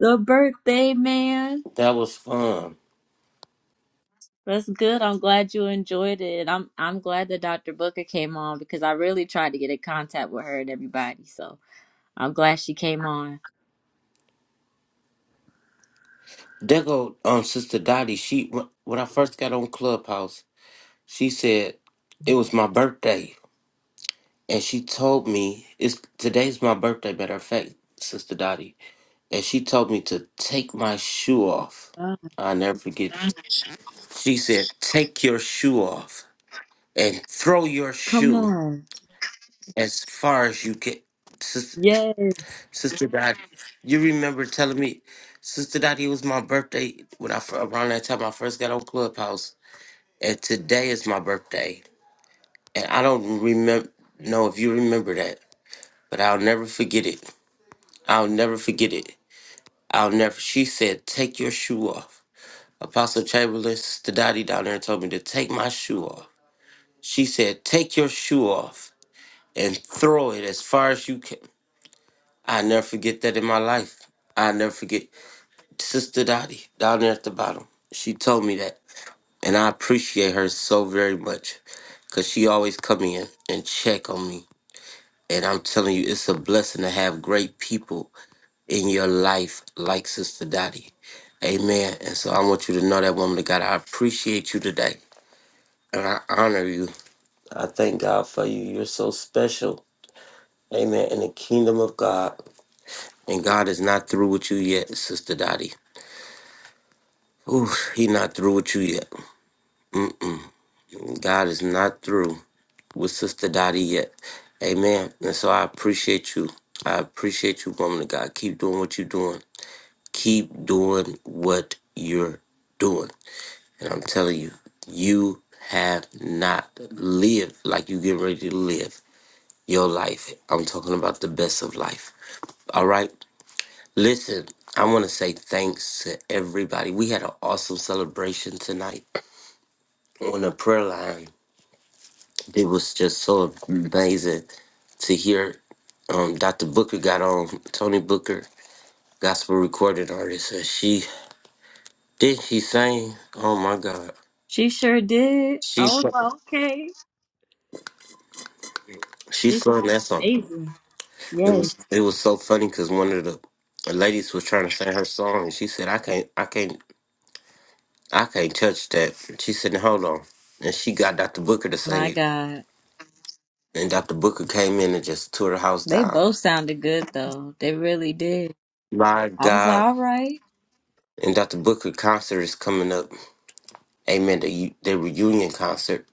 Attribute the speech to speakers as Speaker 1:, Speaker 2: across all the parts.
Speaker 1: Good birthday, man.
Speaker 2: That was fun.
Speaker 1: That's good. I'm glad you enjoyed it. I'm I'm glad that Dr. Booker came on because I really tried to get in contact with her and everybody. So I'm glad she came on.
Speaker 2: There go um Sister Dottie. She when when I first got on Clubhouse, she said it was my birthday, and she told me it's today's my birthday. Matter of fact, Sister Dottie, and she told me to take my shoe off.
Speaker 1: Oh,
Speaker 2: I never forget. She said, "Take your shoe off and throw your
Speaker 1: come
Speaker 2: shoe
Speaker 1: on.
Speaker 2: as far as you can."
Speaker 1: Yes,
Speaker 2: Sister Dottie, you remember telling me, Sister Dottie, it was my birthday when I fir- around that time I first got on Clubhouse, and today is my birthday, and I don't remember know if you remember that, but I'll never forget it. I'll never forget it. I'll never. She said, "Take your shoe off." Apostle Chamberlain, Sister Dottie down there told me to take my shoe off. She said, "Take your shoe off and throw it as far as you can." I never forget that in my life. I never forget. Sister Dottie down there at the bottom. She told me that. And I appreciate her so very much. Cause she always come in and check on me. And I'm telling you, it's a blessing to have great people in your life like Sister Dottie. Amen. And so I want you to know that woman of God. I appreciate you today. And I honor you. I thank God for you. You're so special. Amen. In the kingdom of God. And God is not through with you yet, Sister Dottie. Ooh, he not through with you yet. God is not through. with Sister Dottie yet. Amen. And so I appreciate you. I appreciate you, woman of God. Keep doing what you're doing. Keep doing what you're doing. And I'm telling you, you have not lived like you getting ready to live your life. I'm talking about the best of life. All right. Listen, I want to say thanks to everybody. We had an awesome celebration tonight on the prayer line It was just so amazing to hear. Um, Dr. Booker got on Tony Booker, gospel recording artist, and she did she sang. Oh my God,
Speaker 1: she sure did. I
Speaker 2: she
Speaker 1: was
Speaker 2: sung-
Speaker 1: like, okay.
Speaker 2: she
Speaker 1: She
Speaker 2: sung
Speaker 1: sounded
Speaker 2: that song.
Speaker 1: amazing.
Speaker 2: It
Speaker 1: Yes.
Speaker 2: was it was so funny because one of the ladies was trying to sing her song, and she said, "I can't, I can't, I can't touch that." She said, "Hold on," and she got Dr. Booker to sing
Speaker 1: My
Speaker 2: it,
Speaker 1: God.
Speaker 2: and Dr. Booker came in and just tore the house
Speaker 1: They
Speaker 2: down.
Speaker 1: both sounded good though. They really did.
Speaker 2: My
Speaker 1: I was like,
Speaker 2: God,
Speaker 1: all right.
Speaker 2: and Dr. Booker concert is coming up Amen. The the reunion concert.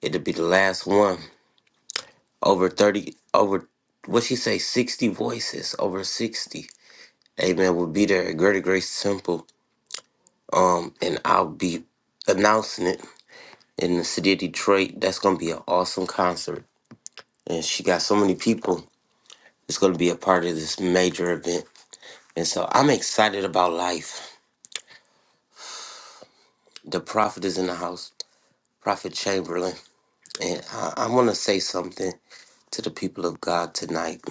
Speaker 2: It'll be the last one. Over thirty. Over what she say? Sixty voices. Over sixty. Amen. We'll be there at Greater Grace Temple. Um, and I'll be announcing it in the city of Detroit. That's gonna be an awesome concert. And she got so many people. It's gonna be a part of this major event. And so I'm excited about life. The prophet is in the house. Prophet Chamberlain. And I, I want to say something to the people of God tonight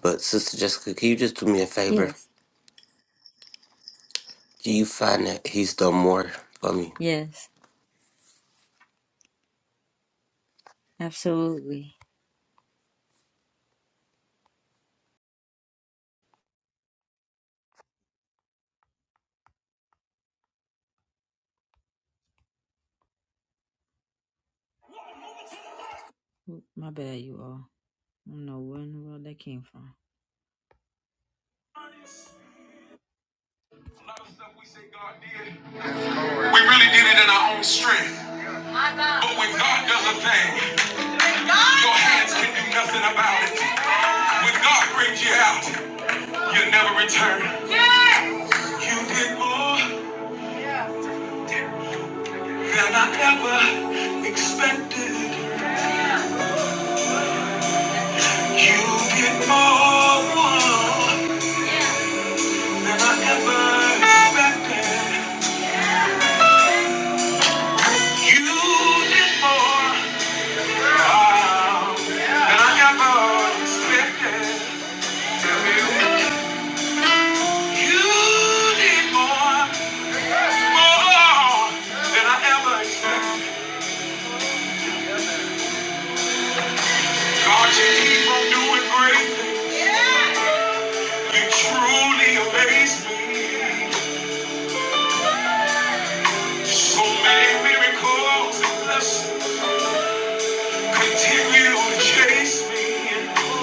Speaker 2: But Sister Jessica, can you just do me a favor?
Speaker 1: Yes.
Speaker 2: Do you find that he's done more for me
Speaker 1: Yes. Absolutely. My bad, you all. I don't know where in the world that came from. A lot of stuff we say God did, we really did it in our own strength. But when God does a thing, your hands can do nothing about it. When God brings you out, you will never return. You did more than I ever expected. You did more than I ever expected. You did more wow, than I ever expected. You need more, more than I ever expected. God, you keep on doing great. things. You truly amaze me. So many miracles continue to chase me.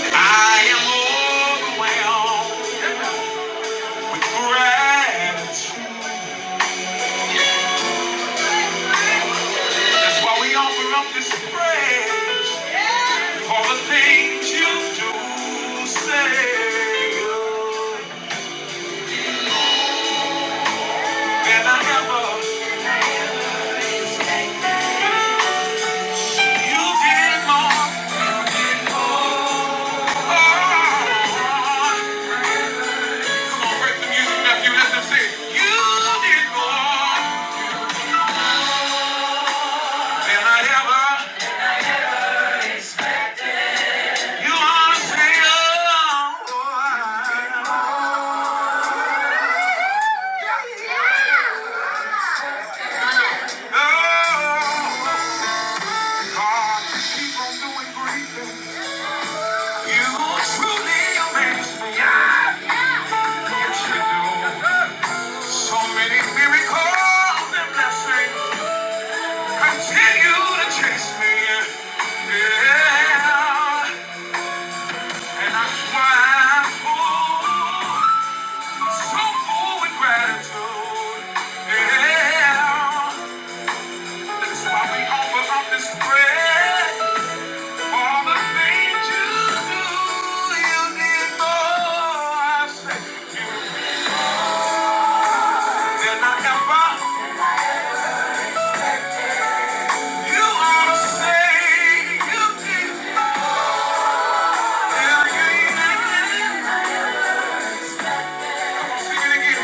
Speaker 1: I am overwhelmed with gratitude. That's why we offer up this praise for the things you do, say, than I ever. You did more. than I ever. You are Oh, God, keep on doing great things. You truly amaze me. Yes, you do. So many miracles and blessings. Continue to chase me, yeah. And I swear I'm full, so full with gratitude, yeah. That's why we offer up this prayer. All the things you do, you did more. I say you did more than I ever. You ought to say you did more. Yeah, yeah, yeah. didn't you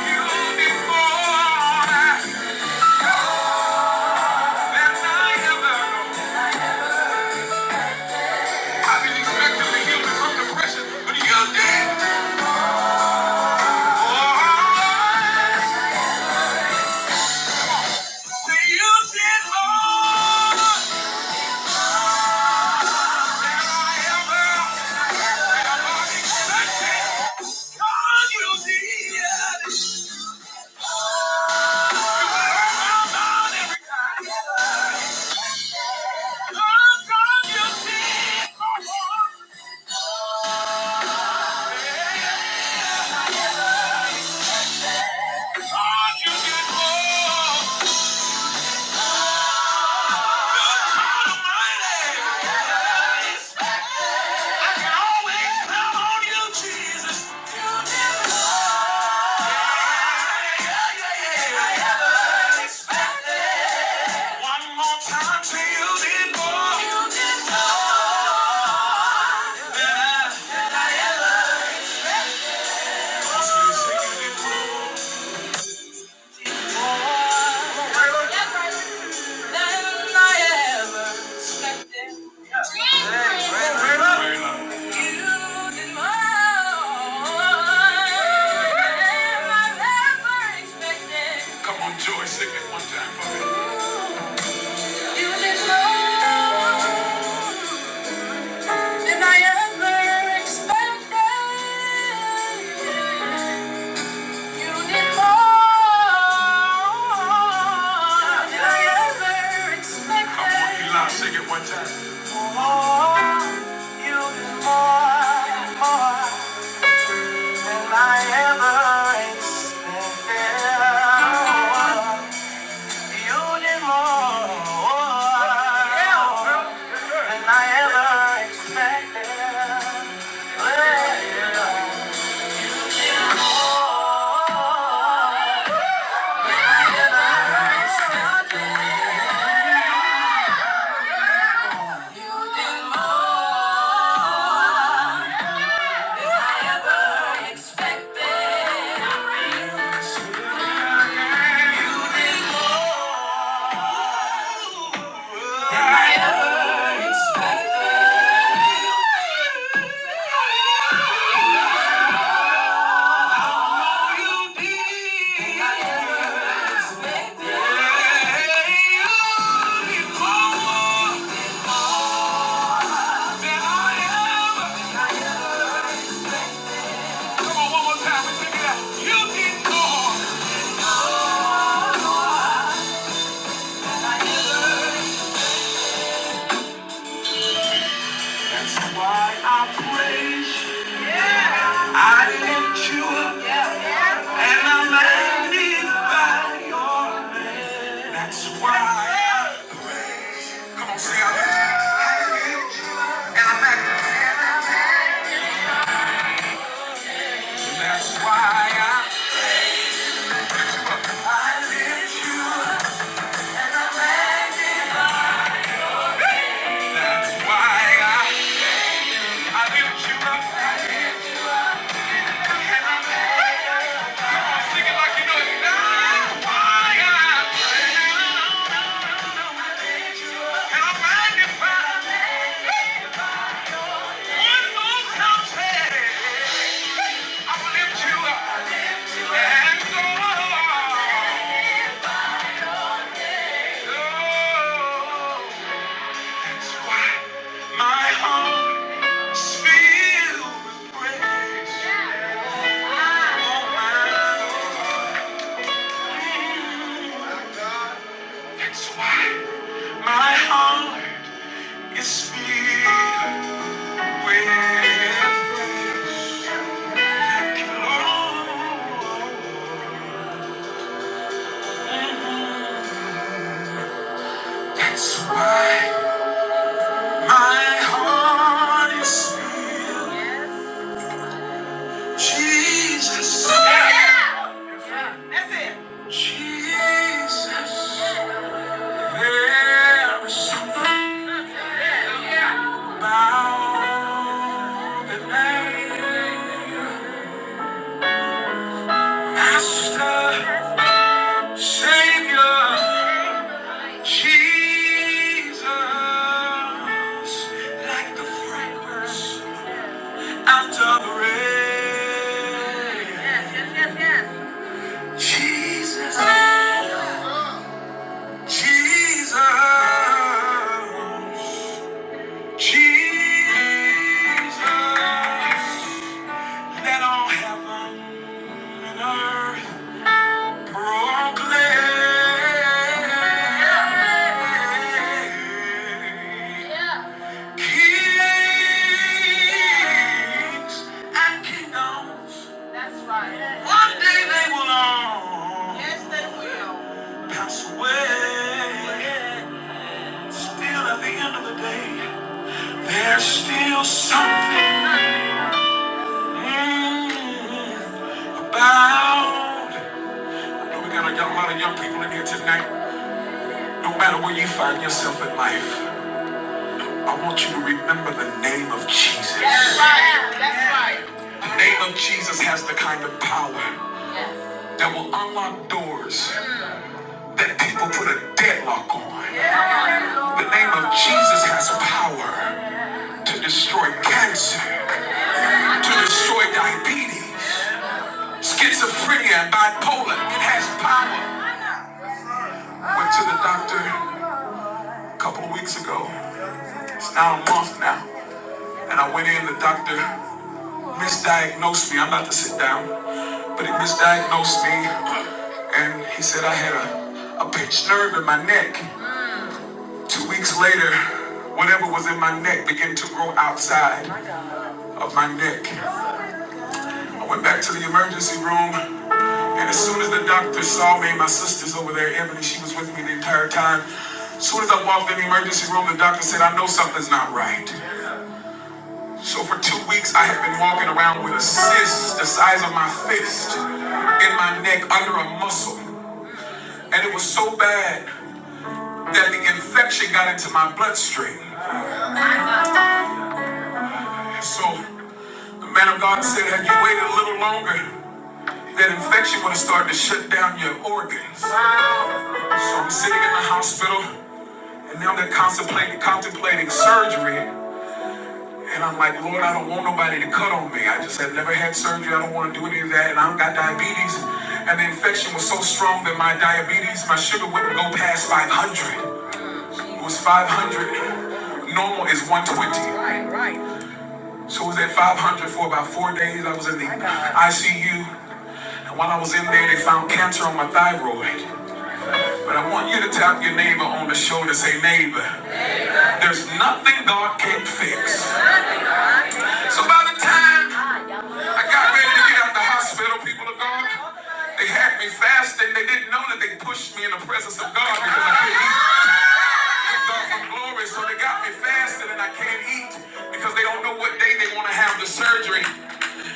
Speaker 1: Oh! Come on, Joy, sing it one time for me. You did more. than I ever expected. You need more than I ever expected. Come on, Eli, sing it one time. More, you need more, more than I ever expected. You need more Yeah, than I ever expected. Yeah. Why I praise you. Yeah. I lift you up. And I'm magnified by your name. That's why. Come on, say I'm magnified. And I'm magnified. That's why I, I lift you And I'm magnified. That's why I, I lift you I lift you And I'm magnified. Sing it like you know it. why I, I lift you up. And i My heart is filled with praise. That's why. I harness Jesus. Yeah. Jesus. There is something the name. Master, Savior, Jesus. Like the fragrance after the rain. Jesus. Jesus, Jesus, let all heaven and earth proclaim. Kings and kingdoms, one day they will all Yes, they will. pass away. Still, at the end of the day. There's still something mm, about. I know we got a, lot of young people in here tonight. No matter where you find yourself in life, I want you to remember the name of Jesus. That's right. That's right. The name of Jesus has the kind of power that will unlock doors that people put a deadlock on. The name of Jesus has power to destroy cancer, to destroy diabetes. Schizophrenia and bipolar, it has power. Went to the doctor a couple of weeks ago. It's now a month now. And I went in, the doctor misdiagnosed me. I'm about to sit down, but he misdiagnosed me. And he said I had a, a pinched nerve in my neck. Two weeks later, whatever was in my neck began to grow outside of my neck. I went back to the emergency room. And as soon as the doctor saw me, my sister's over there, Emily, she was with me the entire time. As soon as I walked in the emergency room, the doctor said, I know something's not right. So for two weeks, I had been walking around with a cyst the size of my fist in my neck under a muscle. And it was so bad that the infection got into my bloodstream. So the man of God said, had you waited a little longer, that infection would have started to shut down your organs. So I'm sitting in the hospital. And now they're contemplating, contemplating surgery. And I'm like, Lord, I don't want nobody to cut on me. I just have never had surgery. I don't want to do any of that. And I don't got diabetes. And the infection was so strong that my diabetes, my sugar wouldn't go past 500. It was 500. Normal is 120. So it was at 500 for about four days. I was in the ICU. And while I was in there, they found cancer on my thyroid. But I want you to tap your neighbor on the shoulder, and say, neighbor, there's nothing God can't fix. So by the time I got ready to get out the hospital, people of God, they had me fasting. They didn't know that they pushed me in the presence of God because I couldn't eat. Took God from glory, so they got me fasting and I can't eat because they don't know what day they want to have the surgery.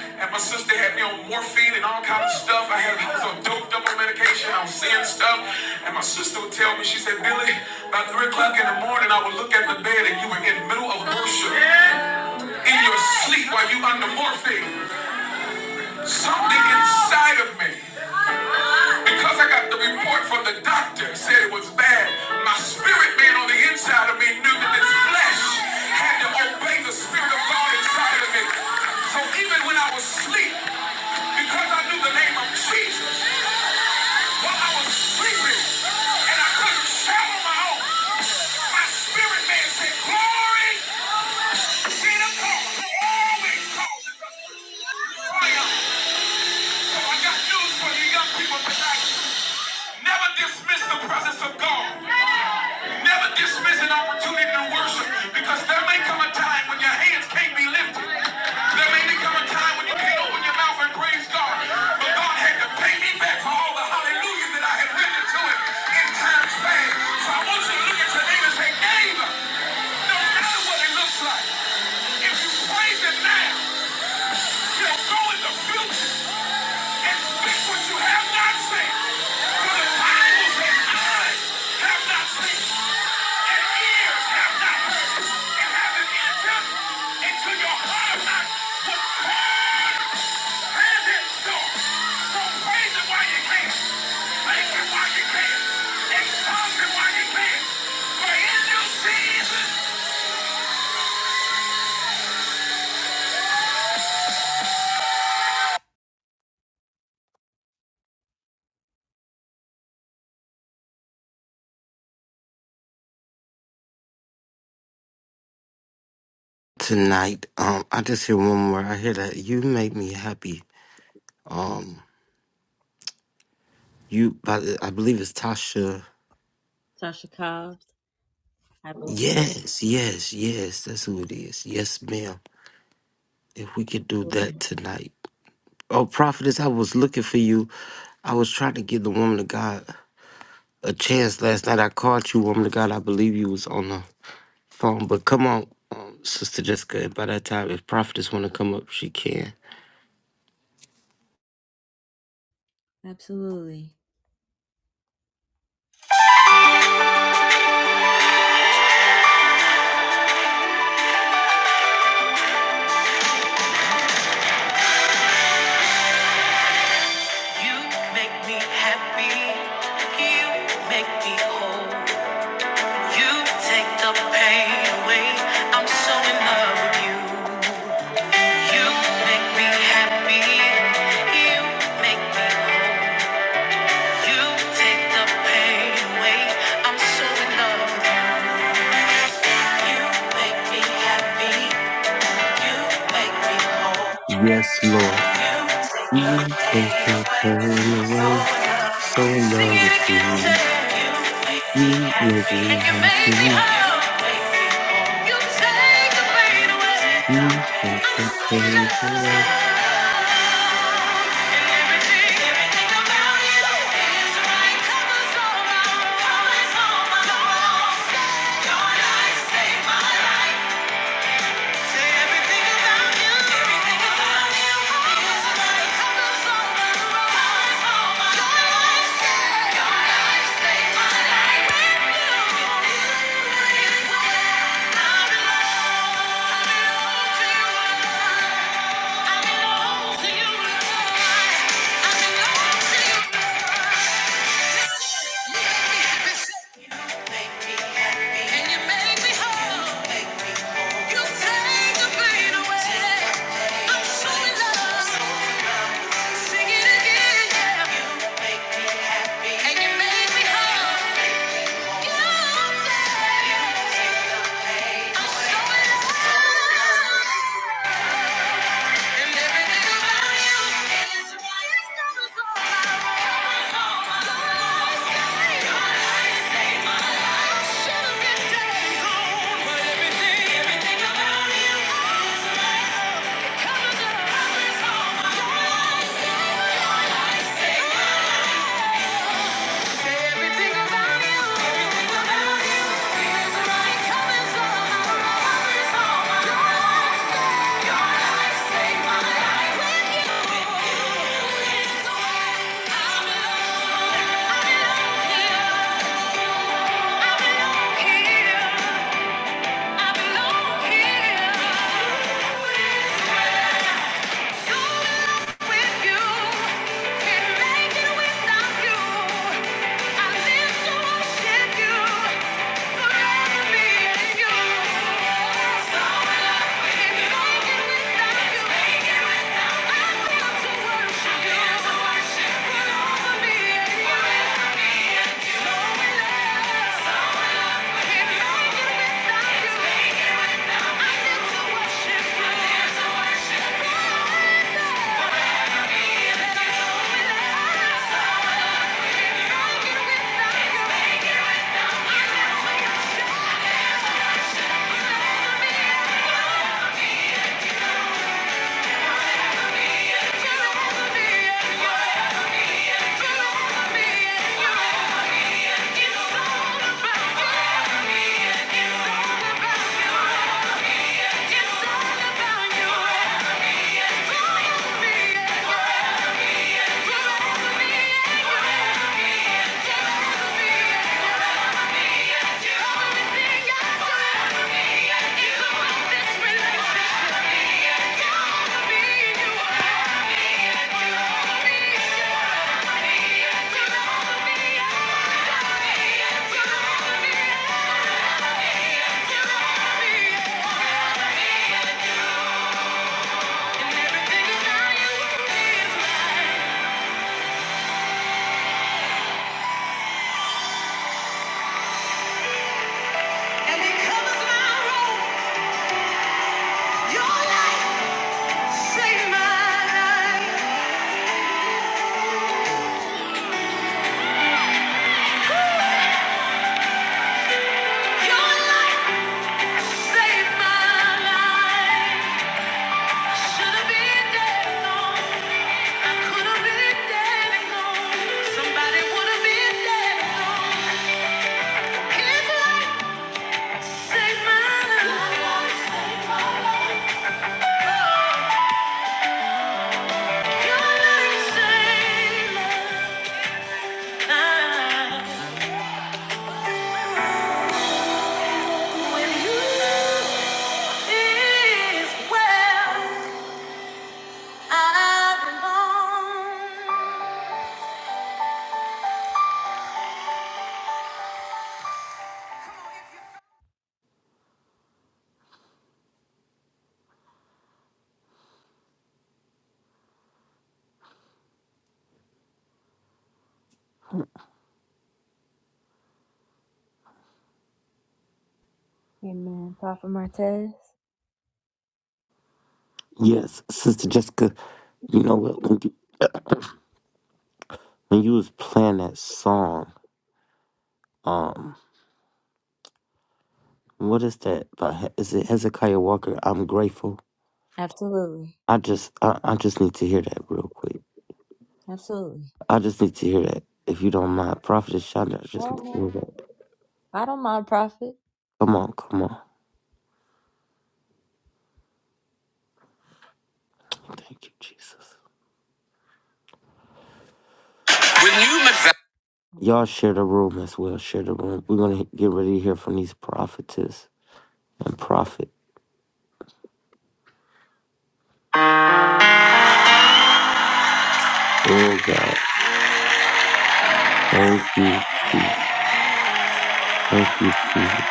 Speaker 1: And my sister had me on morphine and all kind of stuff. I had I was on doped up on medication. I was seeing stuff. And my sister would tell me, she said, Billy, by three o'clock in the morning, I would look at the bed and you were in the middle of worship in your sleep while you under morphine. Something inside of me, because I got the report from the doctor, said it was bad. My spirit man on the inside of me knew that this flesh had to obey the spirit of God inside of me. So even when I was asleep, because I knew the name of Jesus, while I was sleeping and I couldn't shout on my own, my spirit man said, Glory be to God, who always causes us to triumph. I got news for you young people tonight. Never dismiss the presence of God. Never dismiss an opportunity to worship because there may come a time when your hands can't be lifted. There may become a time when you can't open your mouth and praise God. But God had to pay me back for all the hallelujahs that I had rendered to him in times past. So I want you to look at your neighbor and say, neighbor, no matter what it looks like, if you praise Him now, you'll go in the future. So
Speaker 2: tonight? Um, I just hear one more. I hear that you make me happy. Um, you, by the- I believe it's Tasha.
Speaker 1: Tasha Cobbs, I believe.
Speaker 2: Yes, yes, yes. That's who it is. Yes, ma'am. If we could do that tonight. Oh, prophetess, I was looking for you. I was trying to give the woman of God a chance last night. I called you, woman of God. I believe you was on the phone. But come on, um, Sister Jessica. By that time, if prophetess want to come up, she can.
Speaker 1: Absolutely. You make me happy. You make me whole. You take the pain away. I'm so in love with you. You make me happy. You make me whole. You take the pain away. I'm so in love with you. You make me happy. You make me whole.
Speaker 2: Yes, Lord.
Speaker 1: You take the
Speaker 2: You take
Speaker 1: pain away.
Speaker 2: the
Speaker 1: I'm so in
Speaker 2: pain
Speaker 1: love with
Speaker 2: away.
Speaker 1: you.
Speaker 2: So in
Speaker 1: Sing it
Speaker 2: love with
Speaker 1: again,
Speaker 2: you.
Speaker 1: say you make me
Speaker 2: You make
Speaker 1: happy and
Speaker 2: me
Speaker 1: you make me
Speaker 2: happy.
Speaker 1: whole. You take the pain away.
Speaker 2: You take
Speaker 1: I'm
Speaker 2: the
Speaker 1: so in love.
Speaker 2: pain
Speaker 1: So
Speaker 2: away.
Speaker 1: Everything, everything about you is right. Covers all my, covers all my wrongs. Your light saved my life. You take the pain away. I'm so in love. Sing it again. And you made me whole. Everything about you is Everything about you is Everything about you. Everything about you is my colors all my colors all my life. You saved my life. Here I belong. Here. Thank you. And because my role, your life saved my life. Your life saved my life. Should have been dead and I could have been dead and gone. Somebody would have been there. His life saved my life. Amen. Prophet Martez.
Speaker 2: Yes, Sister Jessica. You know what? When you, when you was playing that song, um, what is that? By, He- is it Hezekiah Walker? I'm grateful.
Speaker 1: Absolutely.
Speaker 2: I just, I, I just need to hear that real quick.
Speaker 1: Absolutely.
Speaker 2: I just need to hear that. If you don't mind, Prophetess Shonda, I just need to
Speaker 1: Well,
Speaker 2: hear that.
Speaker 1: I don't mind prophet.
Speaker 2: Come on, come on. Thank you, Jesus. Y'all share the room as well. Share the room. We're going to get ready to hear from these prophetess and prophet. Oh, God. Thank you, Jesus. Thank you, Jesus.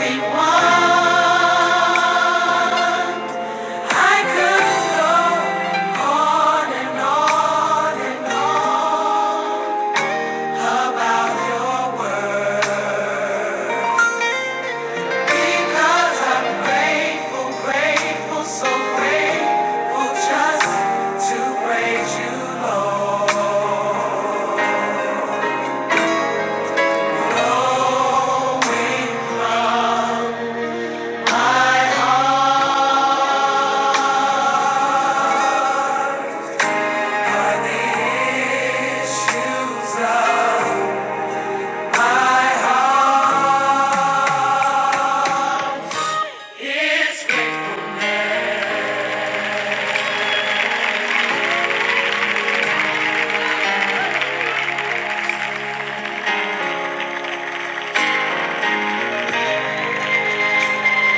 Speaker 1: We won. I could go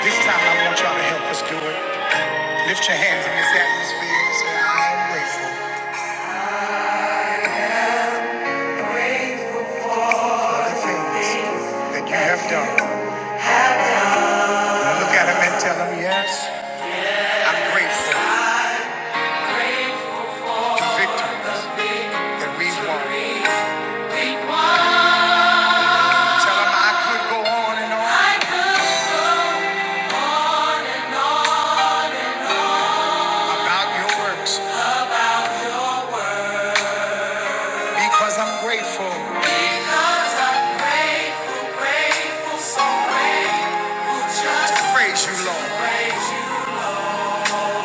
Speaker 1: This time I want y'all to help us do it. Lift your hands in this atmosphere and say, I'm so grateful for the things that you have done. Look at him and tell him, yes, I'm grateful for the victories that we've won. Tell him I could go on and on about your works. Because I'm grateful. Because I'm grateful, grateful, so grateful. Praise you, Lord.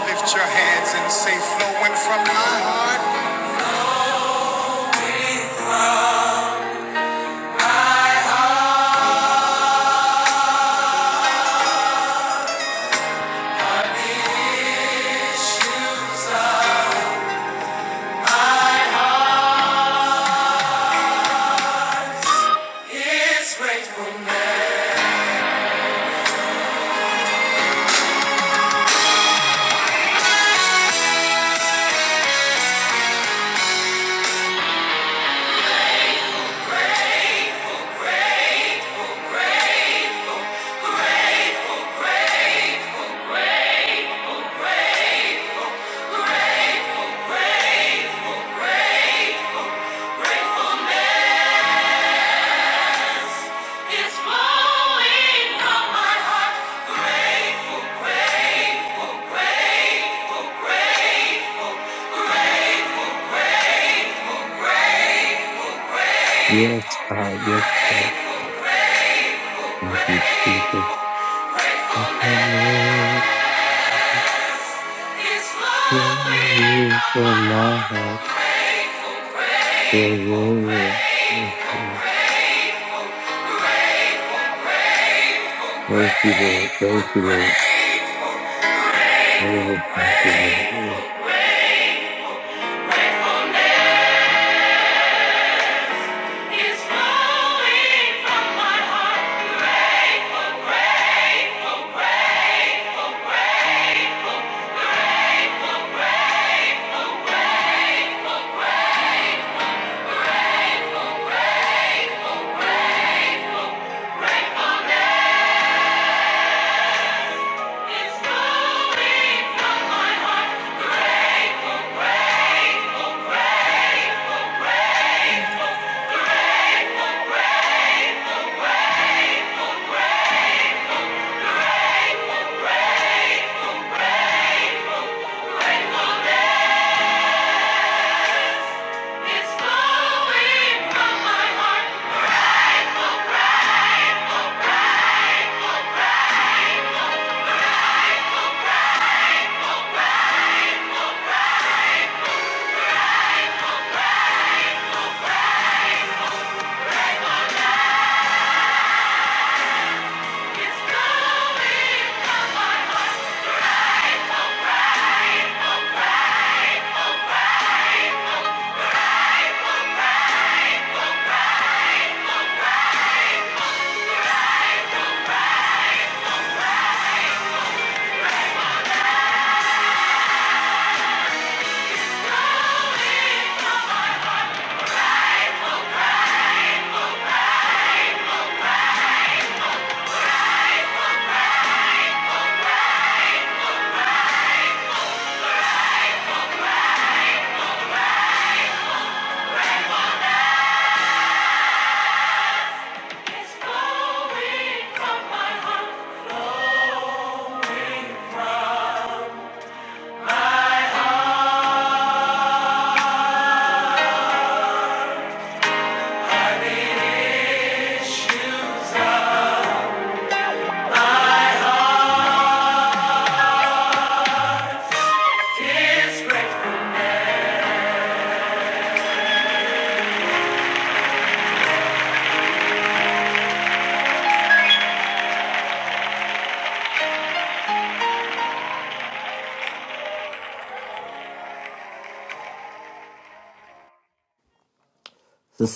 Speaker 1: Lift your hands and say, flowing from my heart. It's flowing from my,
Speaker 2: Yes, God. Yes, God. Thank you, Jesus. It's a miracle
Speaker 1: it's
Speaker 2: When
Speaker 1: flowing
Speaker 2: you
Speaker 1: from my
Speaker 2: from my
Speaker 1: heart.
Speaker 2: heart,
Speaker 1: Grateful,
Speaker 2: say,
Speaker 1: grateful,
Speaker 2: yeah, yeah. Thank
Speaker 1: grateful,
Speaker 2: you,
Speaker 1: grateful,
Speaker 2: Thank you, Lord. Thank you, Lord.
Speaker 1: grateful,
Speaker 2: Sister
Speaker 1: grateful, grateful. It's flowing from my heart.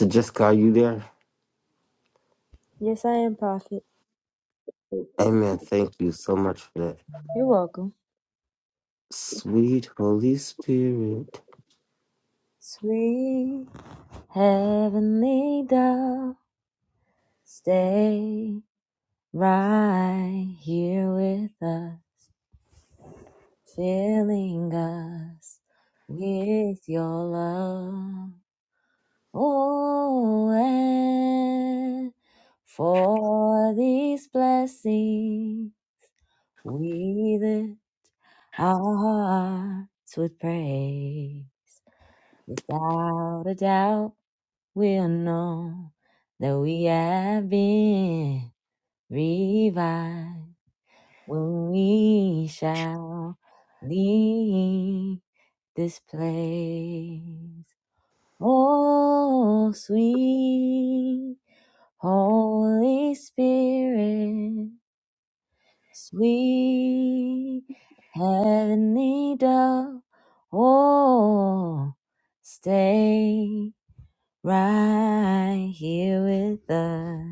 Speaker 2: Jessica, are you there?
Speaker 1: Yes, I am prophet.
Speaker 2: Amen. Thank you so much for that.
Speaker 1: You're welcome.
Speaker 2: Sweet Holy Spirit.
Speaker 1: Sweet heavenly dove, stay right here with us, filling us with your love. Oh, and for these blessings we live Our hearts with praise, without a doubt, we'll know that we have been revived when we shall leave this place. Oh, sweet Holy Spirit. sweet heavenly dove, oh, stay right here with us,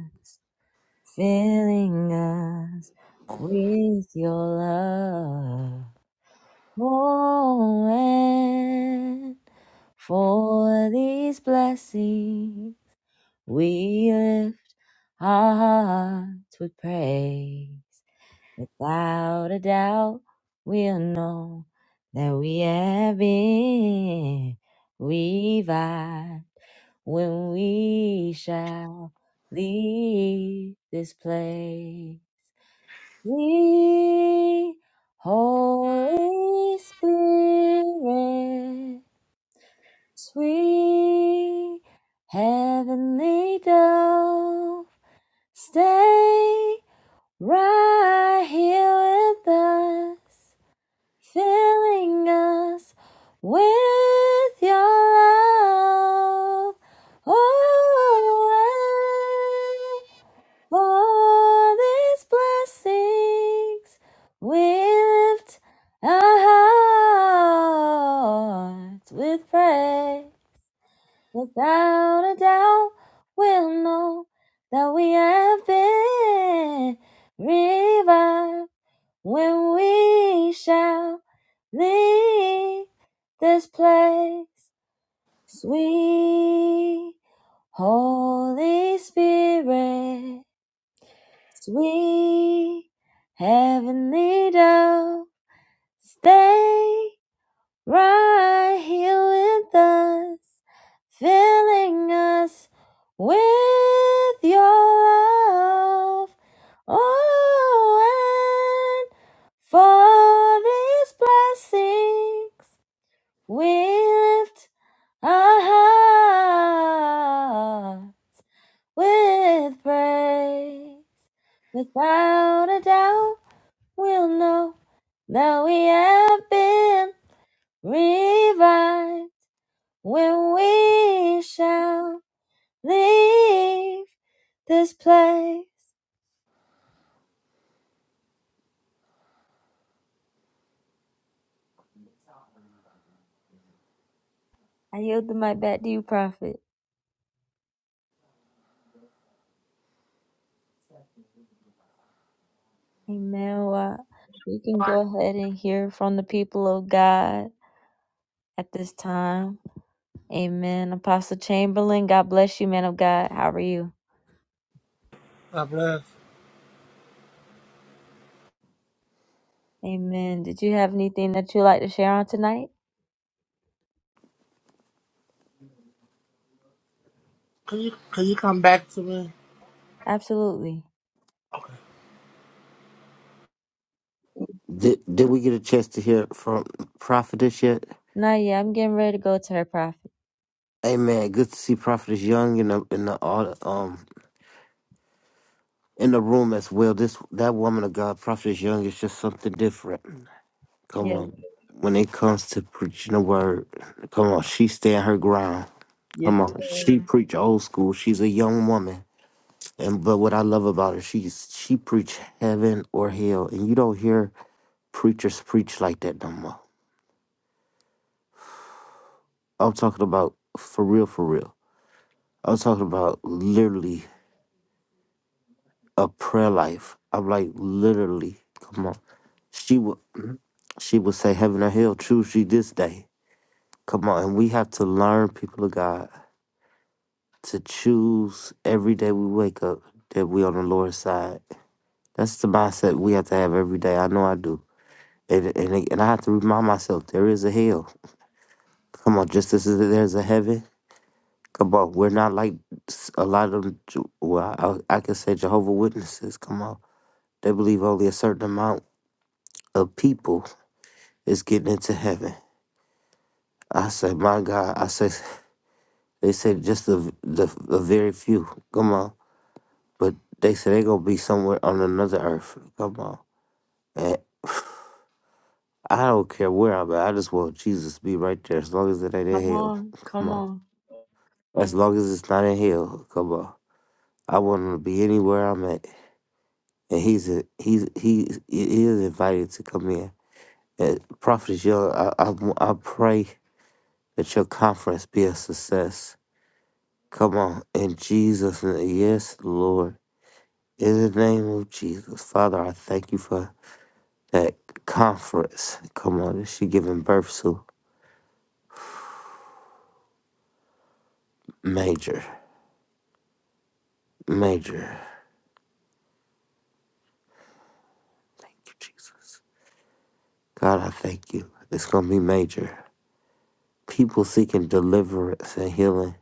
Speaker 1: filling us with your love. Oh, and for these blessings, we lift our hearts with praise. Without a doubt, we'll know that we have been revived when we shall leave this place. Sweet Holy Spirit, sweet heavenly dove, stay right here with us filling us with your love. Oh, for these blessings we lift our hearts with praise. Without a doubt, we'll know that we have been revived when we shall leave this place. Sweet Holy Spirit, sweet heavenly dove, stay right here with us, filling us with your love. Oh, and for these blessings we lift our hearts with praise. Without a doubt, we'll know that we have been revived when we shall leave this place. I yield my back to you, Prophet. Amen. Well, we can go ahead and hear from the people of God at this time. Amen. Apostle Chamberlain, God bless you, man of God. How are you?
Speaker 3: God bless.
Speaker 1: Amen. Did you have anything that you'd like to share on tonight?
Speaker 3: Can you can you come back to me,
Speaker 1: Absolutely.
Speaker 2: Did, did we get a chance to hear from Prophetess yet?
Speaker 1: Not yet. I'm getting ready to go to her prophet.
Speaker 2: Amen. Good to see Prophetess Young in the in the au- um in the room as well. This that woman of God, Prophetess Young, is just something different. Come
Speaker 1: Yes,
Speaker 2: on. When it comes to preaching the word, come on, she stand her ground.
Speaker 1: yes,
Speaker 2: Come
Speaker 1: it
Speaker 2: on.
Speaker 1: is.
Speaker 2: She preach old school. She's a young woman. And but what I love about her, she's she preach heaven or hell, and you don't hear preachers preach like that no more. I'm talking about for real, for real. I'm talking about literally a prayer life. I'm like literally, come on. She would mm, she would say heaven or hell, choose you this day. Come on, and we have to learn, people of God, to choose every day we wake up that we on the Lord's side. That's the mindset we have to have every day. I know I do. And, and, and I have to remind myself there is a hell. Come on, just as there's a heaven. Come on, we're not like s- a lot of, them. Ju- well, I, I can say Jehovah Witnesses. Come on, they believe only a certain amount of people is getting into heaven. I said, my God, I said, they said just the the a very few. Come on, but they said they gonna be somewhere on another earth. Come on, and I don't care where I'm at. I just want Jesus to be right there as long as it ain't in
Speaker 1: Come
Speaker 2: hell.
Speaker 1: on, come
Speaker 2: Come on.
Speaker 1: on.
Speaker 2: As long as it's not in hell, come on. I want him to be anywhere I'm at, and he's a, he's he he is invited to come in. And Prophet Young, I, I I pray that your conference be a success. Come on, in Jesus' name, yes, Lord, in the name of Jesus, Father, I thank you for that conference. Come on, that she giving birth to major, major. Thank you, Jesus. God, I thank you. It's gonna be major. People seeking deliverance and healing,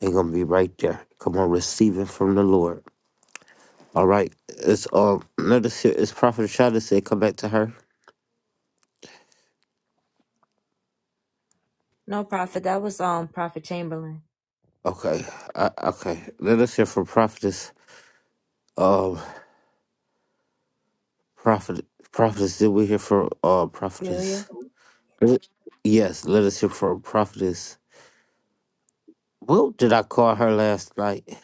Speaker 2: they're gonna be right there. Come on, receiving from the Lord. All right. It's um let us hear it's Prophet Shada said come back to her.
Speaker 1: No, Prophet. That was um Prophet Chamberlain.
Speaker 2: Okay. I, okay. Let us hear from Prophetess. Um Prophet Prophetess, did we hear from uh
Speaker 1: Celia.
Speaker 2: Prophetess? Yes, let us hear from Prophetess. What did I call her last night?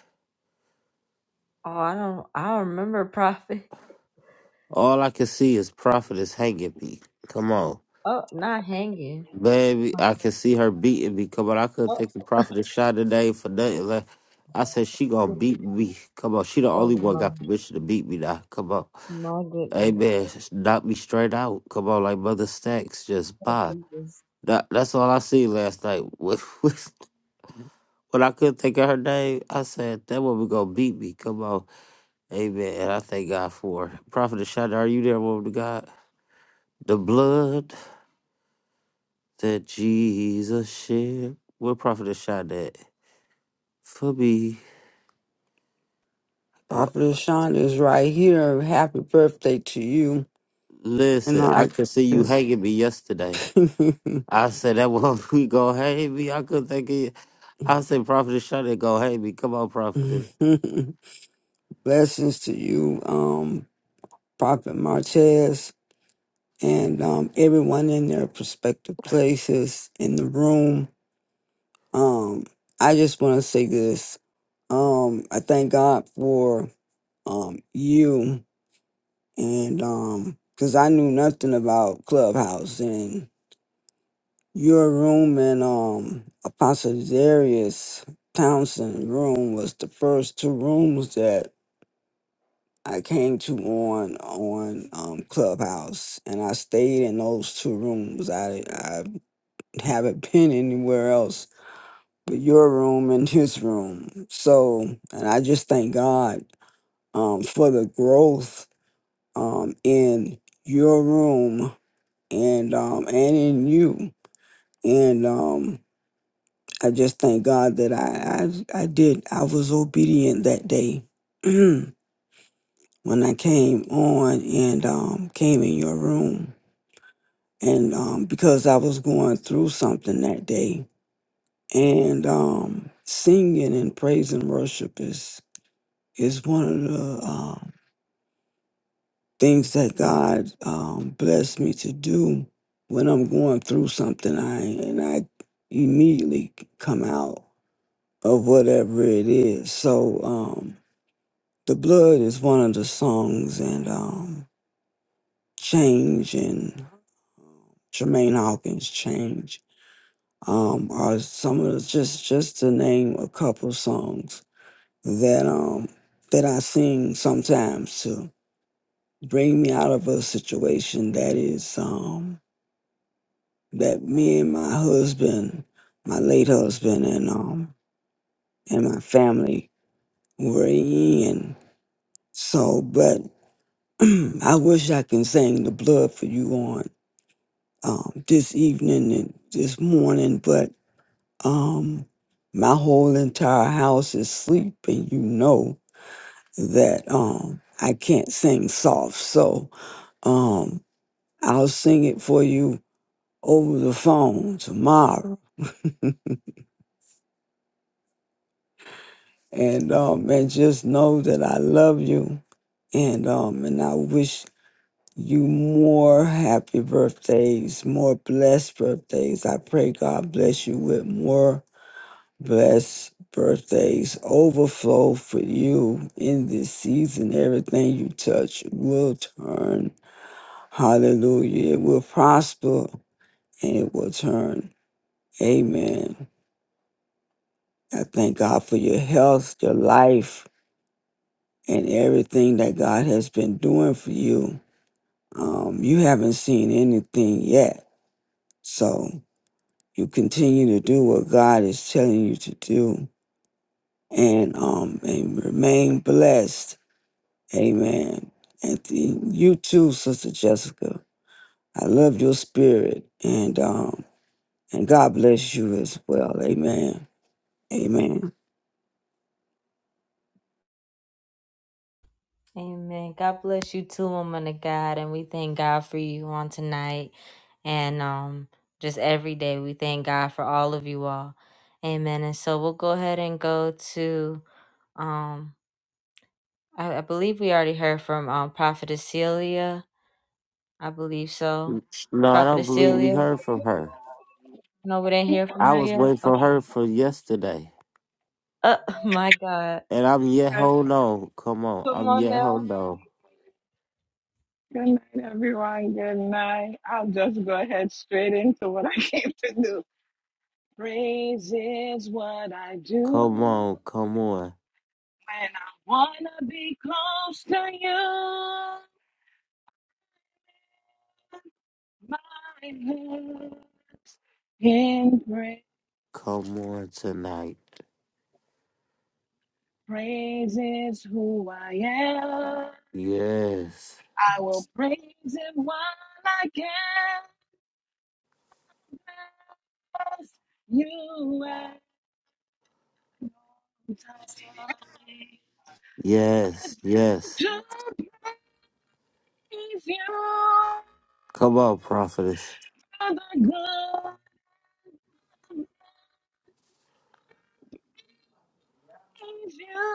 Speaker 1: Oh, I don't. I don't remember Prophet.
Speaker 2: All I can see is Prophetess Hanging Bee. Come on.
Speaker 1: Oh, not hanging.
Speaker 2: Baby, I could see her beating me. Come on, I couldn't
Speaker 1: Oh,
Speaker 2: take the profit a shot today for nothing. Like, I said she gonna beat me. Come on, she the
Speaker 1: oh
Speaker 2: only one
Speaker 1: my,
Speaker 2: got permission to beat me now. Come on,
Speaker 1: my goodness.
Speaker 2: amen. Knock me straight out. Come on, like Mother Stacks, just
Speaker 1: Oh,
Speaker 2: pop.
Speaker 1: Jesus.
Speaker 2: That, that's all I seen last night. When, when I couldn't think of her name, I said that woman gonna beat me. Come on, amen. And I thank God for it. Prophet Ashada, are you there, woman of God? The blood that Jesus shed. Where Prophet Ashada at? Phoebe, uh,
Speaker 4: Papa Sean is right here. Happy birthday to you. And
Speaker 2: listen, I
Speaker 4: I
Speaker 2: could see you
Speaker 4: just
Speaker 2: hanging me yesterday. I said that one we go hang me. I couldn't think of it. I said Prophetess Shonda go hang me. Come on, Prophetess.
Speaker 4: blessings to you, um, Prophet Martez and um everyone in their prospective places in the room. Um, I just wanna say this. Um, I thank God for um you and um because I knew nothing about Clubhouse Your room and um Apostle Darius Townsend room was the first two rooms that I came to on on um Clubhouse, and I stayed in those two rooms. I I haven't been anywhere else but your room and his room. So, and I just thank God um for the growth um in your room and um and in you and um I just thank God that I I, I did I was obedient that day when I came on and um, came in your room and um, because I was going through something that day and um, singing and praise and worship is is one of the uh, things that God um, blessed me to do when I'm going through something I and I immediately come out of whatever it is so. Um, The Blood is one of the songs, and um, Change and um, Jermaine Hawkins Change um, are some of the, just just to name a couple songs that um that I sing sometimes to bring me out of a situation that is um that me and my husband, my late husband, and um and my family were in. So, but I wish I can sing the blood for you on um, this evening and this morning, but um, my whole entire house is asleep, and you know that um, I can't sing soft. So um, I'll sing it for you over the phone tomorrow. And, um, and just know that I love you. And, um, and I wish you more happy birthdays, more blessed birthdays. I pray God bless you with more Bless birthdays overflow for you in this season. Everything you touch will turn. Hallelujah. It will prosper and it will turn. Amen. I thank God for your health, your life, and everything that God has been doing for you. Um, you haven't seen anything yet. So you continue to do what God is telling you to do and um and remain blessed Amen. And th- you too, Sister Jessica. I love your spirit and um and God bless you as well. Amen. Amen.
Speaker 1: Amen. God bless you too, woman of God, and we thank God for you on tonight, and um just every day we thank God for all of you all. Amen. And so we'll go ahead and go to um. I, I believe we already heard from um Prophetess Celia I believe so.
Speaker 2: No, I don't
Speaker 1: Prophetess
Speaker 2: believe we
Speaker 1: Celia?
Speaker 2: heard from her.
Speaker 1: No, we didn't hear from
Speaker 2: I
Speaker 1: her
Speaker 2: was
Speaker 1: yet.
Speaker 2: waiting for
Speaker 1: Okay.
Speaker 2: her for yesterday.
Speaker 1: Oh my God.
Speaker 2: And I'm yet
Speaker 5: Yes.
Speaker 2: hold on. Come on.
Speaker 1: Come
Speaker 2: I'm
Speaker 1: on
Speaker 2: yet
Speaker 1: now.
Speaker 2: hold on.
Speaker 5: Good night, everyone. Good night. I'll just go ahead straight into what I came to do. Praise is what I do
Speaker 2: Come on.
Speaker 5: when
Speaker 2: Come on.
Speaker 5: I wanna be close to you. My lips in praise,
Speaker 2: Come on tonight.
Speaker 5: praise is who I am.
Speaker 2: Yes.
Speaker 5: I will praise Him while I can. Bless You at all times.
Speaker 2: Yes.
Speaker 5: To praise you,
Speaker 2: Yes. Come on, Prophetess.
Speaker 5: the good praise you,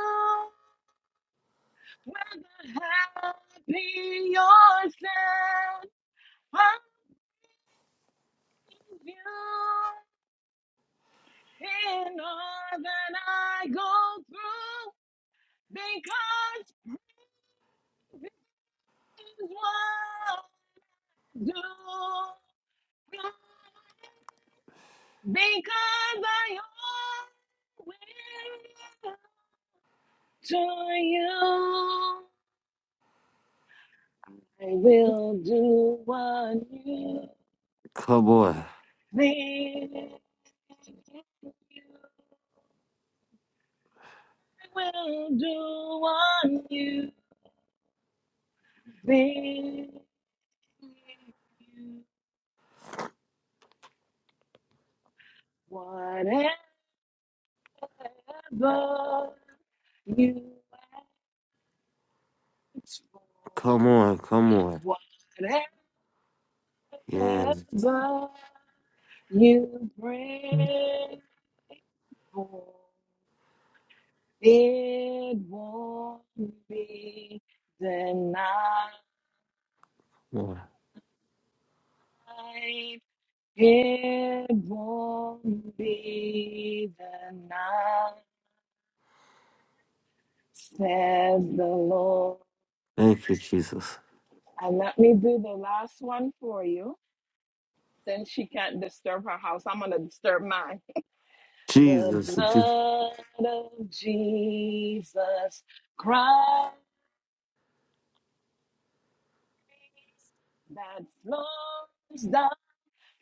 Speaker 5: whether happy or sad, praise you in all that I go through, because this is what I do. Because I owe it to you. I will do what you
Speaker 2: Come on.
Speaker 5: thing. I will do what you thing. Whatever you ask for,
Speaker 2: Come on. Come on.
Speaker 5: whatever
Speaker 2: Yeah.
Speaker 5: you pray for. It won't be denied.
Speaker 2: Lord.
Speaker 5: It won't be denied, says the Lord.
Speaker 2: Thank you, Jesus.
Speaker 5: And let me do the last one for you. Since she can't disturb her house, I'm going to disturb mine. The
Speaker 2: Jesus. Jesus.
Speaker 5: blood of Jesus Christ that flows down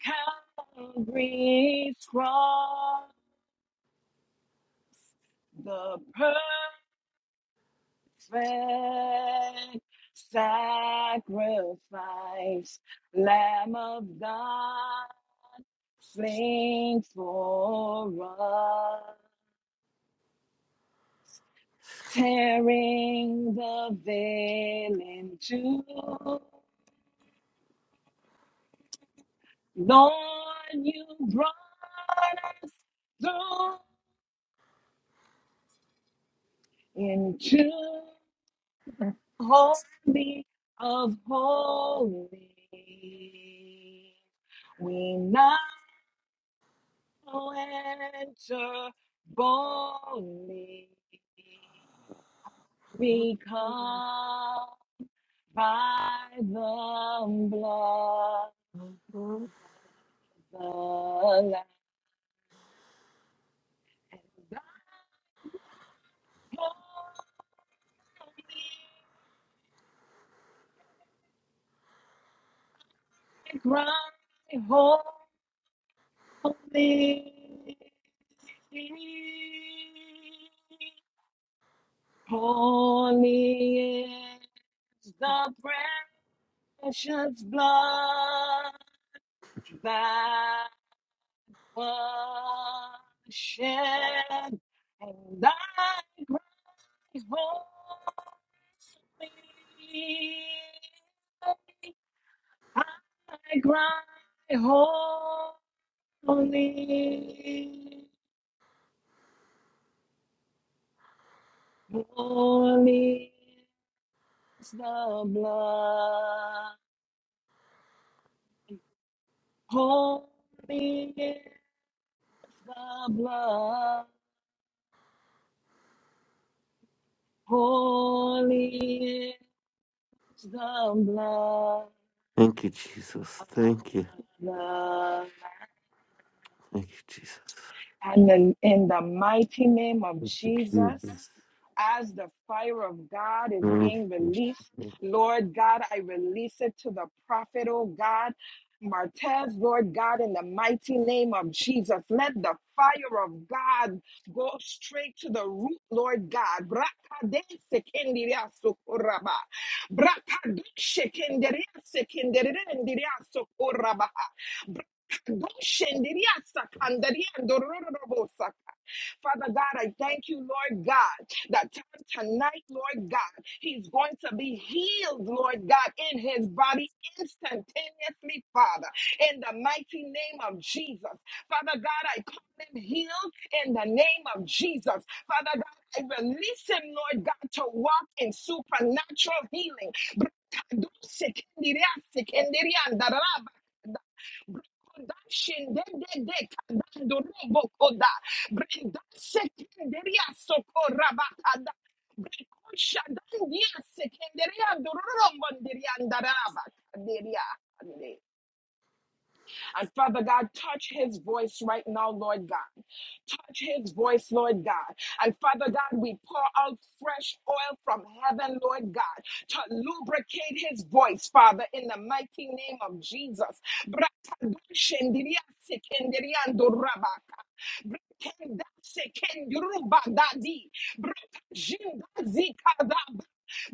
Speaker 5: Calvary's cross, the perfect sacrifice, Lamb of God, slain for us, tearing the veil in two. Lord, you brought us through into. holy of holies. We now enter boldly We come by the blood of the Lamb, the holy cry, holy. Holy is the precious blood that was shed, and thy great holy. I cry, holy, holy is the blood. Holy The blood, holy is the blood
Speaker 2: Thank you, Jesus.
Speaker 5: of
Speaker 2: Thank you.
Speaker 5: the Lamb.
Speaker 2: Thank you, Jesus.
Speaker 5: And in, in the mighty name of
Speaker 2: Thank you,
Speaker 5: Jesus,
Speaker 2: Jesus.
Speaker 5: as the fire of God is
Speaker 2: Thank
Speaker 5: being released.
Speaker 2: you.
Speaker 5: Lord God, I release it to the prophet, oh God. Martez, Lord God, in the mighty name of Jesus, let the fire of God go straight to the root, Lord God. Brakadesekendiriasokoraba. Brakadeshekendereasekenderiasokoraba. Brakadoshenderiasakandariandororobosaka. Father God, I thank you, Lord God, that t- tonight, Lord God, he's going to be healed, Lord God, in his body instantaneously, Father, in the mighty name of Jesus. Father God, I call him healed in the name of Jesus. Father God, I release him, Lord God, to walk in supernatural healing. Grazie. And Father God, touch his voice right now, Lord God. Touch his voice, Lord God. And Father God, we pour out fresh oil from heaven, Lord God, to lubricate his voice, Father, in the mighty name of Jesus. Brakadoshendiriasikindiriandorabaka. Brakendasekendurubadadi. Brakajindazikadaba.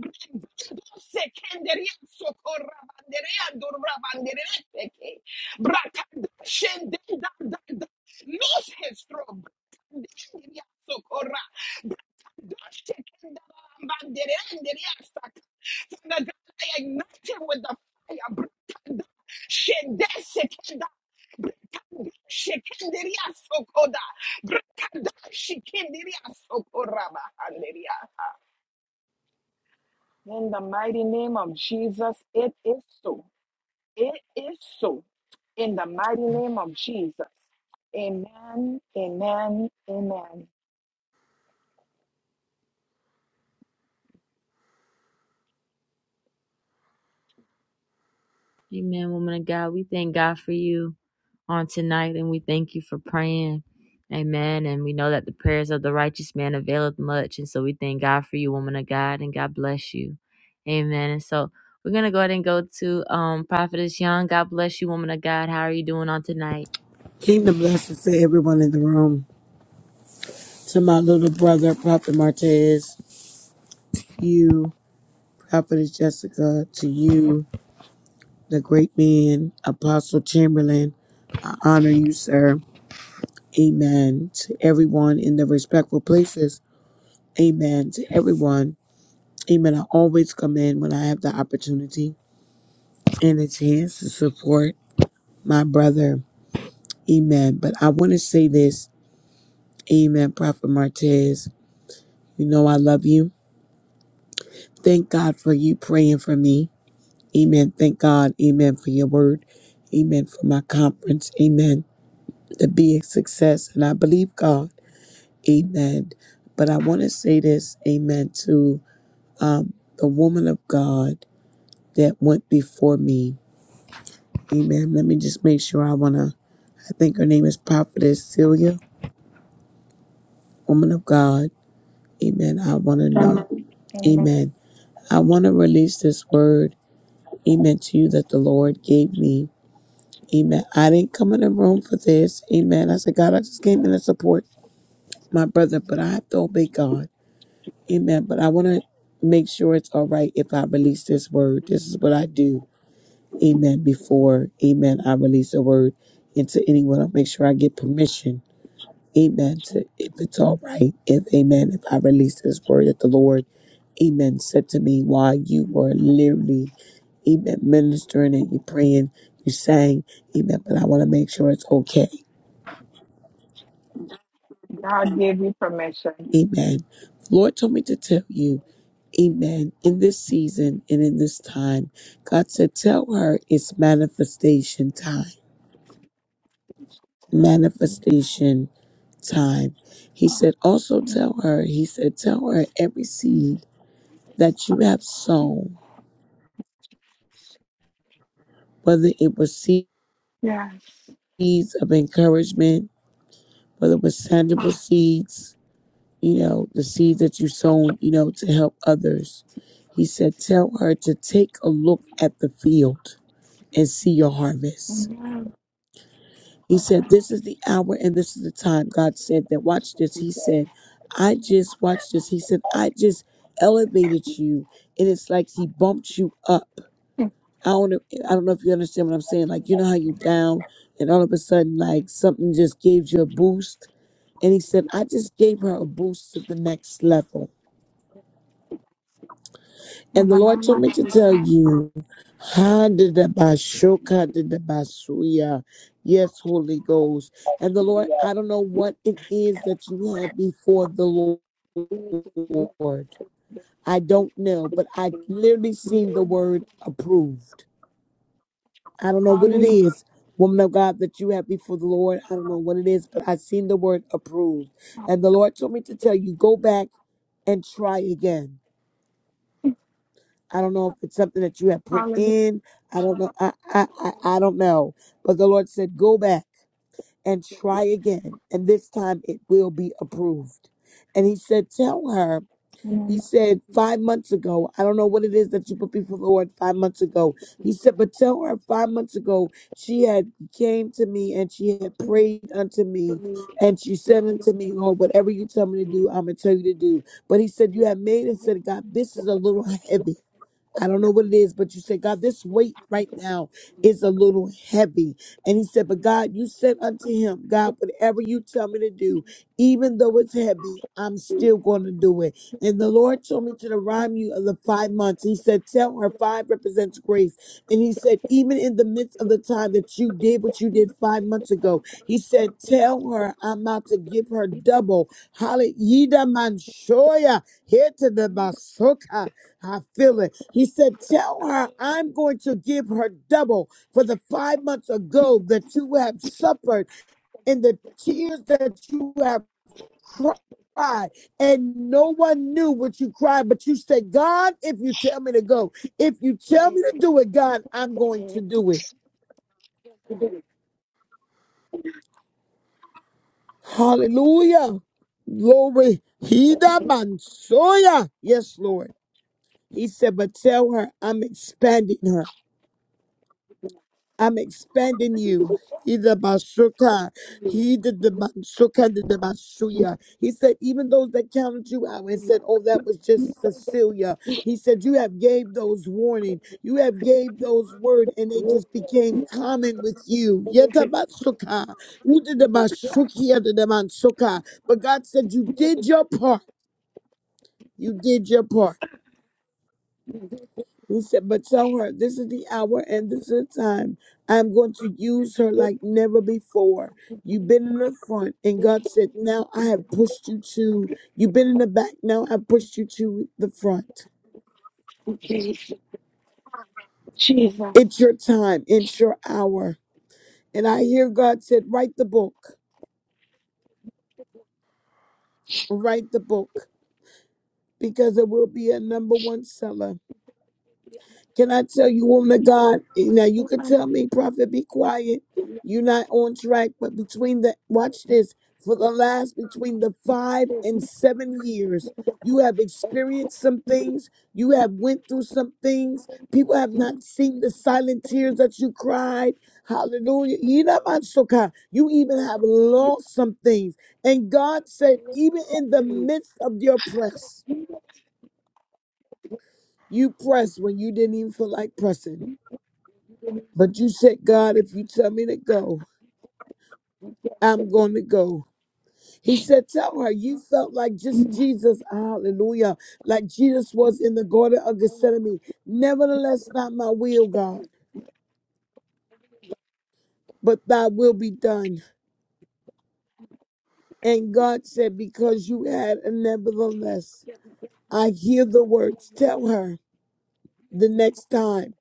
Speaker 5: Brakendosekenderiasokorabandereandorabandere. Brakanda shende da da da. Loose his throne. Brakanda shende ya sokora. Brakanda shekenda ba bandere andere ya saka. Father God, I ignite him with the fire. Brakanda shende sekenda. Brakanda shekende ya sokoda. Brakanda shekende ya sokora ba andere ya. In the mighty name of Jesus, it is so. It is so. In the mighty name of Jesus. Amen. Amen. Amen.
Speaker 1: Amen, woman of God. We thank God for you on tonight and we thank you for praying. Amen. And we know that the prayers of the righteous man availeth much. And so we thank God for you, woman of God, and God bless you. Amen. And so we're gonna go ahead and go to um Prophetess Young. God bless you, woman of God. How are you doing on tonight?
Speaker 6: Kingdom blessings to everyone in the room. To my little brother, Prophet Martez, you, Prophetess Jessica, to you, the great man, Apostle Chamberlain, I honor you, sir. Amen. To everyone in the respectful places, amen. To everyone, amen. I always come in when I have the opportunity and a chance to support my brother, amen. But I want to say this, amen, Prophet Martez, you know I love you. Thank God for you praying for me. Amen. Thank God. Amen for your word. Amen for my conference. Amen. To be a success. And I believe God. Amen. But I want to say this. Amen to um, the woman of God that went before me. Amen. Let me just make sure I want to. I think her name is Prophetess Celia, woman of God. Amen. I want to know. Amen. I want to release this word. Amen to you that the Lord gave me. Amen. I didn't come in the room for this. Amen. I said, God, I just came in to support my brother, but I have to obey God. Amen. But I want to make sure it's all right if I release this word. This is what I do. Amen. Before, amen, I release a word into anyone. I'll make sure I get permission. Amen. To if it's all right. If amen, if I release this word that the Lord, amen, said to me while you were literally, amen, ministering and you praying, you sang, amen. But I want to make sure it's okay.
Speaker 5: God gave you permission.
Speaker 6: Amen. The Lord told me to tell you, Amen, in this season and in this time, God said, Tell her it's manifestation time. Manifestation time. He said, Also tell her, He said, Tell her every seed that you have sown, whether it was
Speaker 5: Yeah.
Speaker 6: seeds of encouragement, whether it was tangible seeds, you know, the seeds that you sown, you know, to help others. He said, Tell her to take a look at the field and see your harvest.
Speaker 5: Amen.
Speaker 6: He said, This is the hour and this is the time. God said that. Watch this. He said, I just, watch this. He said, I just elevated you. And it's like he bumped you up.
Speaker 5: In
Speaker 6: I don't, know- I don't know if you understand what I'm saying. Like, you know how you down and all of a sudden, like something just gave you a boost. And he said, I just gave her a boost to the next level. And the
Speaker 5: the
Speaker 6: Lord
Speaker 5: name
Speaker 6: told
Speaker 5: of
Speaker 6: me to
Speaker 5: Jesus.
Speaker 6: tell you, Handedabashoka dedabasuya. yes, Holy Ghost. And the Lord, I don't know what it is that you have before the Lord. I don't know, but I literally seen the word approved. I don't know what it
Speaker 5: Hallelujah.
Speaker 6: is, woman of God, that you have before the Lord. I don't know what it is, but I seen the word approved. And the Lord told me to tell you, go back and try again I don't know if it's something that you have put
Speaker 5: Hallelujah.
Speaker 6: in. I don't know. I, I, I, I don't know. But the Lord said, go back and try again. And this time it will be approved. And he said, tell her,
Speaker 5: In the
Speaker 6: he
Speaker 5: name
Speaker 6: said, five months ago, I don't know what it is that you put before the Lord five months ago. He said, but tell her five months ago, she had came to me and she had prayed unto me. And she said unto me, Lord, whatever you tell me to do, I'm going to tell you to do. But he said, you have made and said, God, this is a little heavy. I don't know what it is, but you said, God, this weight right now is a little heavy. And he said, But God, you said unto him, God, whatever you tell me to do, even though it's heavy, I'm still going to do it. And the Lord told me to the rhyme you of the five months. He said, Tell her five represents grace. And he said, Even in the midst of the time that you did what you did five months ago, he said, Tell her I'm about to give her double. Hallelujah. Yida Manshoya. Here to Basoka. I feel it. He said, Tell her I'm going to give her double for the five months ago that you have suffered and the tears that you have cried. And no one knew what you cried, but you said, God, if you tell me to go, if you tell me to do it, God, I'm going to do it. Hallelujah. Glory. Hida mansoya. Yes, Lord. He said, but tell her I'm expanding her. I'm expanding you. Either Basuka, he did the Basuka, did the Basuya. He said, even those that counted you out and said, oh, that was just Cecilia. He said, you have gave those warning. You have gave those word and they just became common with you. Yeta Basuka. Who did the basuki? did the Basuka. But God said, you did your part. You did your part. He said, But tell her, this is the hour and this is the time. I'm going to use her like never before. You've been in the front, and God said, Now I have pushed you to. You've been in the back, now I pushed you to the front.
Speaker 5: of Jesus. Jesus.
Speaker 6: It's your time, it's your hour. And I hear God said, Write the book, write the book, because it will be a number one seller. Can I tell you, woman of God? Now
Speaker 5: Yes,
Speaker 6: you
Speaker 5: Lord.
Speaker 6: can tell me, prophet, be quiet. You're not on track, but between the watch this for the last between the five and seven years, you have experienced some things. You have went through some things. People have not seen the silent tears that you cried. Hallelujah. Yinamatsuka. You even have lost some things. And God said, even in the midst of your press, you pressed when you didn't even feel like pressing. But you said, God, if you tell me to go, I'm going to go. He said, Tell her you felt like just
Speaker 5: Amen.
Speaker 6: Jesus, hallelujah, like Jesus was in the Garden of Gethsemane. Nevertheless, not my will, God, but thy will be done. And God said, Because you had a nevertheless, I hear the words. Tell her the next time,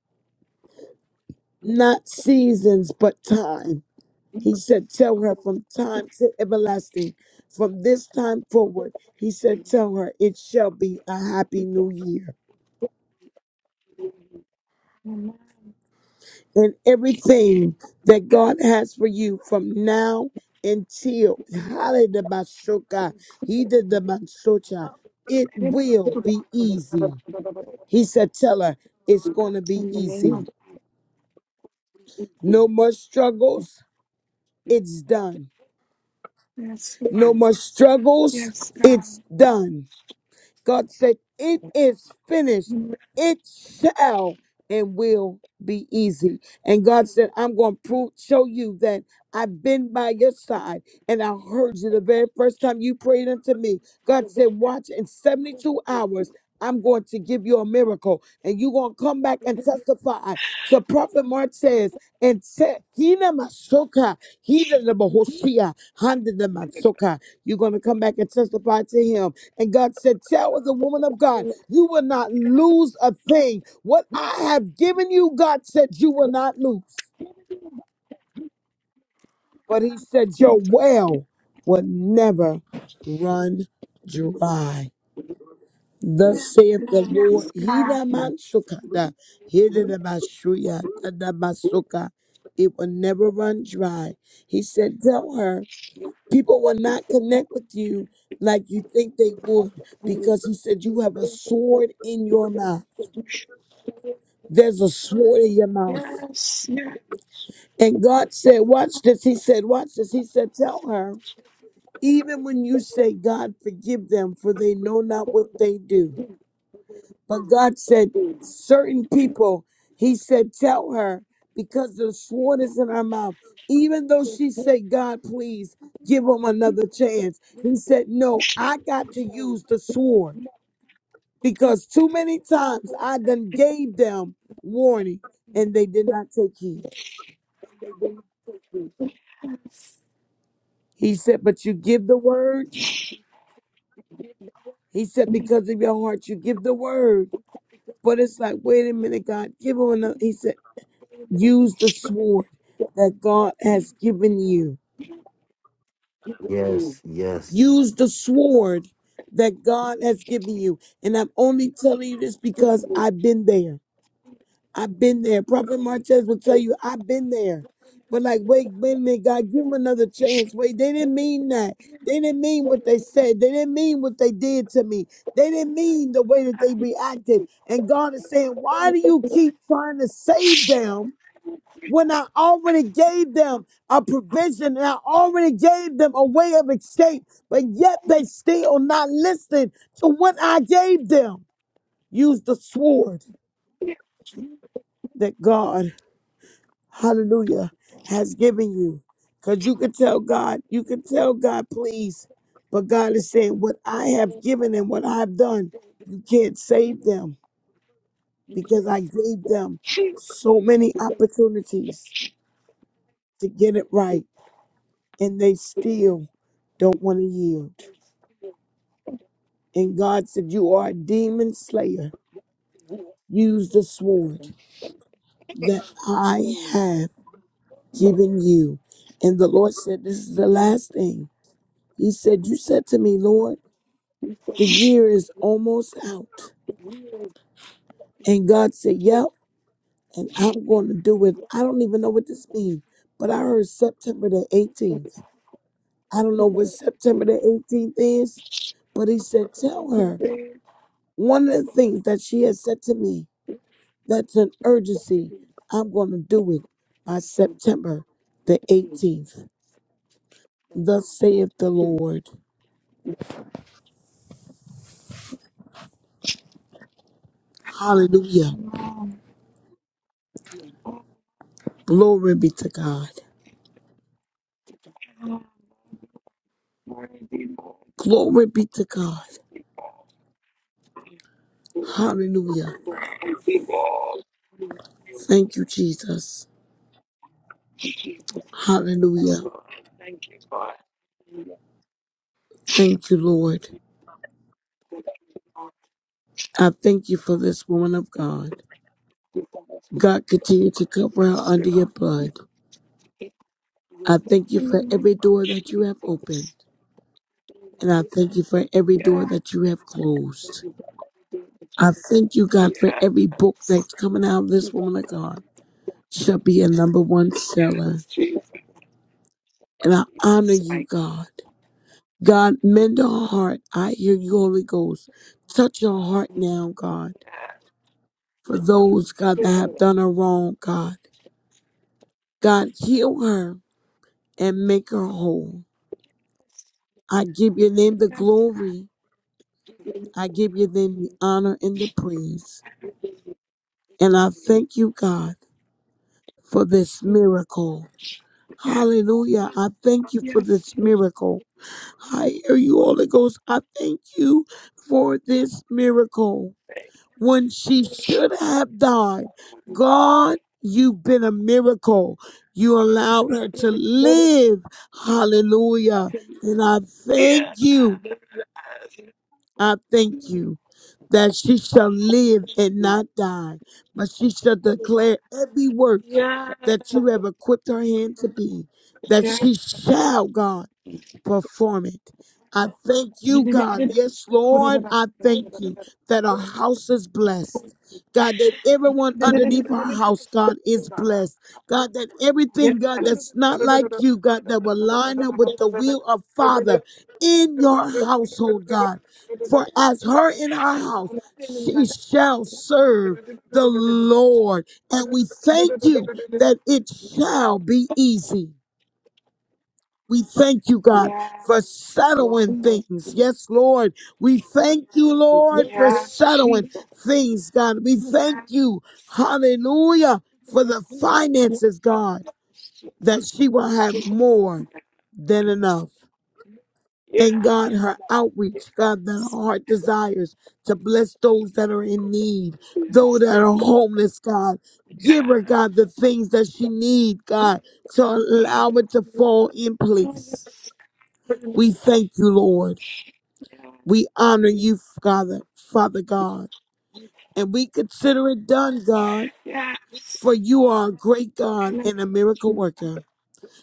Speaker 6: not seasons, but time. He said, Tell her from time to everlasting, from this time forward, he said, Tell her it shall be a happy new year.
Speaker 5: Amen.
Speaker 6: And everything that God has for you from now until Hallelujah, he did the Mansocha, it
Speaker 5: In
Speaker 6: will be easy. He said, Tell her it's going to be
Speaker 5: the name
Speaker 6: easy.
Speaker 5: of
Speaker 6: No more struggles, it's done.
Speaker 5: Yes,
Speaker 6: No
Speaker 5: God,
Speaker 6: more struggles,
Speaker 5: Yes, God.
Speaker 6: it's done. God said, It is finished.
Speaker 5: In the
Speaker 6: It shall and will be easy. And God said, I'm going to prove, show you that I've been by your side and I heard you the very first time you prayed unto me. God said, Watch in 72 hours. I'm going to give you a miracle and you're going to come back and testify. So Prophet Mark says, and said, Hina Masoka, Hina the Mahoshia, Handa the Masoka. You're going to come back and testify to him. And God said, Tell the woman of God, you will not lose a thing. What I have given you, God said, you will not lose. But he said,
Speaker 5: name
Speaker 6: Your
Speaker 5: of Jesus.
Speaker 6: well will never run dry. Thus saith the Lord,
Speaker 5: Yes, God.
Speaker 6: Hina Mansukada, Hidanabashuya, Tadabasuka. It will never run dry. He said, Tell her, people will not connect with you like you think they would, because he said, You have a sword in your mouth. There's a sword in your mouth.
Speaker 5: Yes, yes.
Speaker 6: And God said, Watch this. He said, Watch this. He said, Tell her, even when you say, God, forgive them, for they know not what they do. But God said, certain people, He said, tell her because the sword is in her mouth. Even though she said, God, please give him another chance, He said, no, I got to use the sword because too many times I done gave them warning and they did not take heed.
Speaker 5: Yes.
Speaker 6: He said, but you give the word. He said, because of your heart, you give the word. But it's like, wait a minute, God, give him another. He said, Use the sword that God has given you.
Speaker 2: Yes, yes.
Speaker 6: Use the sword that God has given you. And I'm only telling you this because I've been there. I've been there. Prophet Martez will tell you, I've been there. But like, wait, wait a minute, God, give them another chance. Wait, they didn't mean that. They didn't mean what they said. They didn't mean what they did to me. They didn't mean the way that they reacted. And God is saying, why do you keep trying to save them when I already gave them a provision and I already gave them a way of escape, but yet they still not listening to what I gave them. Use the sword that God, hallelujah, has given you. Because you can tell God, you can tell God, please. But God is saying, what I have given and what I've done, you can't save them because I gave them so many opportunities to get it right and they still don't want to yield. And God said, You are a demon slayer. Use the sword that I have given you. And the Lord said, This is the last thing. He said, You said to me, Lord, the year is almost out. And God said, Yep, and I'm going to do it. I don't even know what this means, but I heard September the 18th. I don't know what September the 18th is, but He said, Tell her
Speaker 5: Today,
Speaker 6: One of the things that she has said to me that's an urgency, I'm going to do it by September the 18th. Thus saith the Lord. Hallelujah.
Speaker 5: Mom,
Speaker 6: Glory be to God.
Speaker 5: God, mighty, mighty,
Speaker 6: Glory be to God.
Speaker 5: mighty God,
Speaker 6: Hallelujah.
Speaker 5: Thank you, God. mighty God, thank you,
Speaker 6: Thank you, Jesus.
Speaker 5: Jesus, Son,
Speaker 6: Hallelujah.
Speaker 5: thank you, God, thank
Speaker 6: Thank you, Lord.
Speaker 5: you, God,
Speaker 6: I thank you for this woman of
Speaker 5: thank
Speaker 6: God.
Speaker 5: you, God, thank you,
Speaker 6: God, continue to cover her under
Speaker 5: God,
Speaker 6: your blood.
Speaker 5: thank you, God,
Speaker 6: I thank you
Speaker 5: in the
Speaker 6: for
Speaker 5: name
Speaker 6: every
Speaker 5: of
Speaker 6: door that you have opened.
Speaker 5: Jesus, thank
Speaker 6: And I
Speaker 5: you,
Speaker 6: thank you for every door
Speaker 5: Yeah.
Speaker 6: that you have
Speaker 5: thank
Speaker 6: closed.
Speaker 5: you, God, everything that you
Speaker 6: I
Speaker 5: have
Speaker 6: thank you,
Speaker 5: done,
Speaker 6: God, for
Speaker 5: yeah,
Speaker 6: every
Speaker 5: thank
Speaker 6: book that's coming out of
Speaker 5: you,
Speaker 6: this
Speaker 5: God,
Speaker 6: woman of God shall be a number one seller.
Speaker 5: Yes, Jesus.
Speaker 6: And I honor
Speaker 5: Yes,
Speaker 6: you,
Speaker 5: mighty.
Speaker 6: God. God, mend our heart. I hear you, Holy Ghost. Touch your heart now, God, for those, God, that have
Speaker 5: God.
Speaker 6: done her wrong, God. God, heal her and make her whole. I give your name the
Speaker 5: Yes,
Speaker 6: glory. I give your name the honor and the praise. And I thank you, God. for this miracle.
Speaker 5: yes,
Speaker 6: Hallelujah. I thank you for
Speaker 5: yes,
Speaker 6: this
Speaker 5: Jesus.
Speaker 6: miracle. I hear you, Holy Ghost. I thank you for this miracle. When she should have died, God, you've been a miracle. You allowed her to live. Hallelujah. And I thank you. I thank you that she shall live and not die, but she shall declare every work
Speaker 5: Yes,
Speaker 6: that you have equipped her hand to be, that she
Speaker 5: yes.
Speaker 6: shall, God perform it. I thank you, God. Yes, Lord, I thank you that our house is blessed. God, that everyone underneath our house, God, is blessed. God, that everything, God, that's not like you, God, that will line up with the will of Father in your household, God. For as
Speaker 5: Yes,
Speaker 6: her in our house,
Speaker 5: Yes,
Speaker 6: she shall serve the Lord. And we thank you that it shall be easy. We thank you, God,
Speaker 5: yes,
Speaker 6: for settling things. Yes, Lord. We thank you, Lord, for
Speaker 5: yes,
Speaker 6: settling
Speaker 5: Jesus,
Speaker 6: things, God. We thank
Speaker 5: yes,
Speaker 6: you, hallelujah, for the
Speaker 5: yes,
Speaker 6: finances, God,
Speaker 5: Jesus,
Speaker 6: that she will have more than enough. And God, her outreach, God, that her heart desires to bless those that are in need, those
Speaker 5: yes,
Speaker 6: that are homeless, God. Give her, God, the things that she need, God, to allow it to
Speaker 5: yes,
Speaker 6: fall in place. We thank you, Lord. We honor you, Father, Father God. And we consider it done, God,
Speaker 5: yes, yes,
Speaker 6: for you are a great God
Speaker 5: in the
Speaker 6: and a
Speaker 5: name of
Speaker 6: miracle
Speaker 5: Jesus,
Speaker 6: worker.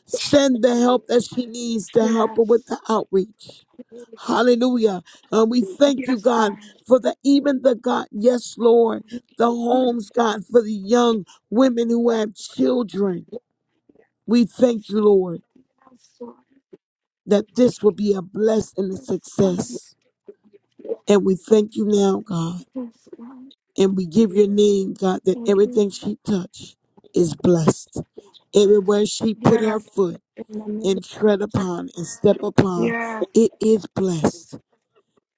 Speaker 6: Send the help that she needs to help her with
Speaker 5: yes,
Speaker 6: the outreach. Hallelujah. And we thank you,
Speaker 5: yes, God,
Speaker 6: God, for the even the God, yes, Lord,
Speaker 5: yes,
Speaker 6: the homes, God, for the young women who have children. We thank you, Lord,
Speaker 5: Lord,
Speaker 6: that this will be a blessing and a
Speaker 5: yes, God,
Speaker 6: success. And we thank you now, God.
Speaker 5: yes, God,
Speaker 6: And we give your name, God, that everything she touched is blessed. Everywhere she put
Speaker 5: yes,
Speaker 6: her foot
Speaker 5: in the name of
Speaker 6: and tread
Speaker 5: Jesus,
Speaker 6: upon and step upon,
Speaker 5: Yes,
Speaker 6: it is blessed.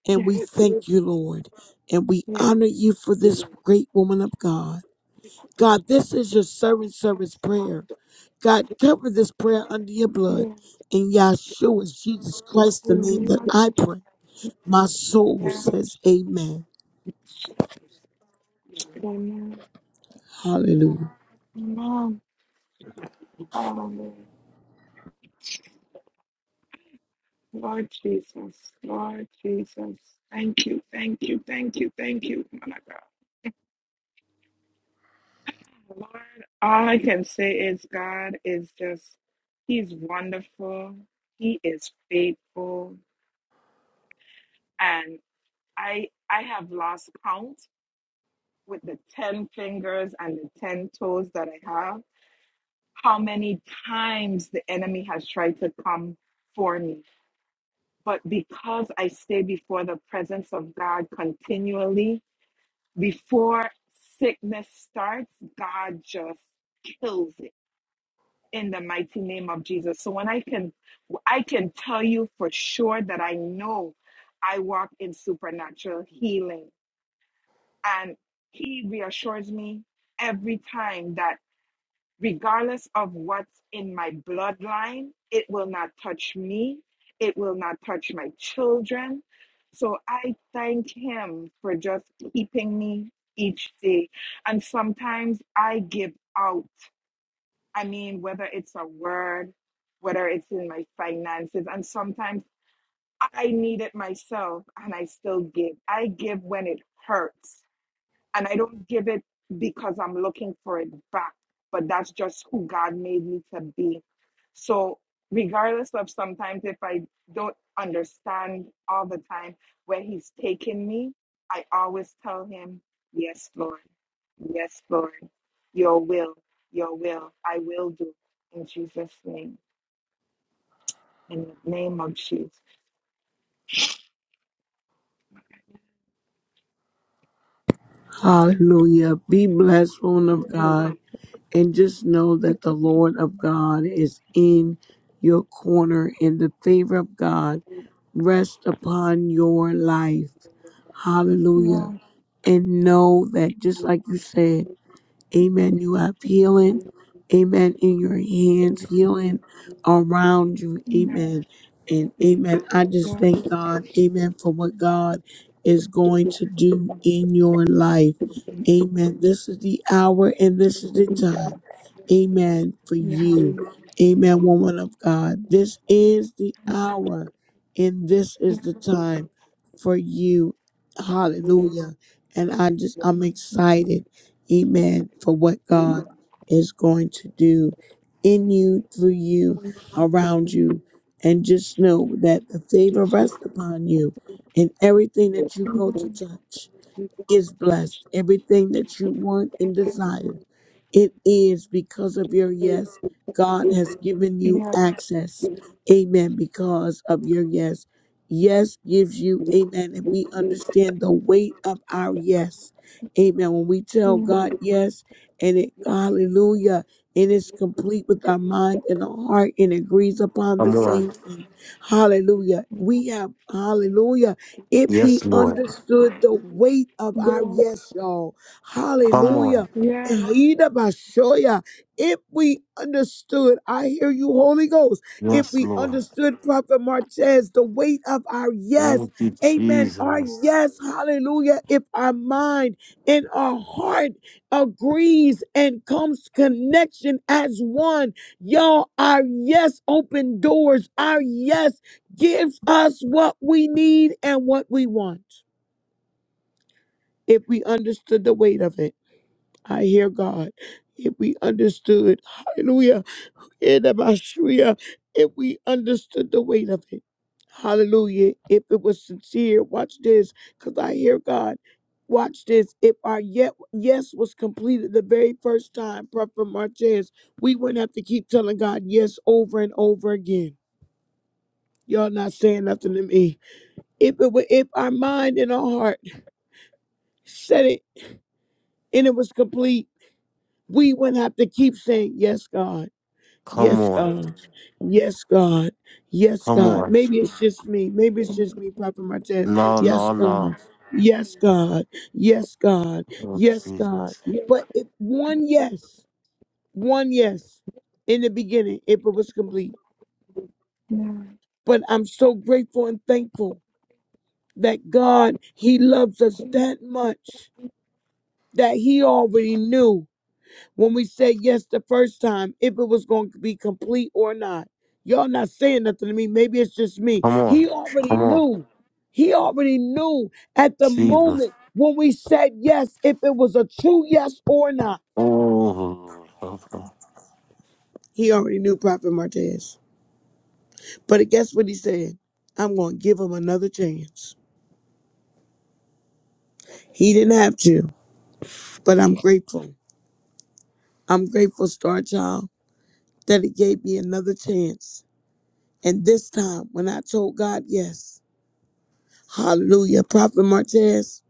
Speaker 6: And
Speaker 5: yes,
Speaker 6: we
Speaker 5: yes,
Speaker 6: thank you, Lord. And we
Speaker 5: yes,
Speaker 6: honor you for
Speaker 5: yes,
Speaker 6: this great woman of God. God, this is your servant
Speaker 5: yes,
Speaker 6: service
Speaker 5: Lord.
Speaker 6: prayer. God, cover this prayer under your blood.
Speaker 5: yeah,
Speaker 6: In Yahshua, Jesus
Speaker 5: yeah,
Speaker 6: Christ, the
Speaker 5: in the
Speaker 6: name
Speaker 5: name
Speaker 6: that
Speaker 5: of
Speaker 6: I
Speaker 5: Jesus.
Speaker 6: pray. My soul
Speaker 5: Yes,
Speaker 6: says amen.
Speaker 5: amen.
Speaker 6: Hallelujah.
Speaker 5: Amen. Hallelujah. Lord Jesus, Lord Jesus. Thank you, thank you, thank you, thank you, my God. Lord, all I can say is God is just, He's wonderful. He is faithful. And I I have lost count with the 10 fingers and the 10 toes that I have, how many times the enemy has tried to come for me. But because I stay before the presence of God continually, before sickness starts, God just kills it in the mighty name of Jesus. So when I can I can tell you for sure that I know I walk in supernatural healing and he reassures me every time that regardless of what's in my bloodline, it will not touch me. It will not touch my children. So I thank Him for just keeping me each day. And sometimes I give out. I mean, whether it's a word, whether it's in my finances, and sometimes I need it myself and I still give. I give when it hurts and I don't give it because I'm looking for it back, but that's just who God made me to be. So, regardless of sometimes if I don't understand all the time where He's taking me, I always tell Him, Yes, Lord, yes, Lord, your will, your will, I will do in Jesus' name. In the name of Jesus.
Speaker 6: Hallelujah. Be blessed, woman of God. And just know that the Lord of God is in your corner and the favor of God rest upon your life.
Speaker 5: Yeah,
Speaker 6: Hallelujah. And know that just like you said, Amen. You have healing. Amen. In your hands, healing around you.
Speaker 5: yeah,
Speaker 6: Amen. And amen. I just
Speaker 5: yeah,
Speaker 6: thank God. Amen. For what God is going to do in your life. Amen. This is the hour and this is the time. Amen. For
Speaker 5: yeah, yeah,
Speaker 6: you. Amen. Woman of God. This is the hour and this is the time for you. Hallelujah. And I just, I'm excited. Amen. For what God is going to do in you, through you, around you. And just know that the favor rests upon you in everything that you go to
Speaker 5: yeah,
Speaker 6: touch is blessed. Everything that you want and desire, it is because of your yes. God has given you access. Amen. Because of your yes. Yes gives you, amen. And we understand the weight of our yes. Amen. When we tell God yes, and it, hallelujah, and it's complete with our mind and our heart and agrees upon the
Speaker 2: Come on.
Speaker 6: same thing. Hallelujah.
Speaker 5: yeah,
Speaker 6: We have, hallelujah. If
Speaker 5: yeah,
Speaker 6: we
Speaker 2: Yes, Lord.
Speaker 6: understood the weight of
Speaker 5: yeah,
Speaker 6: our
Speaker 5: yeah,
Speaker 6: yes, y'all,
Speaker 2: Come on.
Speaker 6: hallelujah.
Speaker 5: Yes,
Speaker 6: Ehida Bashoya. If we understood, I hear you, Holy Ghost. If
Speaker 2: Yes,
Speaker 6: we
Speaker 2: Lord.
Speaker 6: understood, Prophet Martez, the weight of our yes,
Speaker 2: Thank you,
Speaker 6: amen, our
Speaker 2: Jesus.
Speaker 6: yes, hallelujah. If our mind and our heart agrees and comes connection as one, y'all, our yes open doors, our yes Give us what we need and what we want. If we understood the weight of it, I hear God. If we understood, hallelujah, Edabashuya, if we understood the weight of it, hallelujah, if it was sincere, watch this, because I hear God. Watch this. If our yet yes was completed the very first time, Prophet Martez, we wouldn't have to keep telling God yes over and over again. Y'all not saying nothing to me. If it were if our mind and our heart said it and it was complete, we wouldn't have to keep saying, Yes, God,
Speaker 2: Come
Speaker 6: yes,
Speaker 2: on.
Speaker 6: God, yes, God, yes,
Speaker 2: Come
Speaker 6: God.
Speaker 2: on.
Speaker 6: Maybe it's just me. Maybe it's just me, Prophet Martez.
Speaker 2: No,
Speaker 6: Yes,
Speaker 2: no, no.
Speaker 6: God. Yes, God. Yes, God.
Speaker 2: Oh,
Speaker 6: Yes, God.
Speaker 2: Jesus.
Speaker 6: But if one yes, one yes in the beginning, if it was complete.
Speaker 5: ma'am.
Speaker 6: But I'm so grateful and thankful that God, He loves us that much that he already knew when we said yes the first time if it was going to be complete or not. Y'all not saying nothing to me. Maybe it's just me.
Speaker 2: Come on.
Speaker 6: He already
Speaker 2: Come on.
Speaker 6: knew. He already knew at the
Speaker 2: Jesus.
Speaker 6: moment when we said yes if it was a true yes or not.
Speaker 2: Oh, Lord. Okay.
Speaker 6: He already knew Prophet Martez. But guess what he said? I'm going to give him another chance. He didn't have to, but I'm grateful. I'm grateful, Star Child, that he gave me another chance And this time, when I told God yes, hallelujah, Prophet Martez,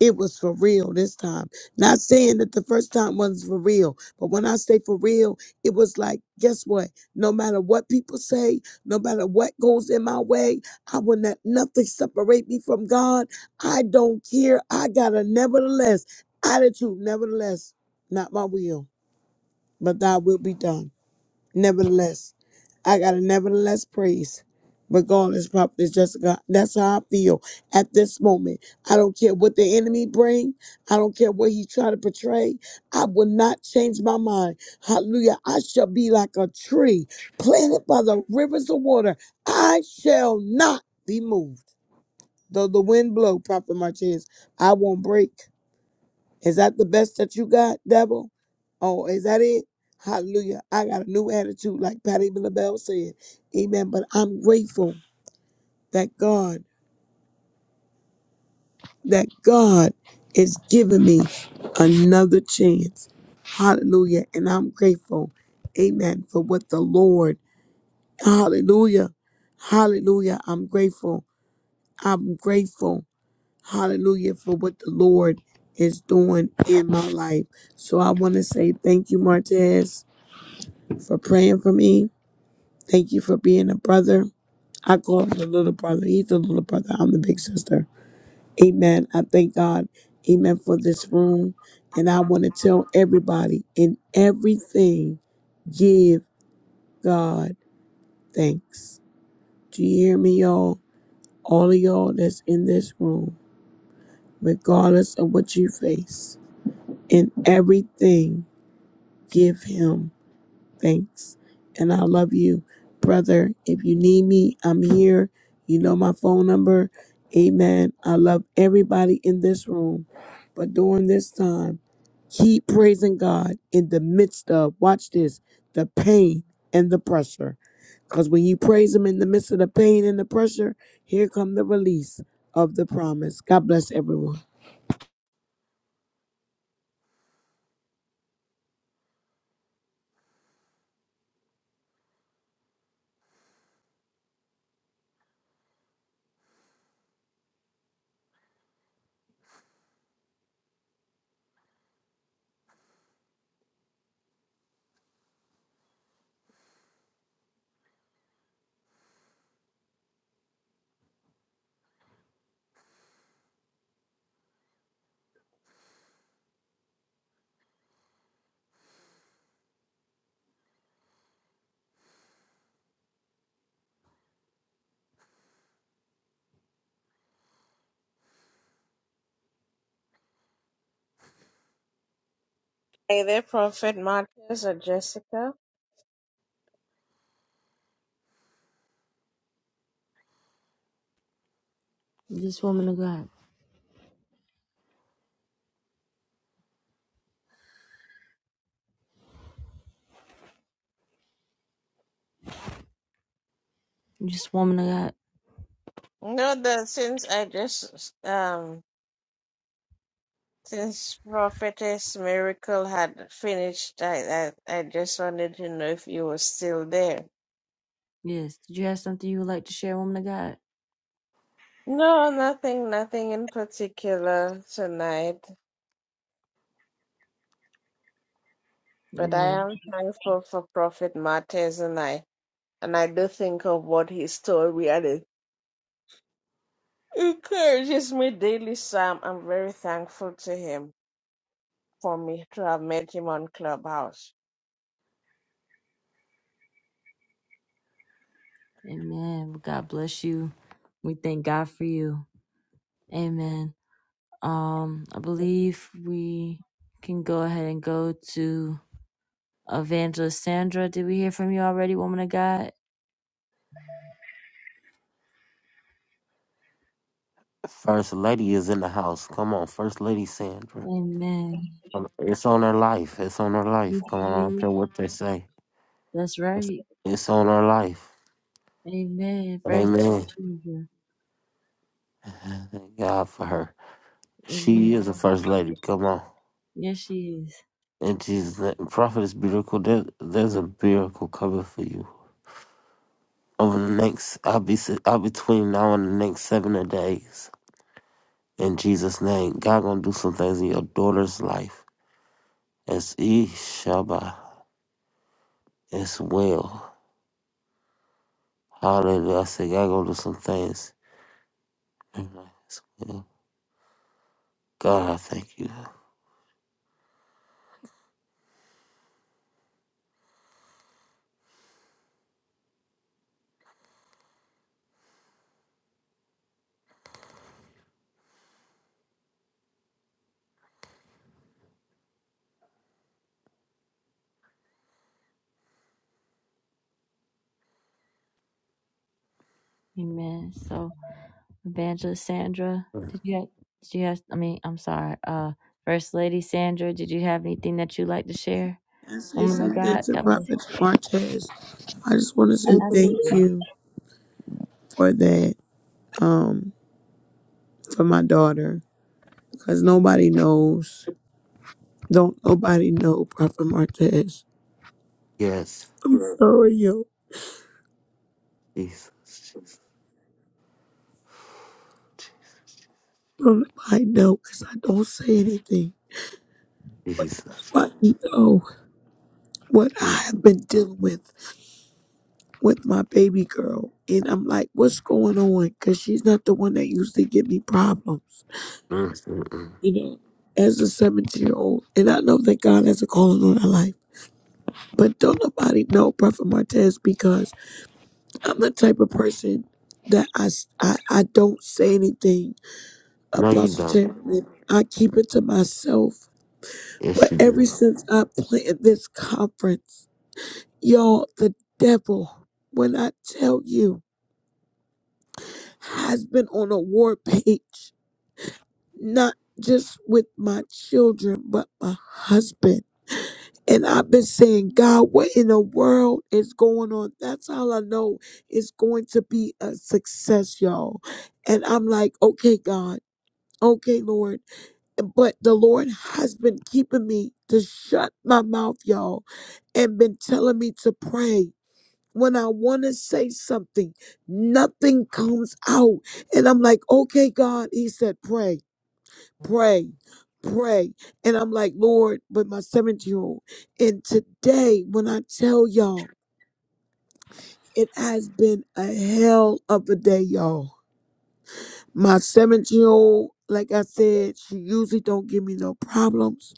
Speaker 6: it was for real this time. Not saying that the first time was for real, but when I say for real, it was like, guess what? No matter what people say, no matter what goes in my way, I will not nothing separate me from God. I don't care. I got a nevertheless attitude, nevertheless, not my will, but thy will be done. Nevertheless, I gotta nevertheless praise. Regardless, prophetess Jessica, that's how I feel at this moment. I don't care what the enemy bring. I don't care what he try to portray. I will not change my mind. Hallelujah. I shall be like a tree planted by the rivers of water. I shall not be moved. Though the wind blow, Prophet Martinez, I won't break. Is that the best that you got, devil? Oh, is that it? Hallelujah. I got a new attitude, like Patty Bell said. Amen. But I'm grateful that God, that God is giving me another chance. Hallelujah. And I'm grateful. Amen. For what the Lord. Hallelujah. Hallelujah. I'm grateful. I'm grateful. Hallelujah. For what the Lord is doing in my life. So I want to say thank you, Martez. for praying for me. Thank you for being a brother. I call him the little brother. He's the little brother. I'm the big sister. Amen. I thank God. Amen for this room. And I want to tell everybody in everything, give God thanks. Do you hear me, y'all? All of y'all that's in this room, regardless of what you face, in everything, give Him Thanks. And I love you, brother. If you need me, I'm here. You know my phone number. Amen. I love everybody in this room. But during this time, keep praising God in the midst of, watch this, the pain and the pressure. Because when you praise Him in the midst of the pain and the pressure, here come the release of the promise. God bless everyone.
Speaker 7: Either Prophet Marcus or Jessica.
Speaker 1: Just woman of God. Just woman of God.
Speaker 7: No, that since I just um since Prophetess Miracle had finished, I, I I just wanted to know if you were still there.
Speaker 1: Yes. Did you have something you would like to share, woman of God?
Speaker 7: No, nothing, nothing in particular tonight. But I
Speaker 1: Amen.
Speaker 7: am thankful for Prophet Martez and I and I do think of what his story and it encourages me daily, Sam. I'm very thankful to him for me to have met him on Clubhouse.
Speaker 1: Amen. Well, God bless you. We thank God for you. Amen. Um, I believe we can go ahead and go to Evangelist Sandra. Did we hear from you already, woman of God?
Speaker 2: First lady is in the house. Come on, first lady Sandra.
Speaker 1: Amen.
Speaker 2: Come- It's on her life. It's on her life. Come on, I don't care what they say.
Speaker 1: That's
Speaker 2: It's,
Speaker 1: right.
Speaker 2: it's on her life.
Speaker 1: Amen. First
Speaker 2: Amen.
Speaker 1: Sandra.
Speaker 2: Thank God for her. She
Speaker 1: Amen.
Speaker 2: is a first lady. Come on.
Speaker 1: Yes, she is.
Speaker 2: And Jesus' name. Prophet is beautiful. There, there's a miracle coming for you. Over the next, I'll be, si- I'll be between now and the next seven days. In Jesus' name, God gonna do some things in your daughter's life. As Ishaba, as well. Hallelujah. I said, I go do some things. And I said, "Well, God, I thank you.
Speaker 1: Amen. So Evangelist Sandra,
Speaker 2: Mm.
Speaker 1: did you have, did you have, I mean, I'm sorry, uh, First Lady Sandra, did you have anything that you'd like to share?
Speaker 6: I say
Speaker 1: Woman of
Speaker 6: something
Speaker 1: God,
Speaker 6: to
Speaker 1: God bless.
Speaker 6: Prophet Martez. I just want to say thank
Speaker 1: Absolutely.
Speaker 6: you for that. for my daughter because nobody knows. Don't nobody know Prophet Martez.
Speaker 2: Yes,
Speaker 6: I'm sorry, yo.
Speaker 2: Jesus,
Speaker 6: Nobody know because I don't say anything.
Speaker 2: Jesus.
Speaker 6: But
Speaker 2: Jesus.
Speaker 6: nobody know what I
Speaker 2: Mm,
Speaker 6: have been dealing with with my baby girl. And I'm like, what's going on? Because she's not the one that usually give me problems,
Speaker 2: mm, mm, mm.
Speaker 6: you know, as a 17 year old. And I know that God has a calling on her life. But don't nobody know Prophet Martez because I'm the type of person that I, s- I, I don't say anything,
Speaker 2: No, you
Speaker 6: Apostle
Speaker 2: don't.
Speaker 6: Chamberlain. I keep it to myself.
Speaker 2: Yes,
Speaker 6: But
Speaker 2: you
Speaker 6: ever
Speaker 2: do.
Speaker 6: since I planned this conference, y'all, the devil, when I tell you, has been on a war page, not just with my children, but my husband. And I've been saying, God, what in the world is going on? That's all I know it's going to be a success, y'all. And I'm like, okay, God, okay, Lord. But the Lord has been keeping me to shut my mouth, y'all, and been telling me to pray. When I want to say something, nothing comes out. And I'm like, okay, God, he said, pray pray, pray. And I'm like, Lord, but my 17 year old. And today, when I tell y'all, it has been a hell of a day, y'all. My 17 year old, like I said, she usually don't give me no problems.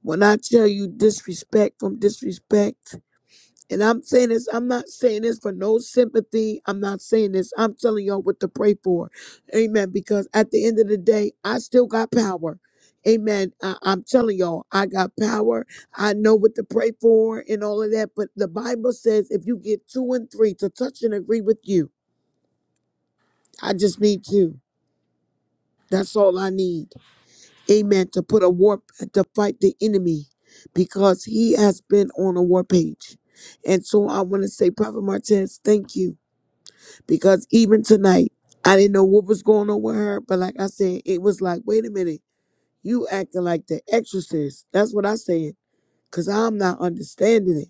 Speaker 6: When I tell you disrespect from disrespect, And I'm saying this, I'm not saying this for no sympathy. I'm not saying this. I'm telling y'all what to pray for. Amen. Because at the end of the day, I still got power. Amen. I, I'm telling y'all, I got power. I know what to pray for and all of that. But the Bible says if you get two and three to touch and agree with you, I just need two. That's all I need. Amen. To put a warp, to fight the enemy because he has been on a war page. And so I want to say, Prophet Martez, thank you because even tonight, I didn't know what was going on with her. But like I said, it was like, wait a minute, you acting like the exorcist. That's what I said, because I'm not understanding it.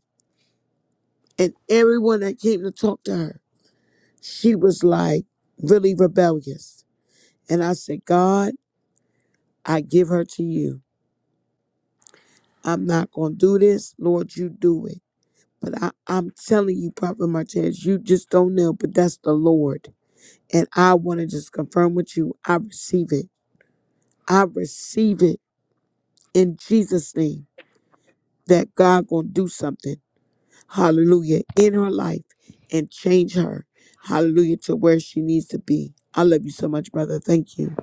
Speaker 6: And everyone that came to talk to her, she was like really rebellious. And I said, God, I give her to you. I'm not going to do this. Lord, you do it. But I, I'm telling you, Prophet Martinez, you just don't know, but that's the Lord. And I want to just confirm with you, I receive it. I receive it in Jesus' name that God gonna do something, hallelujah, in her life and change her, hallelujah, to where she needs to be. I love you so much, brother. Thank you.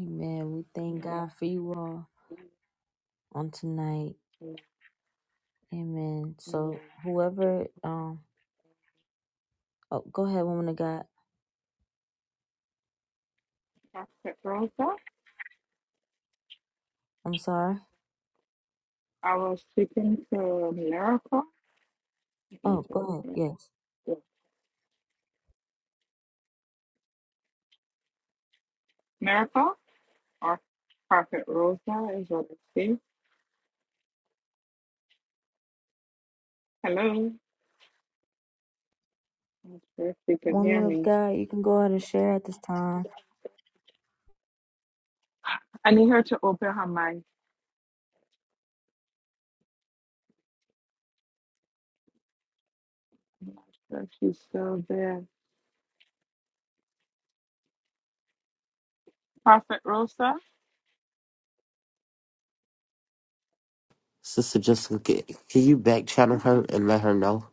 Speaker 1: Amen. We thank
Speaker 5: Yes,
Speaker 1: God for you all on tonight.
Speaker 5: yes,
Speaker 1: Amen.
Speaker 5: ma'am.
Speaker 1: So whoever, um, oh, go ahead, woman of God.
Speaker 5: Pastor Rosa,
Speaker 1: I'm sorry.
Speaker 5: I was speaking to Miracle. I
Speaker 1: Oh,
Speaker 5: think
Speaker 1: go ahead.
Speaker 5: it's-
Speaker 1: Yes.
Speaker 5: yeah, Miracle or Prophet Rosa is what it says. Hello. I'm sure if you could hear
Speaker 1: Woman of
Speaker 5: me.
Speaker 1: God, you can go ahead and share at this time.
Speaker 5: I need her to open her mic if she's still there. Prophet Rosa?
Speaker 2: Sister Jessica, can, can you back channel her and let her know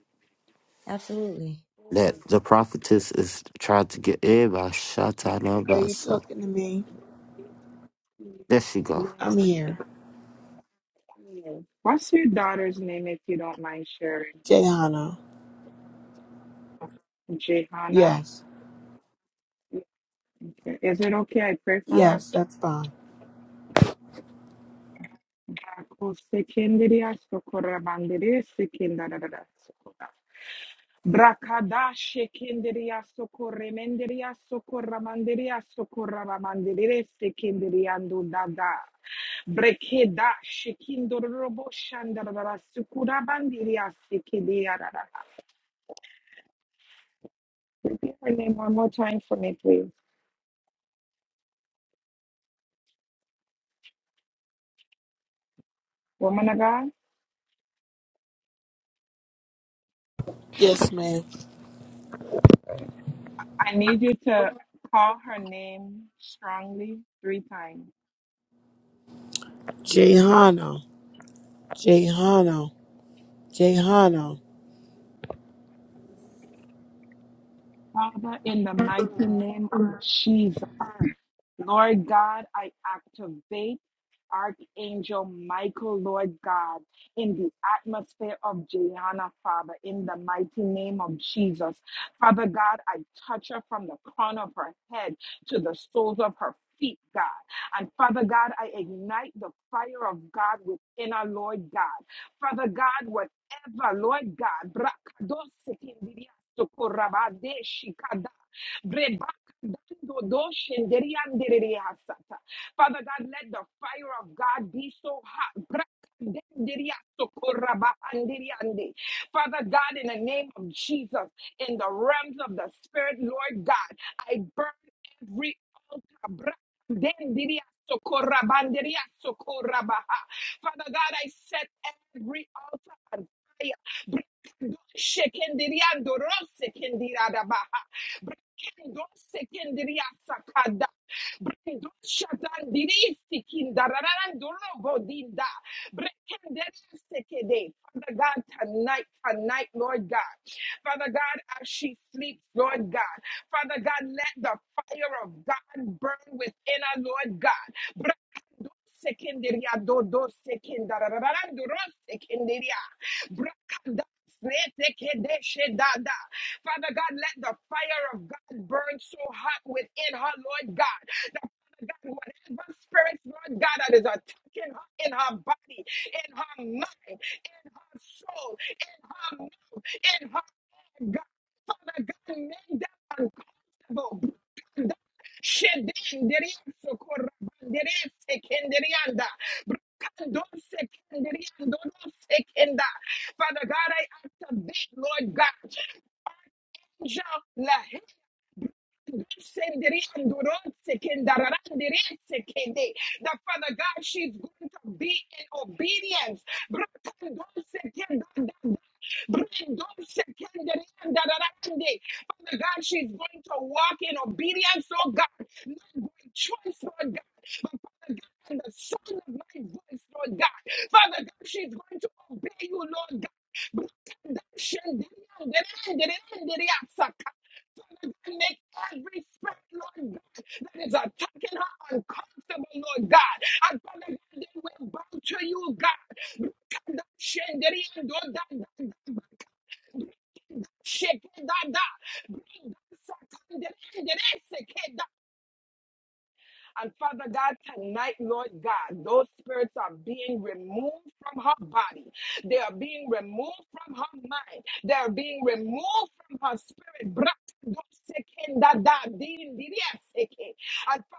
Speaker 1: Absolutely.
Speaker 2: that the prophetess is trying to get everybody shot out of
Speaker 6: Are
Speaker 2: everybody?
Speaker 6: you
Speaker 2: So
Speaker 6: talking to me?
Speaker 2: there she go.
Speaker 6: I'm
Speaker 5: Yes,
Speaker 6: here.
Speaker 5: ma'am. Yes. What's your daughter's name if you don't mind sharing?
Speaker 6: Jayhana.
Speaker 5: Jehana.
Speaker 6: Yes.
Speaker 5: Okay. Is it okay I pray for her?
Speaker 6: Yes, that's fine.
Speaker 5: Brako sekenderi asokora bandere sekendara da sokora. Brakada shekenderia socorre menderia socorra manderia socorra mandere sekenderiando dada. Brekeda shekindorobo shandarara sukura bandiria sekedia dada. Repeat her name one more time for me, please. Woman of God,
Speaker 6: Yes, ma'am.
Speaker 5: I need you to call her name strongly three times.
Speaker 6: Jayhana. Jayhana. Jayhana.
Speaker 5: Father, in the mighty name of Jesus. Lord God, I activate Archangel Michael, Lord God, in the atmosphere of Jayana, Father, in the mighty name of Jesus. Father God, I touch her from the crown of her head to the soles of her feet, God. And Father God, I ignite the fire of God within her, Lord God. Father God, whatever, Lord God, brakadosikindiriya, shikada. Father God, let the fire of God be so hot. Father God, in the name of Jesus, in the realms of the Spirit, Lord God, I burn every altar. Father God, I set every altar on fire. Kendo sekendria sakada. Brendo shatandiri sikinda rarandolo bodinda. Brekendere sekede. Father God, tonight, tonight, Lord God. Father God, as she sleeps, Lord God. Father God, let the fire of God burn within her, Lord God. Brekendo sekenderia dodo sekenda rararandoro sekenderia. Brakanda Setekedeshedada. Father God, let the fire of God burn so hot within her, Lord God. That Father God, whatever spirits, Lord God, that is attacking her in her body, in her mind, in her soul, in her mouth, in her head, God. Father God, make them unconscious bo- Shedenderianso korabanderese kenderianda. Brokandonse kenderiandonose kenda. Father God, I activate, Lord God, angel that Father God, she's going to be in obedience. Father God, she's going to walk in obedience, oh God. Not by choice, Lord God. But Father God, and the sound of my voice, Lord God. Father God, she's going to obey you, Lord God make every spirit, Lord God, that is attacking her uncomfortable, Lord God. And Father God, they will bow to you, God. Rakanda shenderi ando da da da ba. Shake it, da da. Bring that Satan, and Father God, tonight, Lord God, those spirits are being removed from her body. They are being removed from her mind. They are being removed from her spirit. And Father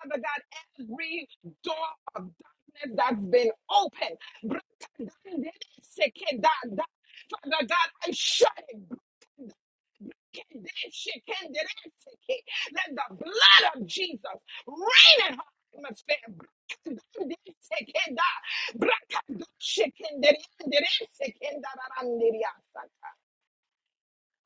Speaker 5: God, every door of darkness that's been opened, Father God, I shut it. Let the blood of Jesus reign in her atmosphere. Brakadashikenda, brakadashikenda,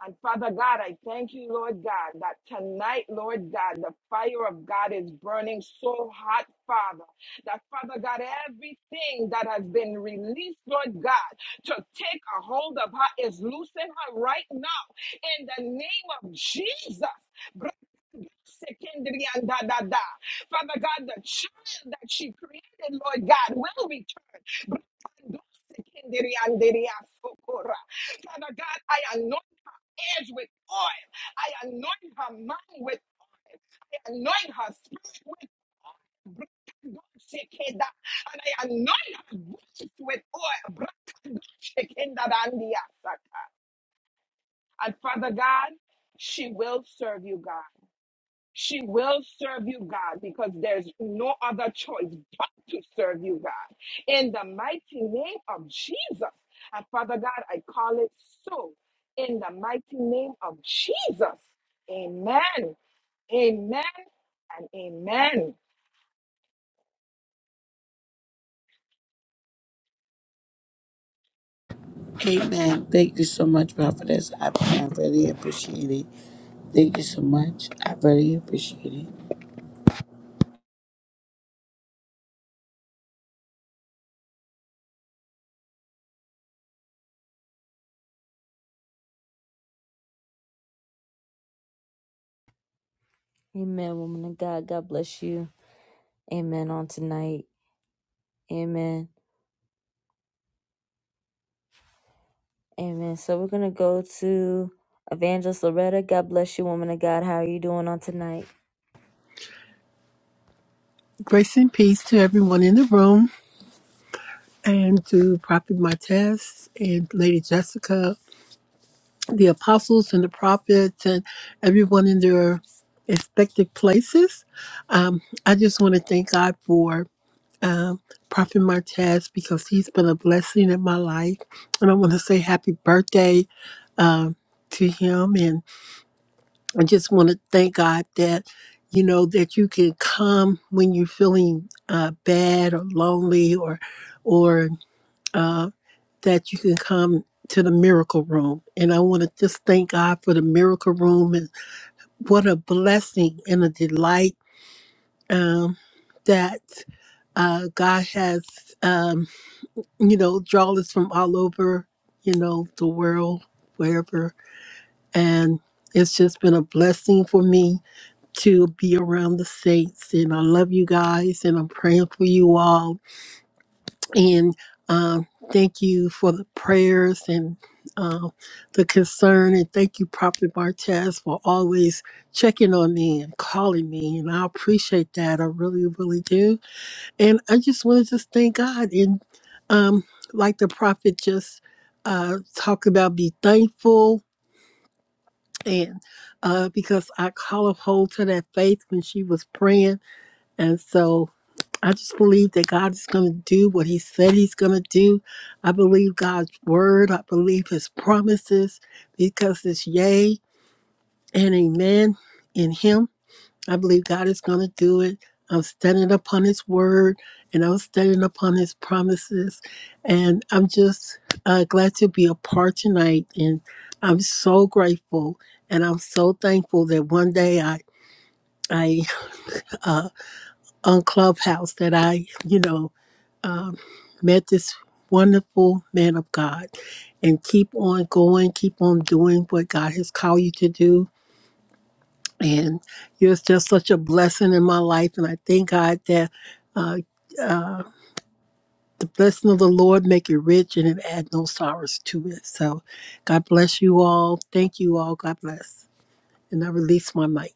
Speaker 5: and Father God, I thank you, Lord God, that tonight, Lord God, the fire of God is burning so hot, Father, that Father God, everything that has been released, Lord God, to take a hold of her is loosing her right now in the name of Jesus. Father God, the child that she created, Lord God, will return. Father God, I anoint edge with oil. I anoint her mind with, anoint her spirit with oil. Brakadoshekeda. And I anoint her voice with oil. Brakadoshekenda dandiasaka. And Father God, she will serve you, God. She will serve you, God, because there's no other choice but to serve you, God. In the mighty name of Jesus. And Father God, I call it so. In the mighty name of Jesus. Amen. Amen and amen.
Speaker 6: Amen. Thank you so much, Prophetess. I, I really appreciate it. Thank you so much. I really appreciate it.
Speaker 1: Amen, woman of God. God bless you. Amen on tonight. Amen. Amen. So we're gonna go to Evangelist Loretta. God bless you, woman of God. How are you doing on tonight?
Speaker 8: Grace and peace to everyone in the room and to Prophet Martez and Lady Jessica, the apostles and the prophets, and everyone in their expected places. Um, I just want to thank God for um, Prophet Martez because he's been a blessing in my life. And I want to say happy birthday um, to him. I just want to thank God that, you know, that you can come when you're feeling uh, bad or lonely or, or uh, that you can come to the miracle room. And I want to just thank God for the miracle room and what a blessing and a delight um, that uh, God has, um, you know, drawn us from all over, you know, the world, wherever. And it's just been a blessing for me to be around the saints. And I love you guys, and I'm praying for you all. And um, thank you for the prayers and uh, the concern. And thank you, Prophet Martez, for always checking on me and calling me. And I appreciate that. I really, really do. And I just want to just thank God. And um, like the prophet just uh, talked about, be thankful. And uh, because I call a hold to that faith when she was praying and so I just believe that God is going to do what He said He's going to do. I believe God's word. I believe His promises because it's yay and amen in Him. I believe God is going to do it. I'm standing upon His word and I'm standing upon His promises. And I'm just uh, glad to be a part tonight. And I'm so grateful and I'm so thankful that one day I, I, uh, on Clubhouse that I, you know, um, met this wonderful man of God and keep on going, keep on doing what God has called you to do. And you're just such a blessing in my life. And I thank God that uh, the blessing of the Lord make you rich and it add no sorrows to it. So God bless you all. Thank you all. God bless. And I release my mic.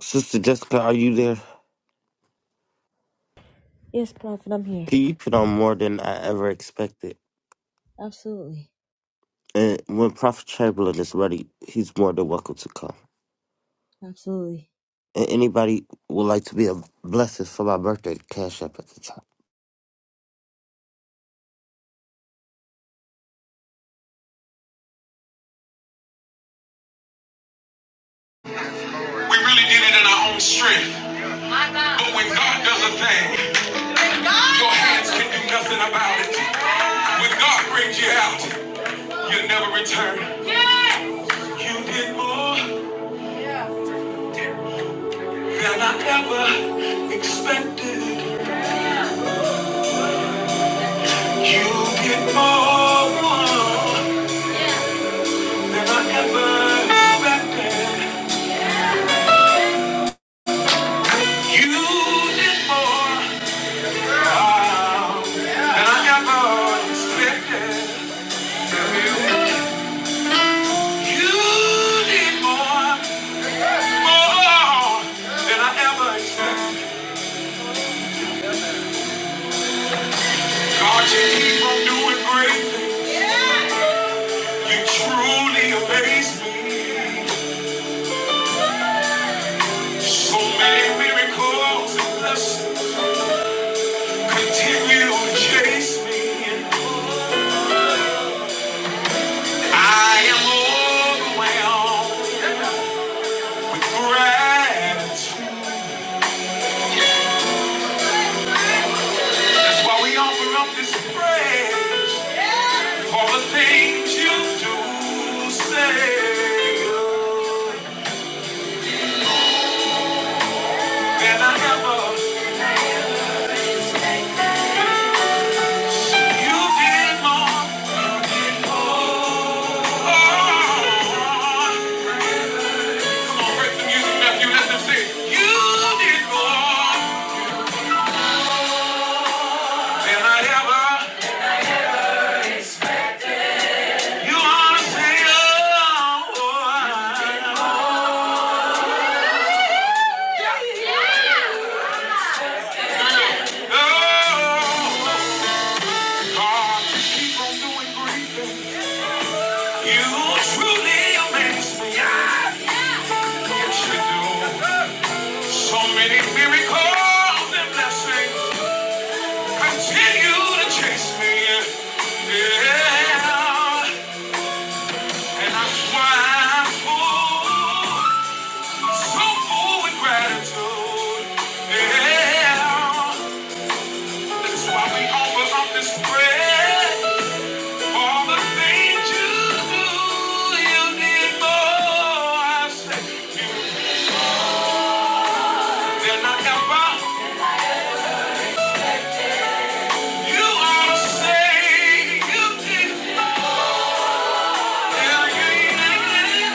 Speaker 2: Sister Jessica, are you there?
Speaker 1: Yes, Prophet, I'm here.
Speaker 2: Can you put on more than I ever expected?
Speaker 1: Absolutely.
Speaker 2: And when Prophet Chamberlain is ready, he's more than welcome to come.
Speaker 1: Absolutely.
Speaker 2: And anybody would like to be a blessing for my birthday, cash app at the top.
Speaker 1: We really did it in our own strength. But when God does a thing, your hands can do nothing about it. When God brings you out, you never return. You did more than I ever expected. You did more than I ever expected. You did more. Continue to chase me. I am overwhelmed with gratitude. That's why we offer up this praise. All the things you do, say, than I ever, you did more. Oh, come on, break the music, Matthew, let them sing. You did more than I ever, you ought oh, oh, oh. God, keep on doing great things. You truly amaze me. I, yes, you should do. So many miracles and blessings continue to chase me. Yeah, and that's why I'm full, so full with gratitude. Yeah, that's why we offer up this prayer. All the things you do, you did more I say, than I ever. You are the same. You did. Yeah, yeah, yeah.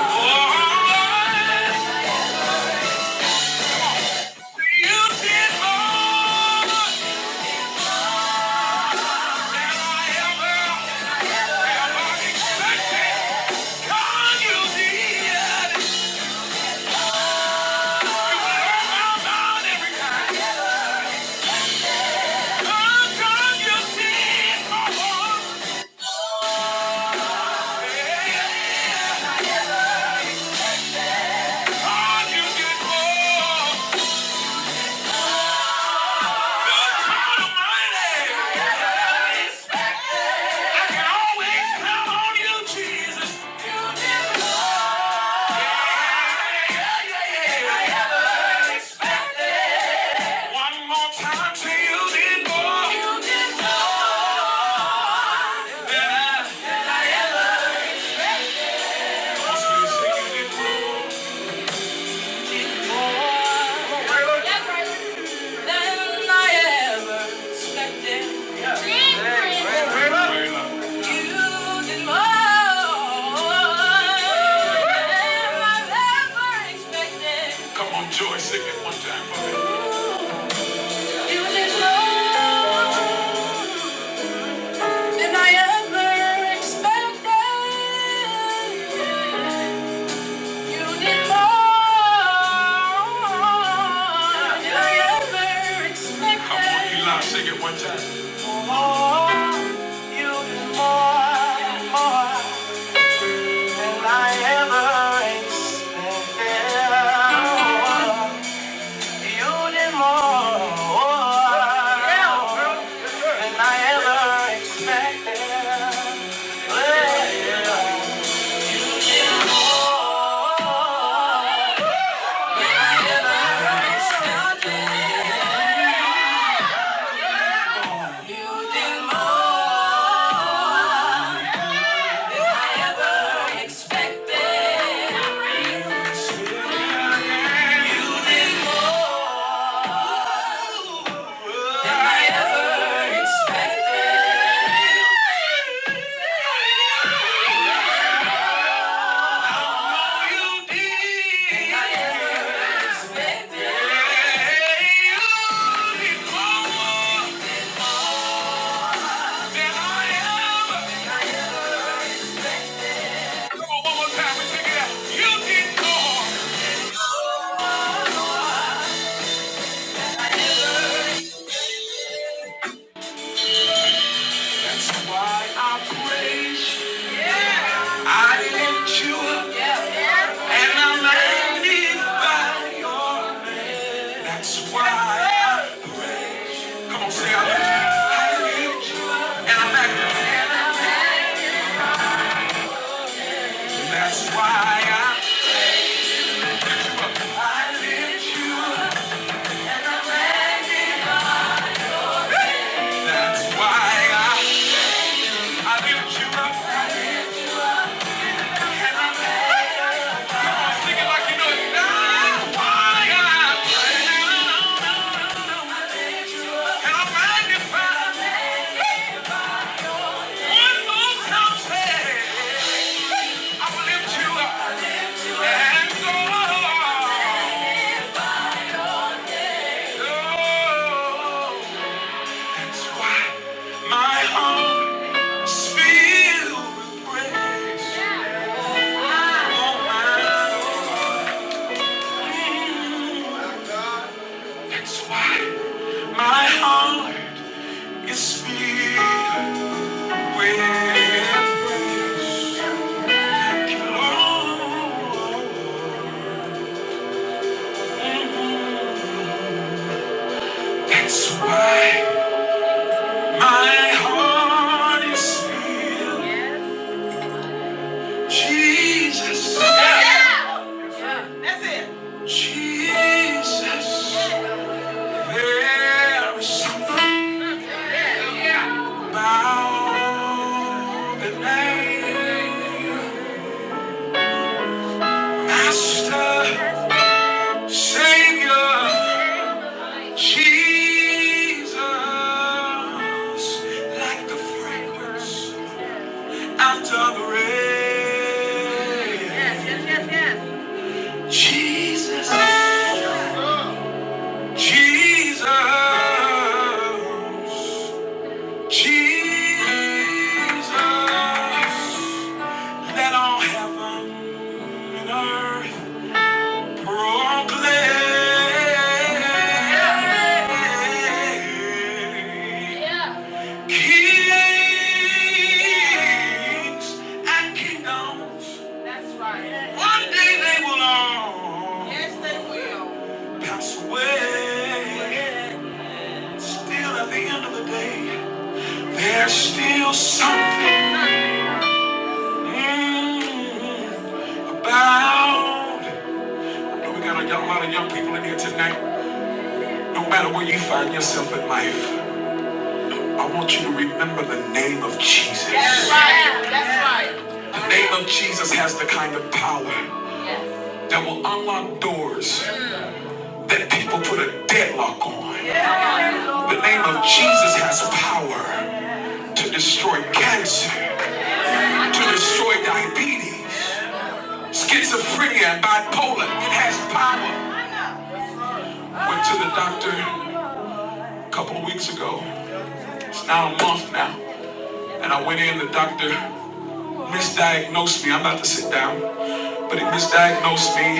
Speaker 1: Oh! I can always count on you, Jesus. One more time you did more. than I ever expected. You did more than i ever expected. Come on, Joy, sing it one time for me. You did more than I ever expected. Sing it one time. Oh, You need more than I ever expected. Come on, Eli, sing it you need more, more than I ever expected. You need more, more than I ever Come on, one more time. Let's take it out. You did more. That's why I praise you. Yeah. I lift you up and I magnify you. That's why. I- Come on, say I lift you. up. I lift you up and I magnify you. That's why I lift you up. I lift you up. That's why I I lift you up. And I magnify you. Sing it like you know it. That's why I praise you. My heart is filled with praise. Thank you, Lord. That's why my heart is filled. Jesus, Yeah. Jesus, there is something about the name, Master, Savior, Jesus, like the fragrance after the rain. Jesus. Jesus, Jesus, let all heaven and earth proclaim. Yeah. Kings and kingdoms, one day they will all. Yes, they will. Pass away. Still, at the end of the day. There's still something mm, about. Know we got a, young- lot of young people in here tonight. No matter where you find yourself in life, I want you to remember the name of Jesus. That's right. That's right. The name of Jesus has the kind of power that will unlock doors that people put a deadlock on. The name of Jesus has power to destroy cancer, to destroy diabetes. Schizophrenia and bipolar, it has power. Went to the doctor a couple of weeks ago. It's now a month now. And I went in, the doctor misdiagnosed me. I'm about to sit down. But he misdiagnosed me.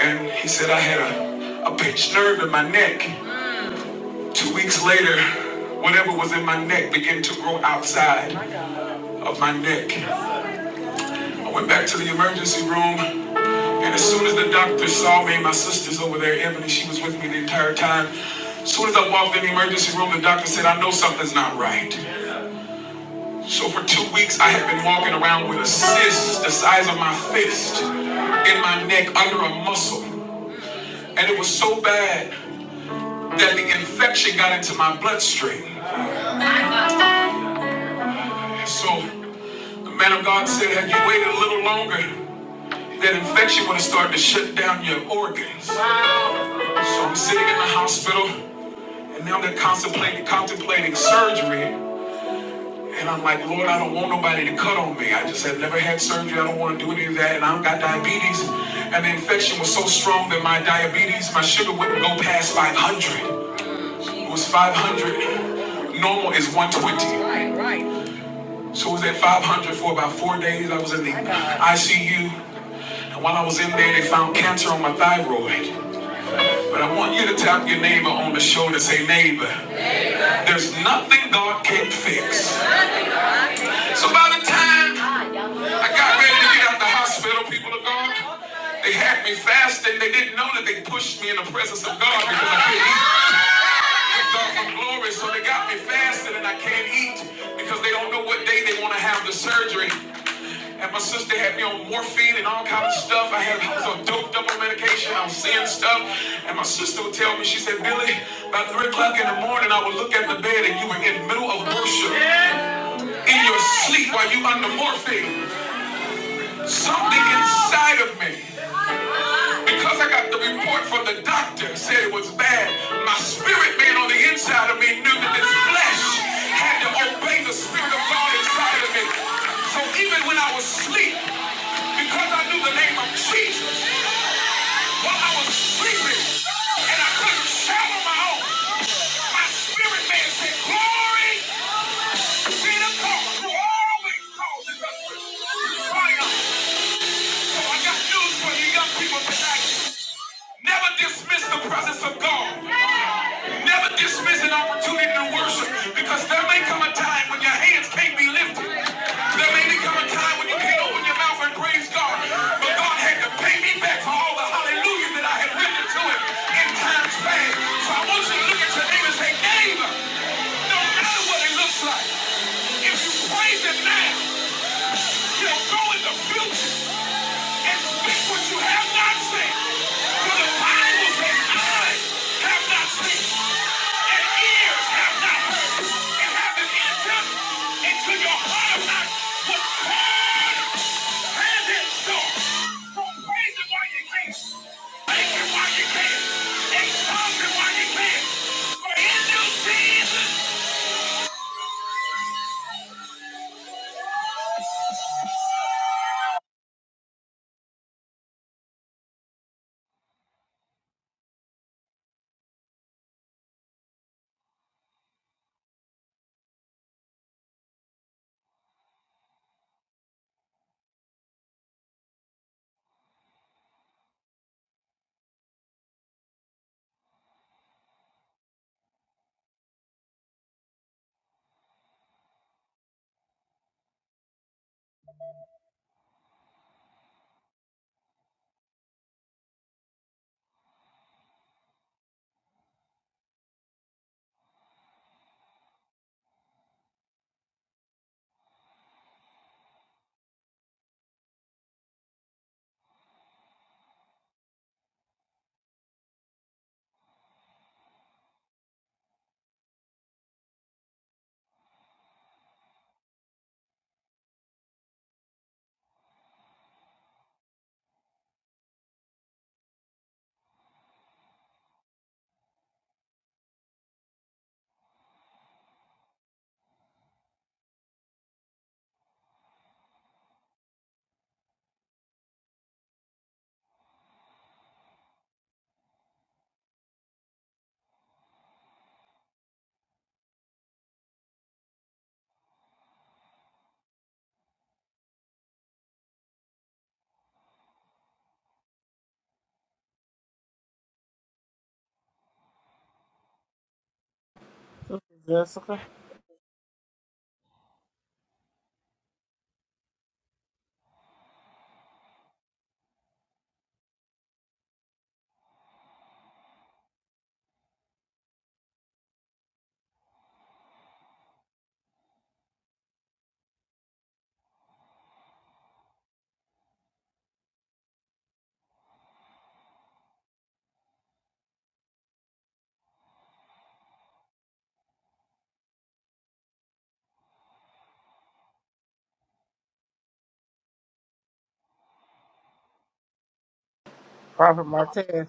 Speaker 1: And he said I had a, a pinched nerve in my neck. Two weeks later, whatever was in my neck began to grow outside of my neck. I went back to the emergency room. And as soon as the doctor saw me, my sister's over there, Ebony, she was with me the entire time. As soon as I walked in the emergency room, the doctor said, I know something's not right. So for two weeks, I had been walking around with a cyst the size of my fist in my neck under a muscle. And it was so bad that the infection got into my bloodstream. So the man of God said, had you waited a little longer, that infection would have started to shut down your organs. So I'm sitting in the hospital. And now they're contemplating, contemplating surgery. And I'm like, Lord, I don't want nobody to cut on me. I just had never had surgery. I don't want to do any of that. And I don't got diabetes. And the infection was so strong that my diabetes, my sugar wouldn't go past 500. It was 500. Normal is 120. So it was at 500 for about four days. I was in the ICU. And while I was in there, they found cancer on my thyroid. But I want you to tap your neighbor on the shoulder and say, neighbor, there's nothing God can't fix. So by the time I got ready to get out the hospital, people of God, they had me fasting. They didn't know that they pushed me in the presence of God because I couldn't eat. Kicked off from glory, so they got me fasting and I can't eat because they don't know what day they want to have the surgery. And my sister had me on morphine and all kind of stuff. I had I was on doped up on medication. I was seeing stuff. And my sister would tell me, she said, Billy, by three o'clock in the morning, I would look at the bed and you were in the middle of worship in your sleep while you under morphine. Something inside of me, because I got the report from the doctor, said it was bad. My spirit man on the inside of me knew that this flesh had to obey the spirit of God inside of me. So even when I was asleep, because I knew the name of Jesus, while I was sleeping and I couldn't shout on my own, my spirit man said, Glory be to God who always causes us to triumph. So I got news for you young people tonight. Never dismiss the presence of God. Never dismiss an opportunity to worship because there may come a time when your hands can't be lifted. There may become a time when you can't open your mouth and praise God. But God had to pay me back for all the hallelujahs that I had written to him in times past. So I want you to look at your neighbor and say, neighbor, no matter what it looks like, if you praise him now, now. You go in the future and speak what you have not seen. For the eyes have not seen, and ears have not heard, and haven't entered into your heart of not what God has in store. So praise Him while you can. Thank Him while you can. Exalt Him while you can. For in due season,
Speaker 3: Sister Jessica? Prophet Martez.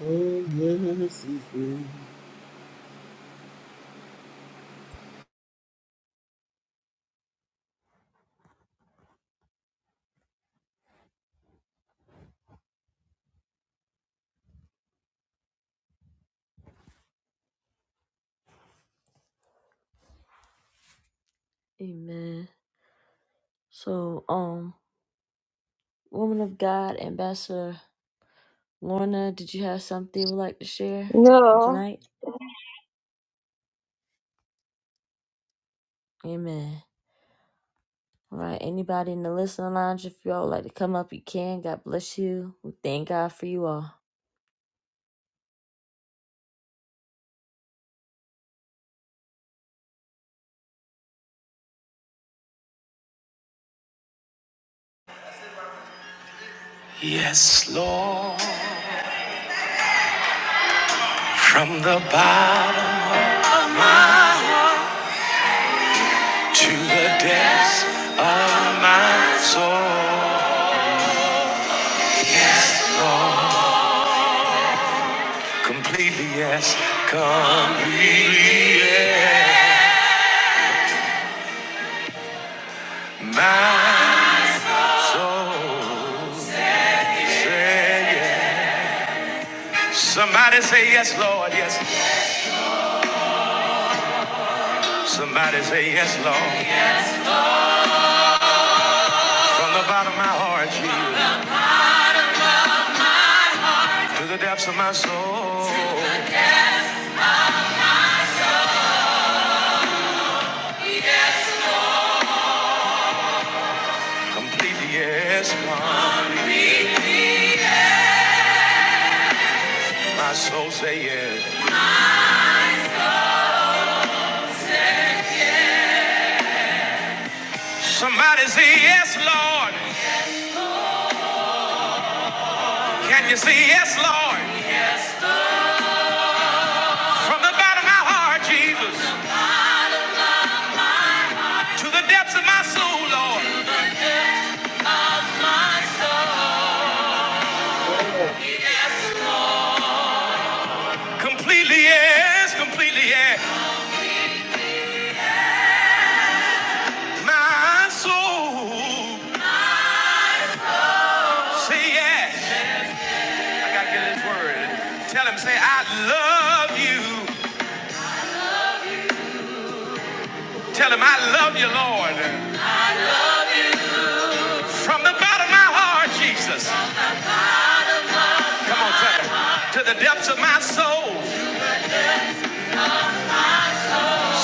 Speaker 3: Oh yes, he's
Speaker 1: Amen. So, um, woman of God, Ambassador Lorna, did you have something you would like to share on
Speaker 7: No,
Speaker 1: tonight? Amen. All right, anybody in the listening lounge, if y'all would like to come up, you can. God bless you. We thank God for you all. From the bottom to the depths of my soul, Completely yes, completely yes. My soul say yes. Somebody say yes, Lord, yes. Somebody say yes, Lord. From the bottom of my heart, Jesus, to the depths of my soul. Completely yes, God. My soul say yes. Somebody say yes, Lord. Can you say yes, Lord? From the bottom of my heart, Jesus, to the depths of my soul, Lord. Completely yes, completely yes. My soul, say yes. I gotta get this word. Tell him, say, I love you. Tell him, I love you, Lord. From the bottom of my heart, Jesus. Come on, tell him. To the depths of my soul,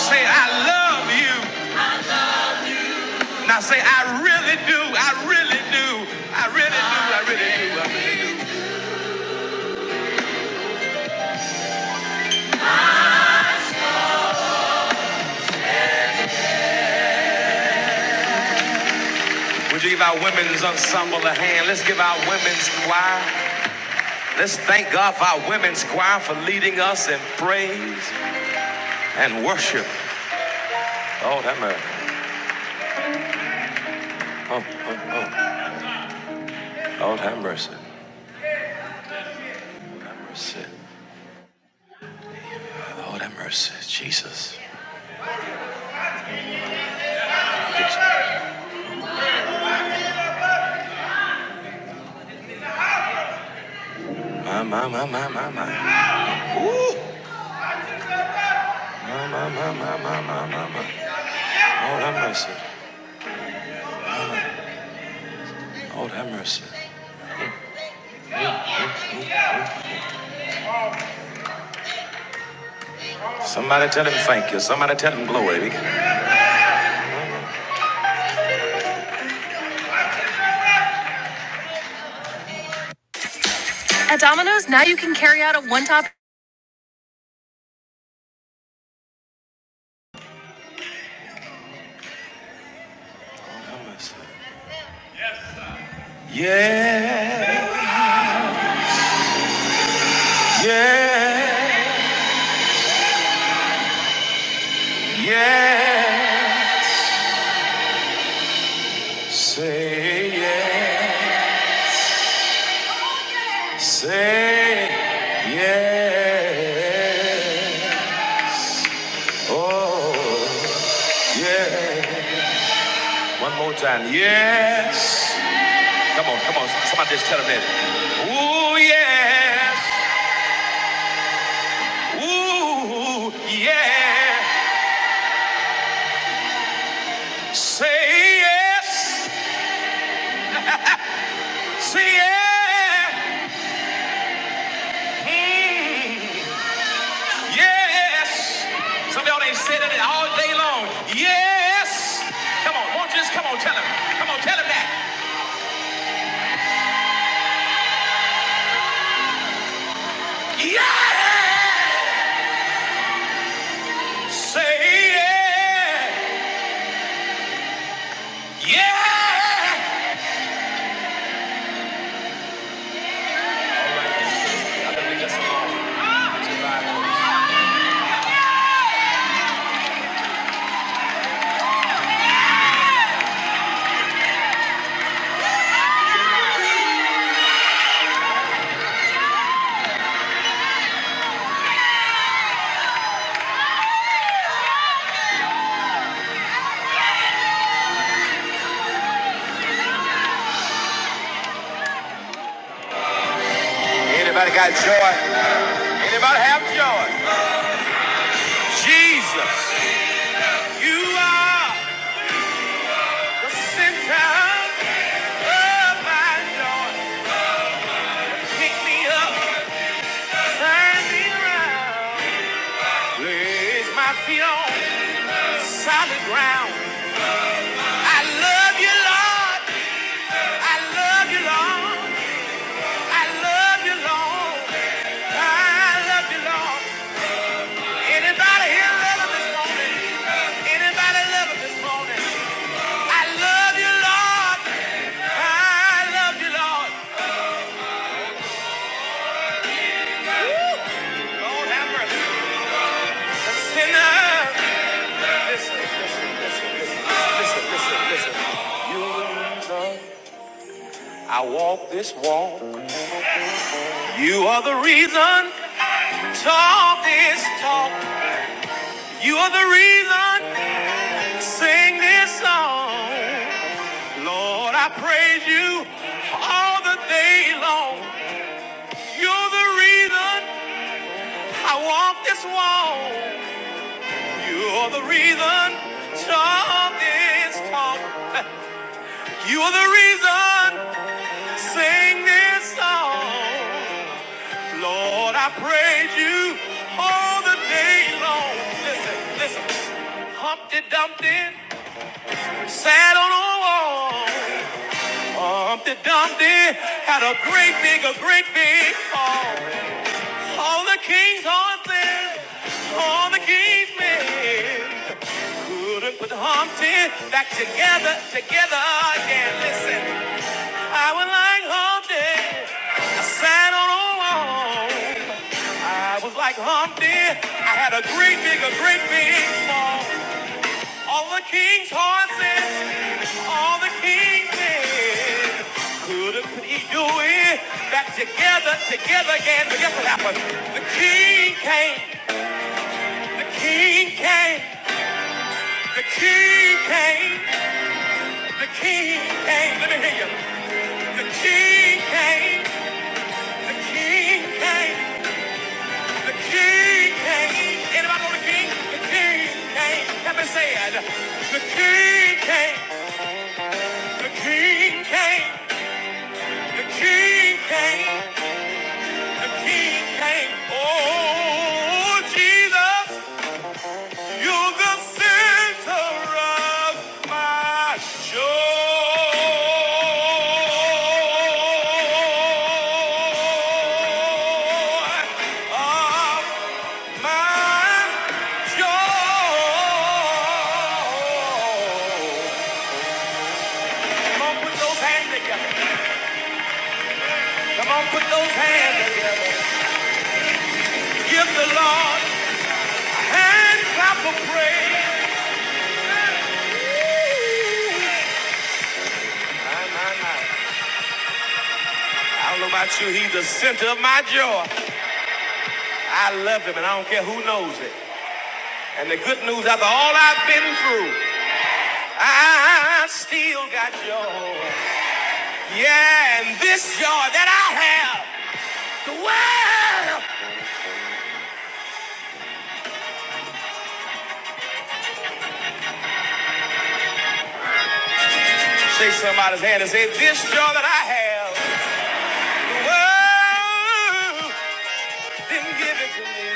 Speaker 1: say, I love you. Now say, I really do, I really do, I really do, I really do, I really do. Would you give our women's ensemble a hand? Let's give our women's choir. Let's thank God for our women's choir for leading us in praise and worship. Lord have mercy. Oh, oh, oh. Lord have mercy. Have mercy. Lord have mercy. Jesus. My, my, my, my, my, my. My, my, my, my, my, my, my, my. Lord have mercy. Lord have mercy. Somebody tell him thank you. Somebody tell him glory. At Domino's, now you can carry out a one-top. mercy. Yeah. Yeah. Yeah. Say yeah, say yeah, oh yeah. One more time, yes. Come on, come on, somebody just tell them that. Ooh yes, ooh yeah. Say yes, say yeah. Mm. Yes. Some of y'all ain't said it all day long. Yes. Come on, won't you just come on, tell him. Come on, tell him that. Yes. Say yeah. Yeah. Anybody got joy? Anybody have joy? Jesus, you are the center of my joy. Pick me up, turn me around. Place my feet on solid ground. I love you, Lord. I love you, Lord. I love you, Lord. I love you, Lord. Anybody here love him this morning? Anybody love him this morning? I love you, Lord. I love you, Lord. Woo! Lord have mercy. A sinner. Listen, listen, listen, listen, listen, listen, listen. You, love. I walk this walk. You are the reason talk this talk. You are the reason sing this song. Lord, I praise you all the day long. You're the reason I walk this walk. You're the reason talk this talk. You are the reason sing this song. Lord, I praise you all the day long. Listen, listen. Humpty Dumpty sat on a wall. Humpty Dumpty had a great big, a great big fall. All the king's horses, all the king's men couldn't put Humpty back together, together again. Listen, I was like Humpty sat on a wall. I was like Humpty. I had a great big, a great big fall. All the king's horses, all the king's men. Could not put he do Back together, together again. But guess what happened? The king came, the king came, the king came, the king came. Let me hear you. The king came, the king came. The king came. Anybody know the king? The king came. Help me say it. The king came. The king came. The king came. The king came. Oh, Jesus, you're the center of my joy. Come on, put those hands together. Come on, put those hands together. Give the Lord a hand clap of praise. I don't know about you, he's the center of my joy. I love him, and I don't care who knows it. And the good news, after all I've been through, I still got joy. Yeah, and this joy that I have. The world. Shake somebody's hand and say, This joy that I have, the world didn't give it to me.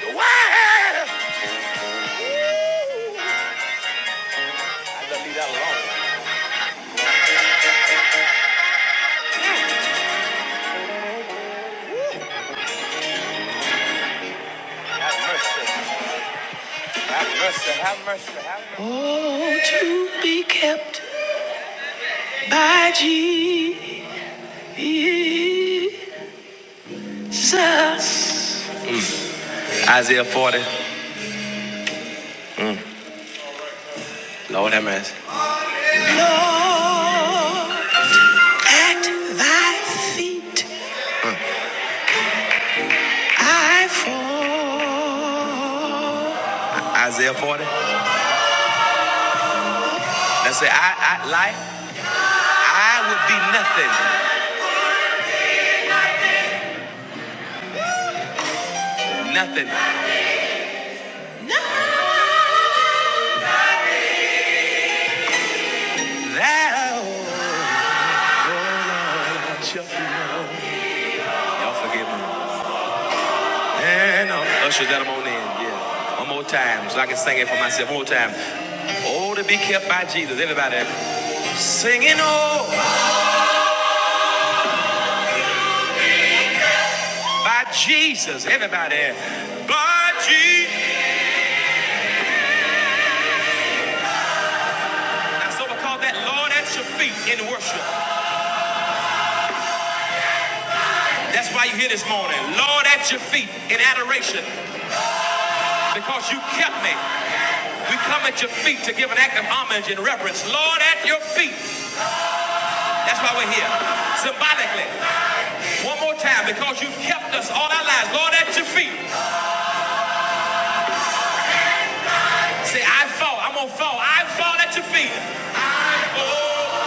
Speaker 1: The world. I don't leave that alone. Have mercy. Have mercy. Have mercy. Have mercy. Won't be kept. Jesus. Isaiah 40. Mm, Lord have mercy. Lord, at thy feet I fall. Isaiah 40. And say, I, I, like, I would be nothing, nothing. Thou, oh Y'all forgive me. And uh, usher that i on in, yeah. One more time, so I can sing it for myself. One more time. Oh, to be kept by Jesus, everybody. Singing oh by Jesus, everybody. By Jesus. That's what we call that Lord at your feet in worship. That's why you're here this morning. Lord at your feet in adoration. Because you kept me. We come at your feet to give an act of homage and reverence. Lord, at your feet. That's why we're here. Symbolically. One more time, because you've kept us all our lives. Lord, at your feet. Say, I fall. I'm going to fall. I fall at your feet. I fall.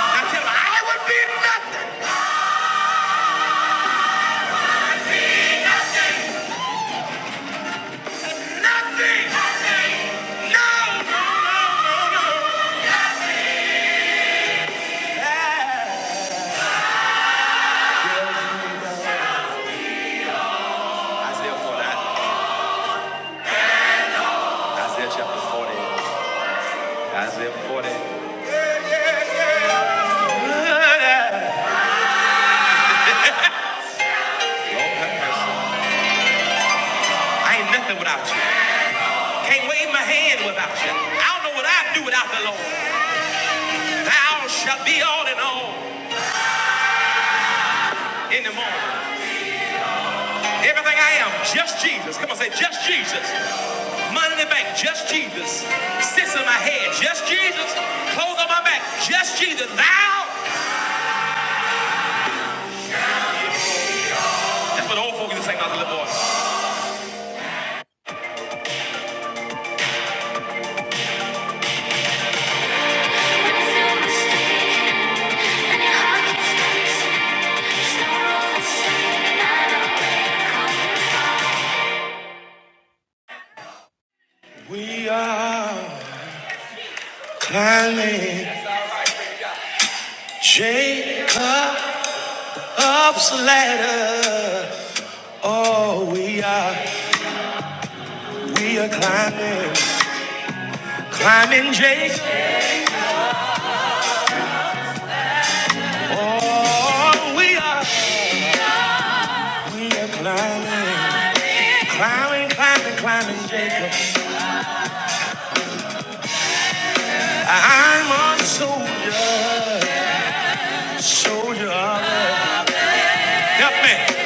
Speaker 1: Now tell them, I would be nothing. Nothing. No. No, no, no. no. Yeah. I still fall. out. Isaiah chapter 40. Isaiah 40. Lord have mercy. I ain't nothing without you. Can't wave my hand without you. I don't know what I'd do without the Lord. Thou shalt be all in all in the morning. Everything I am, just Jesus. Come on, say just Jesus. Money in the bank, just Jesus. Sits in my head, just Jesus. Clothes on my back, just Jesus. Thou. That's what the old folks used to sing about the little boy. We are climbing Jacob's ladder. Oh, we are, we are climbing, climbing Jacob. Oh, we are, we are climbing, climbing, climbing, climbing Jacob. I'm a soldier. Soldier. Help me.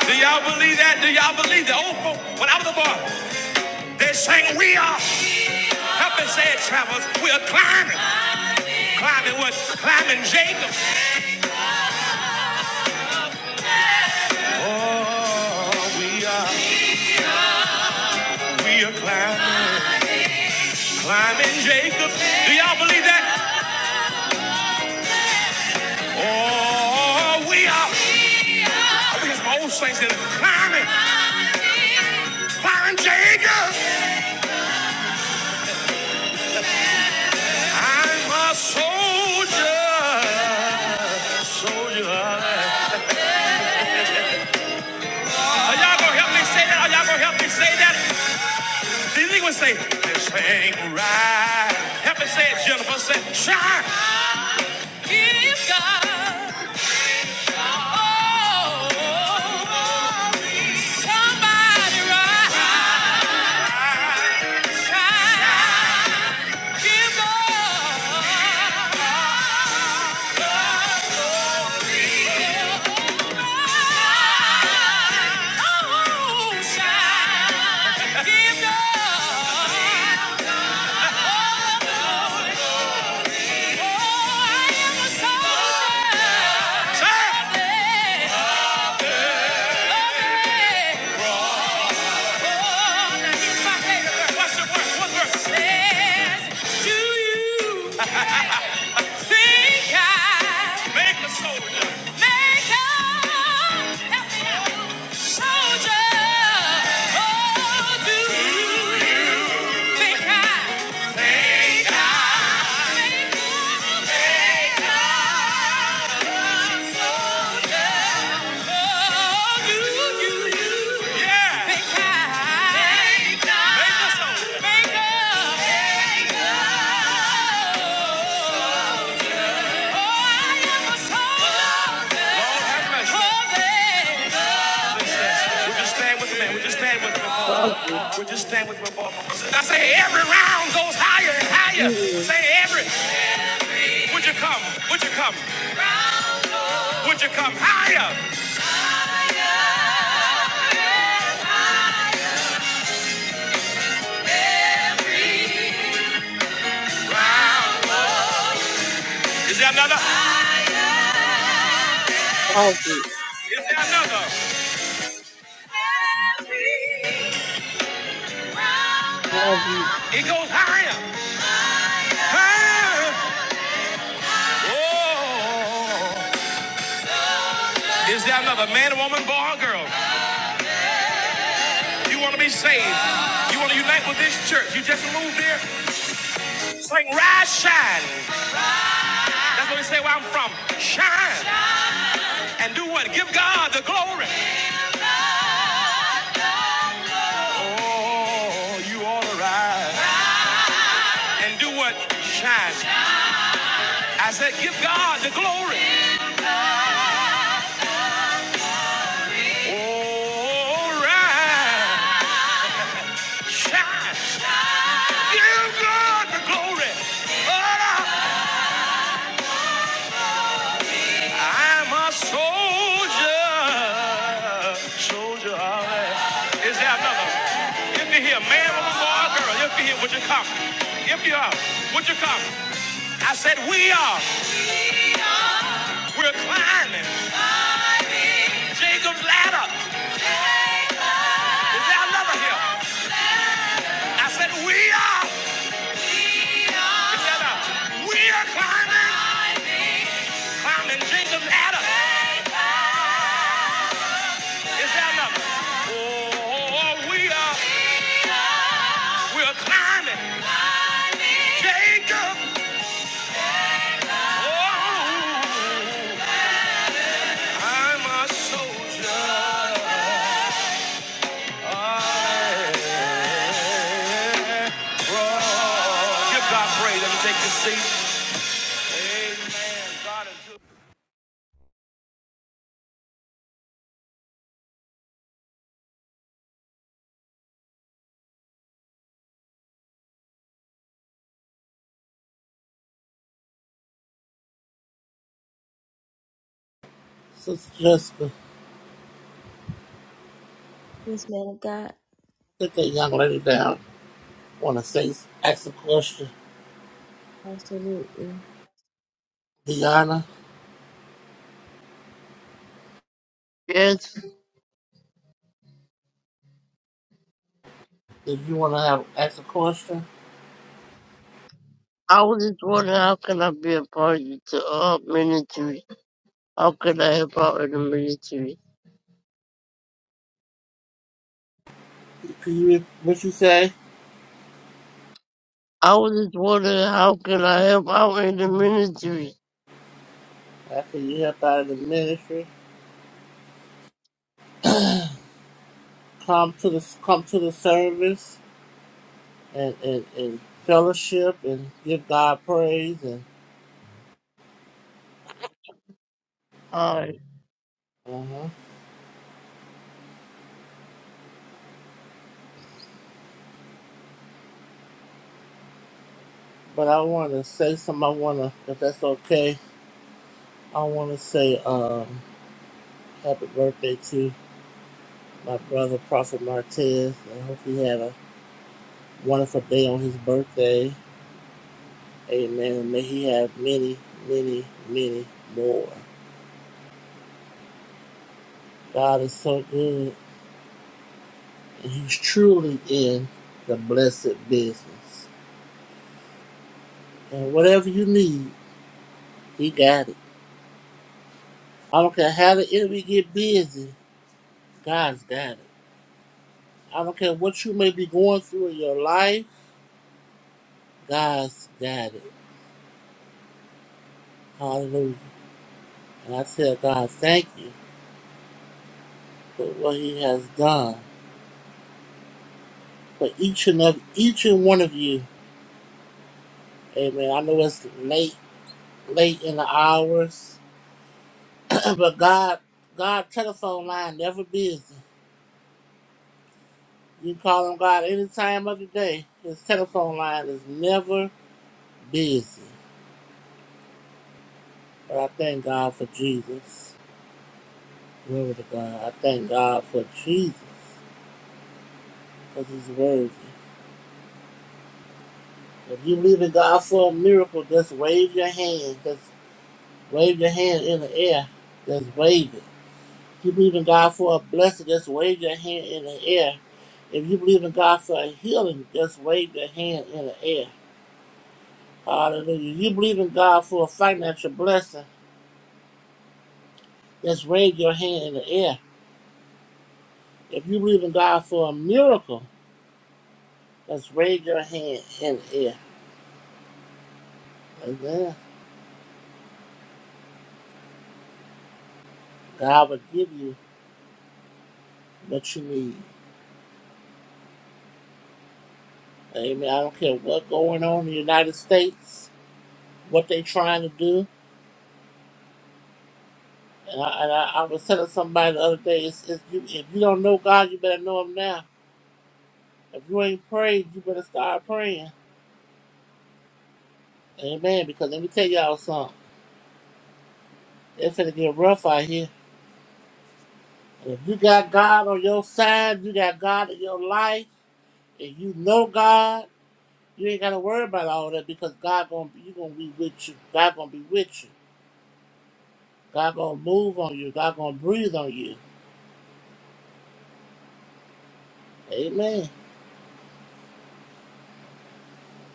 Speaker 1: Do y'all believe that? Do y'all believe that? Old folk, when I was a boy, they sang, We are. Help me say it, travelers. We are climbing. Climbing what? Climbing Jacob. Oh, we are. We are climbing. Climbing Jacob. Do y'all believe that? Oh, we are. I think it's my old saints that are climbing. Climbing Jacob. I'm a soldier. Soldier. Are y'all gonna help me say that? Are y'all gonna help me say that? These niggas say, this ain't right. Help me say it, Jennifer. Say, Shine. Give God. Oh, body right. Give God. all shine. Give God. Oh, shine. What's the word? What's the word? To you. Make a soldier. Make a help me out. soldier. Oh, do you think I- oh, do you Yeah. think I- Make a- make a soldier. Make a- make a- oh, I am a soldier. Lord have mercy. Oh, baby. Would you stand with me? Would you stand with me for a
Speaker 9: Bobby,
Speaker 1: moment? Would you stand with me for a moment? I say every round goes higher and higher.
Speaker 9: Julian,
Speaker 1: Say every Would you come? Would you come? Would you come higher? Is there another?
Speaker 9: Bobby,
Speaker 1: Is there another?
Speaker 9: Bobby.
Speaker 1: It goes higher. Higher. Oh. Is there another man, woman, boy, or girl? You want to be saved. You want to unite with this church. You just moved here. Sing, rise, shine. That's what we say where I'm from. Shine. And do what? Give God the glory. Oh, you ought to rise. And do what? Shine. I said, give God the glory. All right. Shine. Give God the glory. I'm a soldier. Soldier. All right. Is there another? If you're here, man, woman, boy, or girl, if you're here, would you come? If you are, would you come? I said, we are. We're climbing Jacob's ladder. Is there another here? I said, we are. Is there another? We are climbing. Found in Jacob Adam. Is that number? Oh, oh, we are, we are climbing. Jacob. Oh, I'm a soldier. I- Give God praise. Let me take this seat.
Speaker 3: Sister Jessica,
Speaker 1: Yes, man of God.
Speaker 3: get that young lady down. Want to say ask a question,
Speaker 1: Absolutely.
Speaker 3: Deanna?
Speaker 9: Yes,
Speaker 3: If you want to have ask a question,
Speaker 9: I was just wondering how can I be a party to all military? How can I help out in the military?
Speaker 3: can you re- what you say?
Speaker 9: I was just wondering how can I help out in the military?
Speaker 3: After you help out in the ministry, come to the come to the service and and, and fellowship and give God praise and
Speaker 9: Uh,
Speaker 3: uh huh. But I want to say something. I want to, if that's okay. I want to say um, happy birthday to my brother, Prophet Martez. I hope he had a wonderful day on his birthday. Amen. And may he have many, many, many more. God is so good, and He's truly in the blessed business. And whatever you need, He got it. I don't care how the enemy get busy, God's got it. I don't care what you may be going through in your life, God's got it. Hallelujah. And I tell God, thank you. with what he has done for each and every, each and one of you. Amen. I know it's late, late in the hours, but God, God telephone line never busy. You can call on God any time of the day. His telephone line is never busy. But I thank God for Jesus. Glory to God. I thank God for Jesus because he's worthy. If you believe in God for a miracle, just wave your hand. Just wave your hand in the air. Just wave it. If you believe in God for a blessing, just wave your hand in the air. If you believe in God for a healing, just wave your hand in the air. Hallelujah. If you believe in God for a financial blessing, just wave your hand in the air. If you believe in God for a miracle, just wave your hand in the air. Amen. God will give you what you need. Amen. I don't care what's going on in the United States, what they're trying to do. And I, and I, I was telling somebody the other day, it's, it's, you, if you don't know God, you better know Him now. If you ain't prayed, you better start praying. Amen. Because let me tell y'all something. It's gonna get rough out here. And if you got God on your side, you got God in your life, and you know God, you ain't gotta worry about all that because God gonna be you gonna be with you. God gonna be with you. God gonna move on you. God gonna breathe on you. Amen.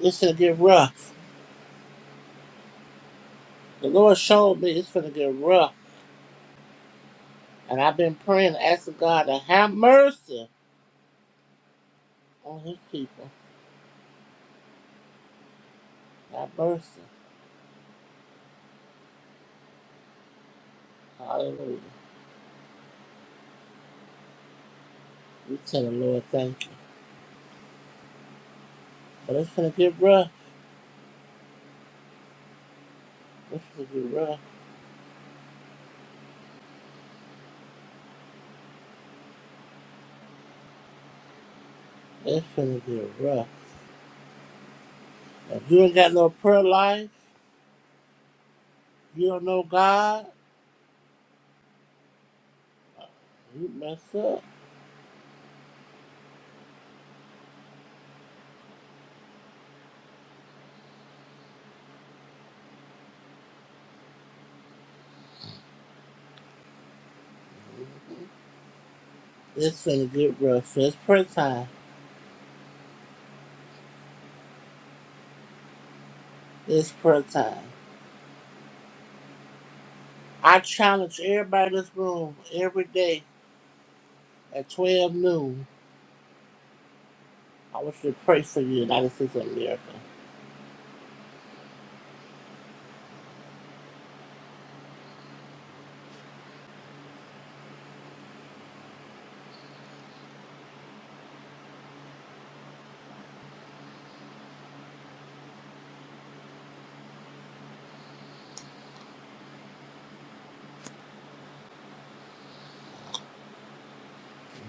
Speaker 3: It's gonna get rough. The Lord showed me it's gonna get rough. And I've been praying, asking God to have mercy on his people. Have mercy. Hallelujah. We tell the Lord thank you. But it's gonna get rough. It's gonna get rough. It's gonna get rough. If you ain't got no prayer life, you don't know God, you mess up. It's gonna get rough. So it's prayer time. It's prayer time. I challenge everybody in this room every day at 12 noon. I want you to pray for the United States of America.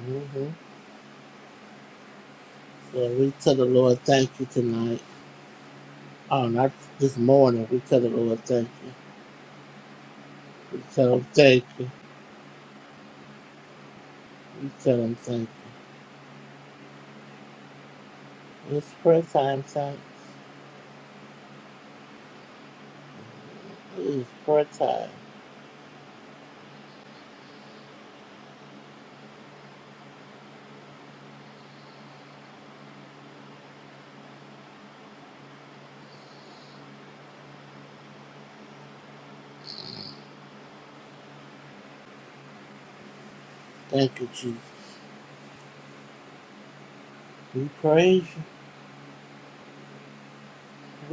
Speaker 3: Mm-hmm. So we tell the Lord thank you tonight. Oh, not this morning. We tell the Lord thank you. We tell him thank you. We tell him thank you. It's prayer time, saints. It is prayer time. Thank you, Jesus. We praise you.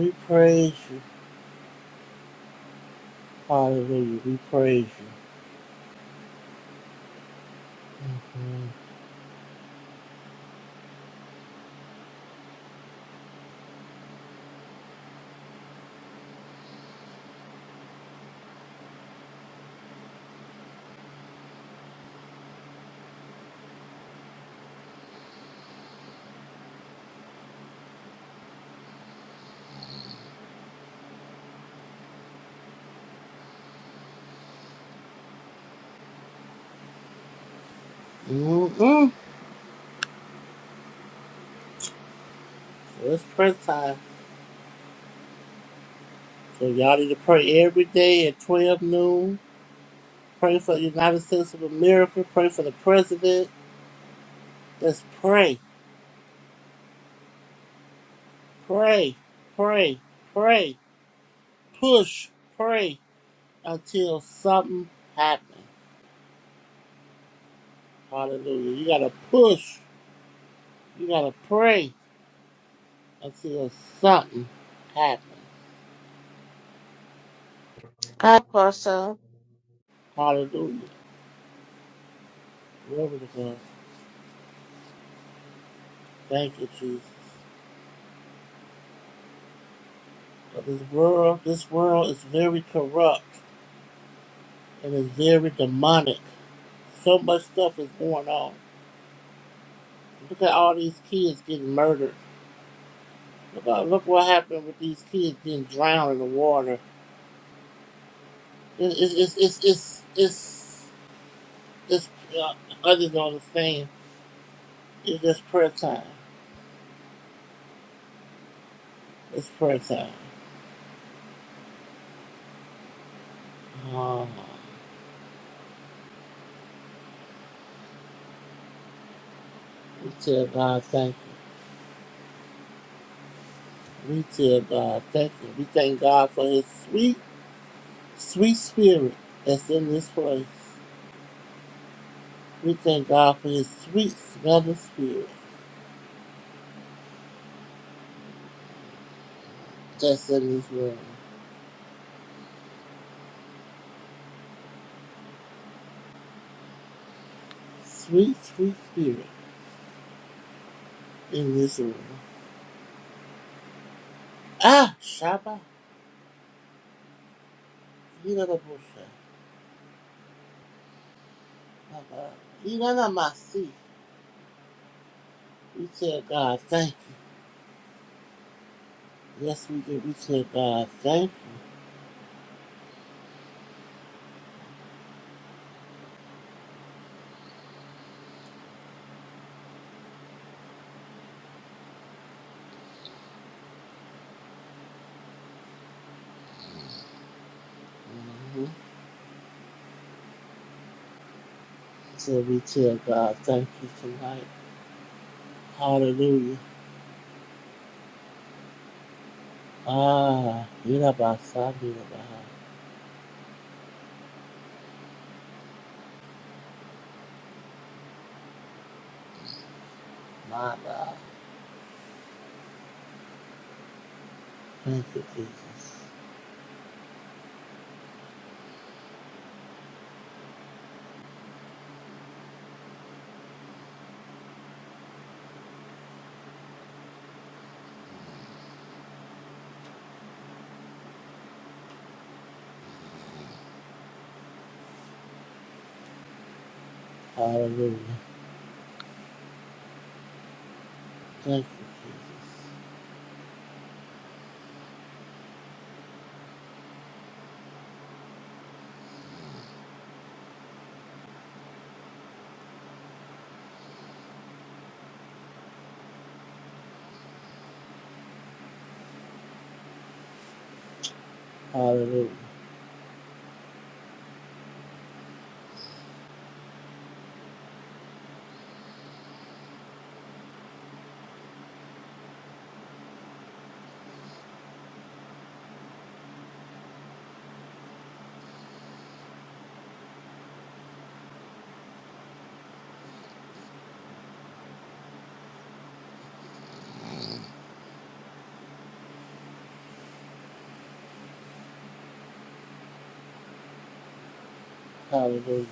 Speaker 3: We praise you. Hallelujah. We praise you. Mm-hmm. Mm-hmm. So It's prayer time. So y'all need to pray every day at 12 noon. Pray for the United States of America. Pray for the president. Let's pray, pray, pray, pray, push, pray until something happens. Hallelujah. You gotta push. You gotta pray. Until something happens,
Speaker 7: Apostle.
Speaker 3: Hallelujah. Glory to God. Thank you, Jesus. But this world, this world is very corrupt and is very demonic. So much stuff is going on. Look at all these kids getting murdered. Look, at, look what happened with these kids being drowned in the water. It, it, it's it's it's it's it's uh, others don't understand. It's just prayer time. It's prayer time. Oh, we tell God thank you. We tell God, thank you. We thank God for his sweet, sweet spirit that's in this place. We thank God for his sweet smelling spirit that's in this room. Sweet, sweet spirit in this room. Ah, Shabba, Yidabusha, Baba, Yidamasi. We tell God, thank you. Yes, we do. We tell God, thank you. hmm So we tell God, thank you tonight. Hallelujah. Ah, Yidabasa, Yidabasa. My God. Thank you, Jesus. Hallelujah. Thank you, Jesus. Hallelujah. Hallelujah.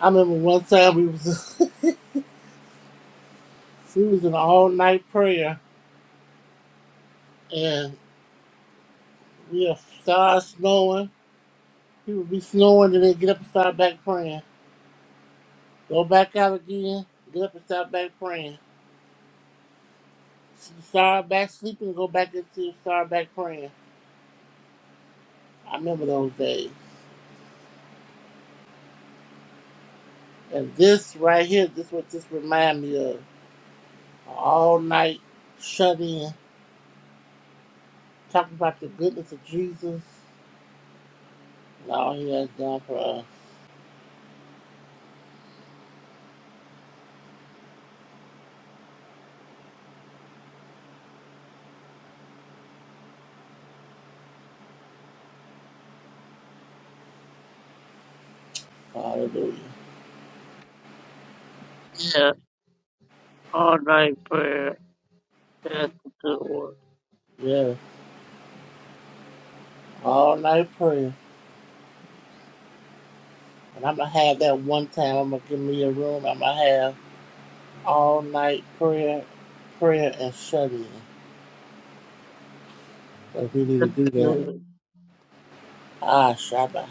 Speaker 3: I remember one time we was we was in an all night prayer and we will start snowing. It would be snowing and then get up and start back praying. Go back out again, get up and start back praying. Start back sleeping and go back into start back praying. I remember those days. And this right here, this what this remind me of. All night shut in. Talk about the goodness of Jesus and all he has done for us. Hallelujah.
Speaker 9: yeah, all night prayer. That's a good one.
Speaker 3: Yeah. All night prayer. And I'm going to have that one time. I'm going to give me a room. I'm going to have all night prayer, prayer and shut in. So we
Speaker 9: That's
Speaker 3: need to do that.
Speaker 9: good.
Speaker 3: Ah, Shabbat.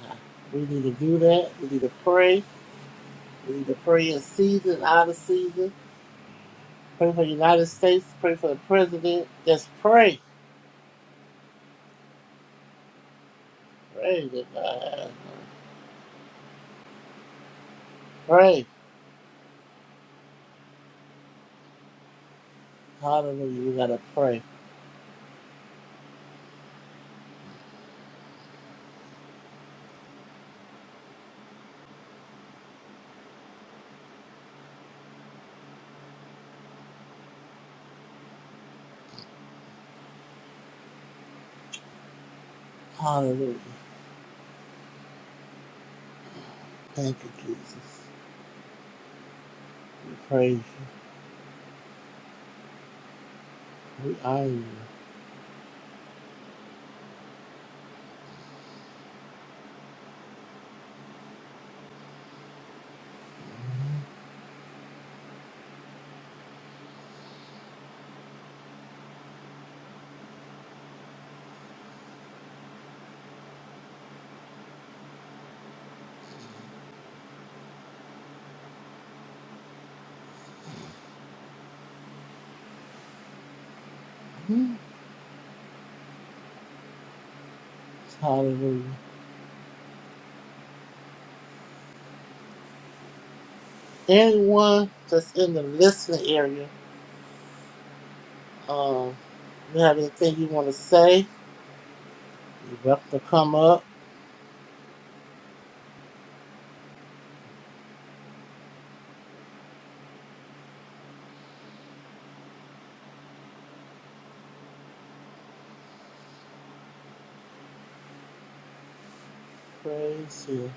Speaker 3: We need to do that. We need to pray. We need to pray in season, out of season. Pray for the United States. Pray for the president. Just pray. Pray to God. Pray. Hallelujah. We got to pray. Hallelujah. Thank you, Jesus. We praise you. We honor you. Mhm. Hallelujah. Anyone that's in the listening area, um, you have anything you want to say? You're welcome to come up. Praise you.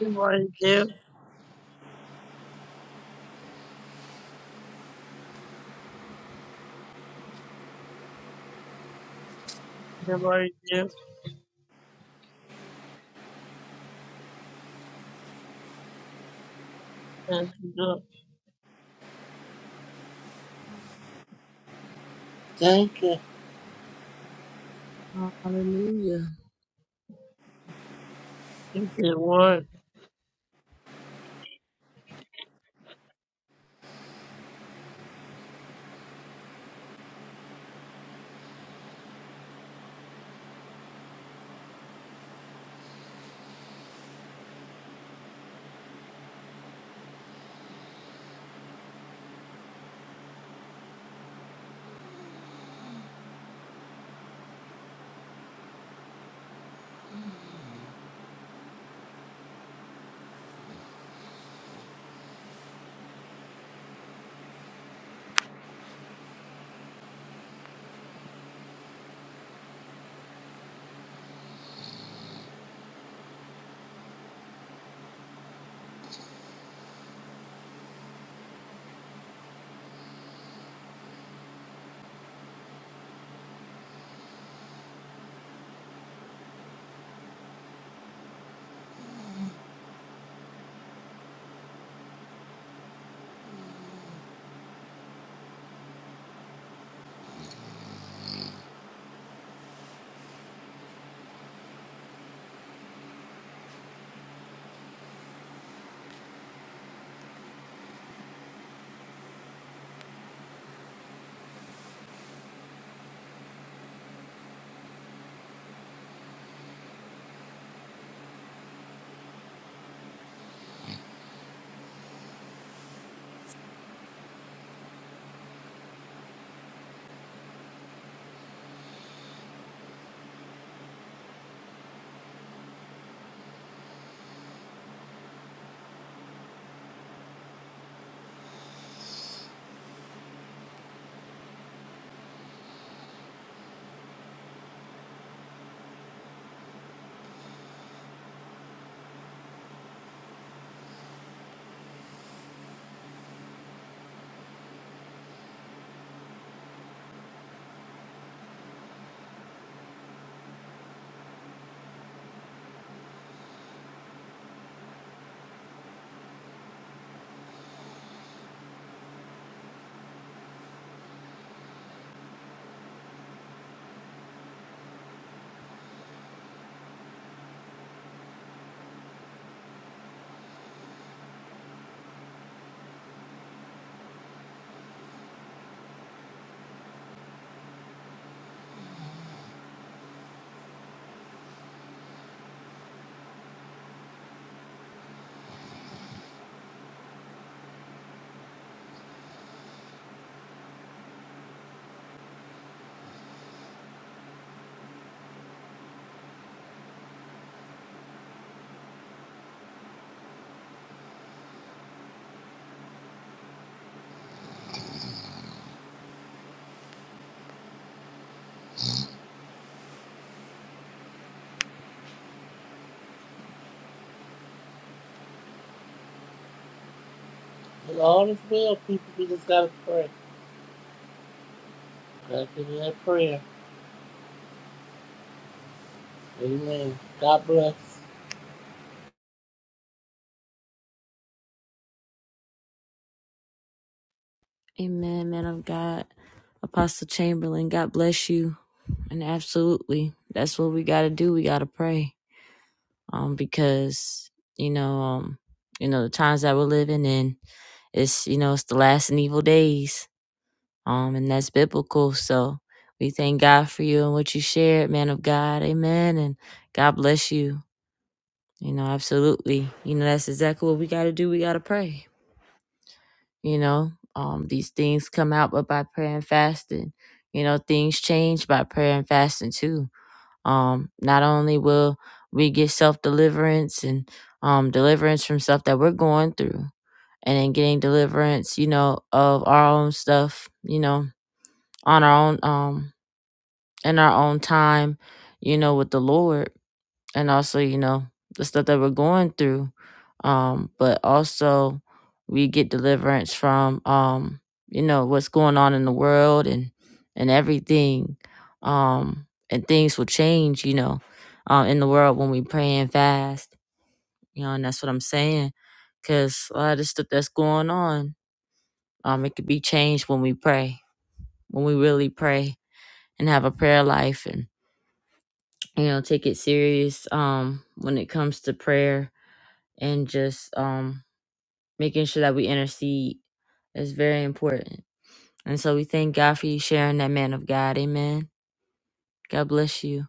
Speaker 9: Everybody there, everybody there. That's good.
Speaker 3: Thank you.
Speaker 1: Hallelujah.
Speaker 9: You said what?
Speaker 3: It all is well, people. We just got to pray. Got to give you that prayer. Amen. God bless.
Speaker 1: Amen, man of God. Apostle Chamberlain, God bless you. And absolutely, that's what we got to do. We got to pray. um, because you know, um, you know the times that we're living in. It's you know it's the last and evil days, um, and that's biblical. So we thank God for you and what you shared, man of God. Amen, and God bless you. You know, absolutely. You know that's exactly what we got to do. We got to pray. You know, um, these things come out, but by prayer and fasting. You know, things change by prayer and fasting too Um, not only will we get self deliverance and um, deliverance from stuff that we're going through, and then getting deliverance, you know, of our own stuff, you know, on our own, um, in our own time, you know, with the Lord and also you know the stuff that we're going through um but also we get deliverance from um you know what's going on in the world and and everything um and things will change you know um in the world when we pray and fast you know and that's what i'm saying because a lot of the stuff that's going on um it could be changed when we pray when we really pray and have a prayer life and you know take it serious um when it comes to prayer and just um making sure that we intercede is very important. And so we thank God for you sharing that man of God. Amen. God bless you.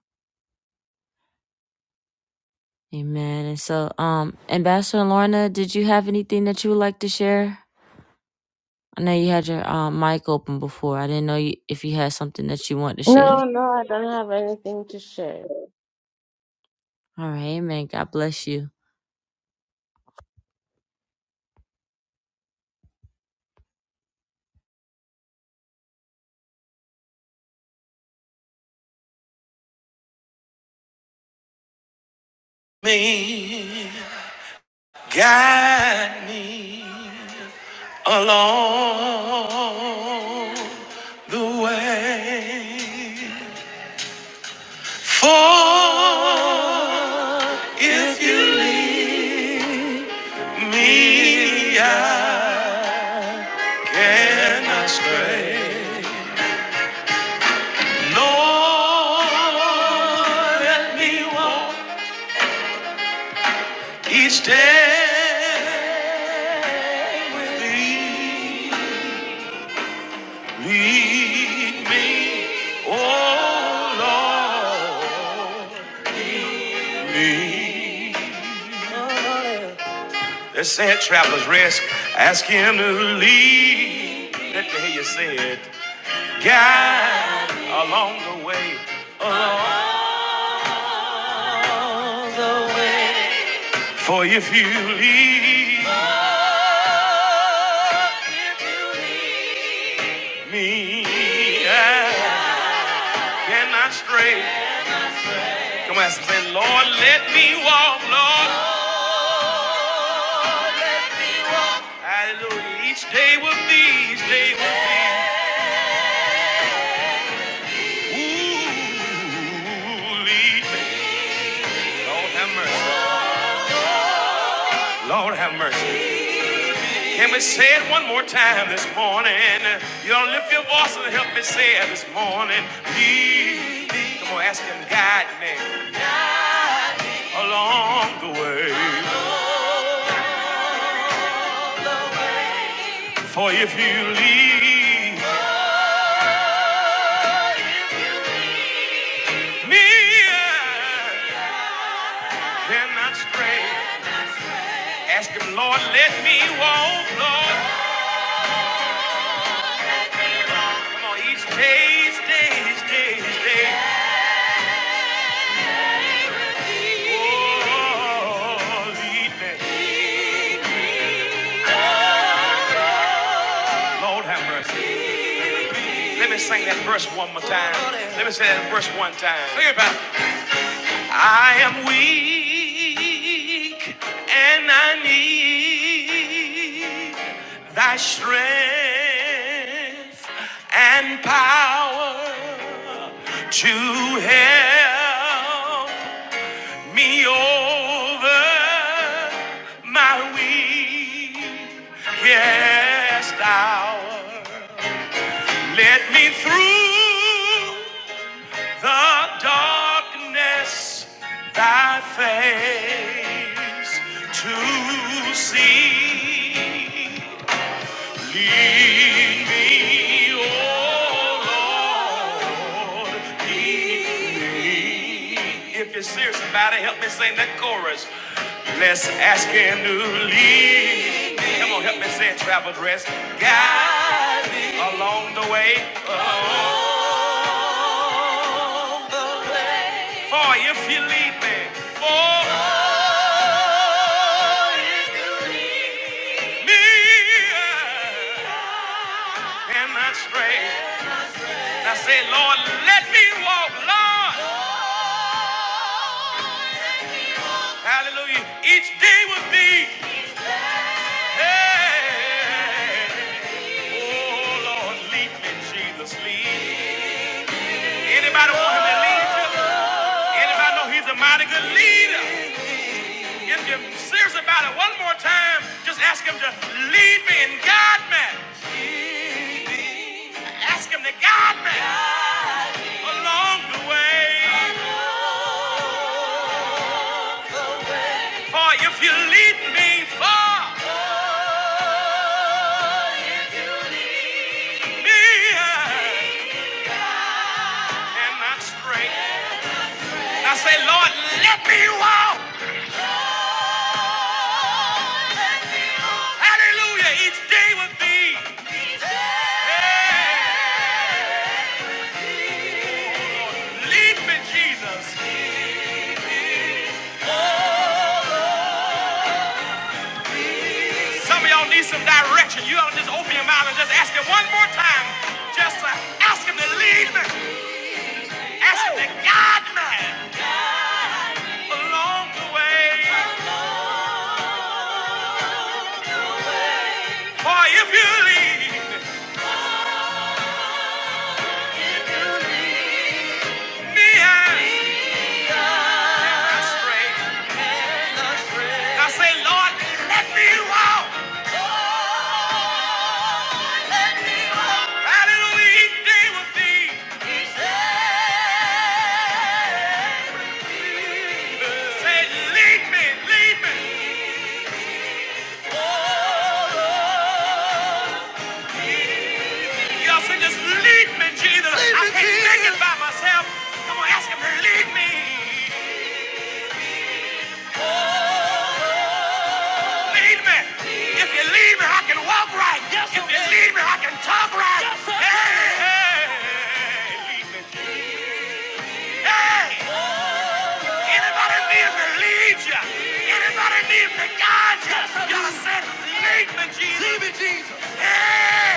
Speaker 1: Amen. And so um Ambassador Lorna, did you have anything that you would like to share? I know you had your um, mic open before. I didn't know you, if you had something that you want to share.
Speaker 7: No, no, I don't have anything to share.
Speaker 1: All right, amen. God bless you. me, guide me along the way. For if ye cannot stray, Lord, let me walk each day with thee. Lead me, oh Lord, lead. me. Let's say it, travelers, rest. Ask him to lead. Let me hear you say it. guide along the way, along the way. For if you leave if you leave me, I cannot stray. Come on, say, Lord, let me walk, Lord. Hallelujah. Each day will be, each day will be. Ooh, lead me. Lord have mercy. Lord have mercy. Can we say it one more time this morning? You don't lift your voice and help me say it this morning. Lead me. Come on, ask him, guide me along the way. For if you lead me, I cannot stray. Ask him, Lord, let me walk, Lord. Come on, each day, each day, each day, each day. Lord have mercy. Let me sing that verse one more time. Let me say that verse one time. Sing it, Pastor. I am weak and I need thy strength and power to help me over my weakest hour. Let me through the darkness, thy face to see. Lead me, oh Lord, lead me. If you're serious about it, help me sing that chorus. Let's ask him to lead me. Come on, help me say it, travel dress. Guide me along the way. Uh, for if you lead me, for me, I cannot stray. I say, Lord, let me walk, Lord. Hallelujah. Each day with thee. Hey. Oh, Lord, lead me, Jesus, lead. me. Anybody want him to lead you? Anybody know he's a mighty good leader? If you're serious about it one more time, just ask him to lead me and guide me. Ask him to guide me along the way. For if you lead me, far me, my strength. I say, Lord, let me walk. Hallelujah. Each day with thee. Yeah. Lead me, Jesus. Some of y'all need some direction. You ought to just open your mouth and just ask him one more time. Just to ask him to lead me. Ask him to guide me along the way. For if you lead me astray, I say, Lord, let me walk. Hallelujah. Each day with thee. Say, lead me, lead me. Y'all say, just lead me, Jesus. I can't make it by myself. Come on, ask him to lead me. Lead me. If you lead me, I can walk right. Yes, if you lead me, I can talk right. Yes, hey, hey, hey. Anybody need him to lead you? Anybody need him to guide you? Yes, Y'all say, lead me, Jesus. Lead me, Jesus. Hey.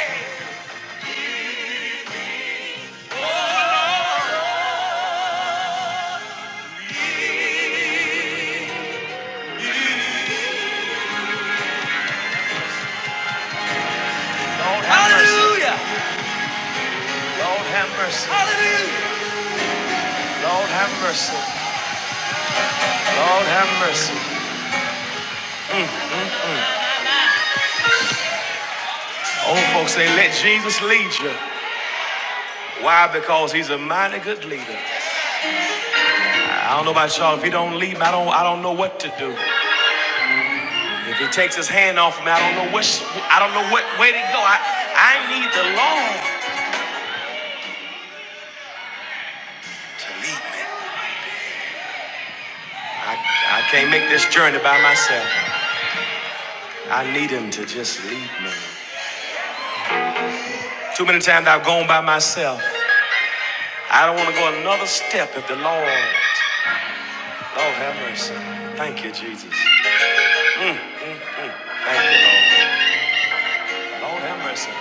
Speaker 1: Lord have mercy. Hallelujah. Lord have mercy. Lord have mercy. Lord have mercy. Old folks say, let Jesus lead you. Why? Because he's a mighty good leader. I don't know about y'all. If he don't lead me, I don't I don't know what to do. If he takes his hand off me, I don't know which I don't know what way to go. I I need the Lord to lead me. I, I can't make this journey by myself. I need him to just lead me. Too many times I've gone by myself. I don't want to go another step if the Lord, Lord have mercy. Thank you, Jesus. Thank you, Lord. Lord have mercy.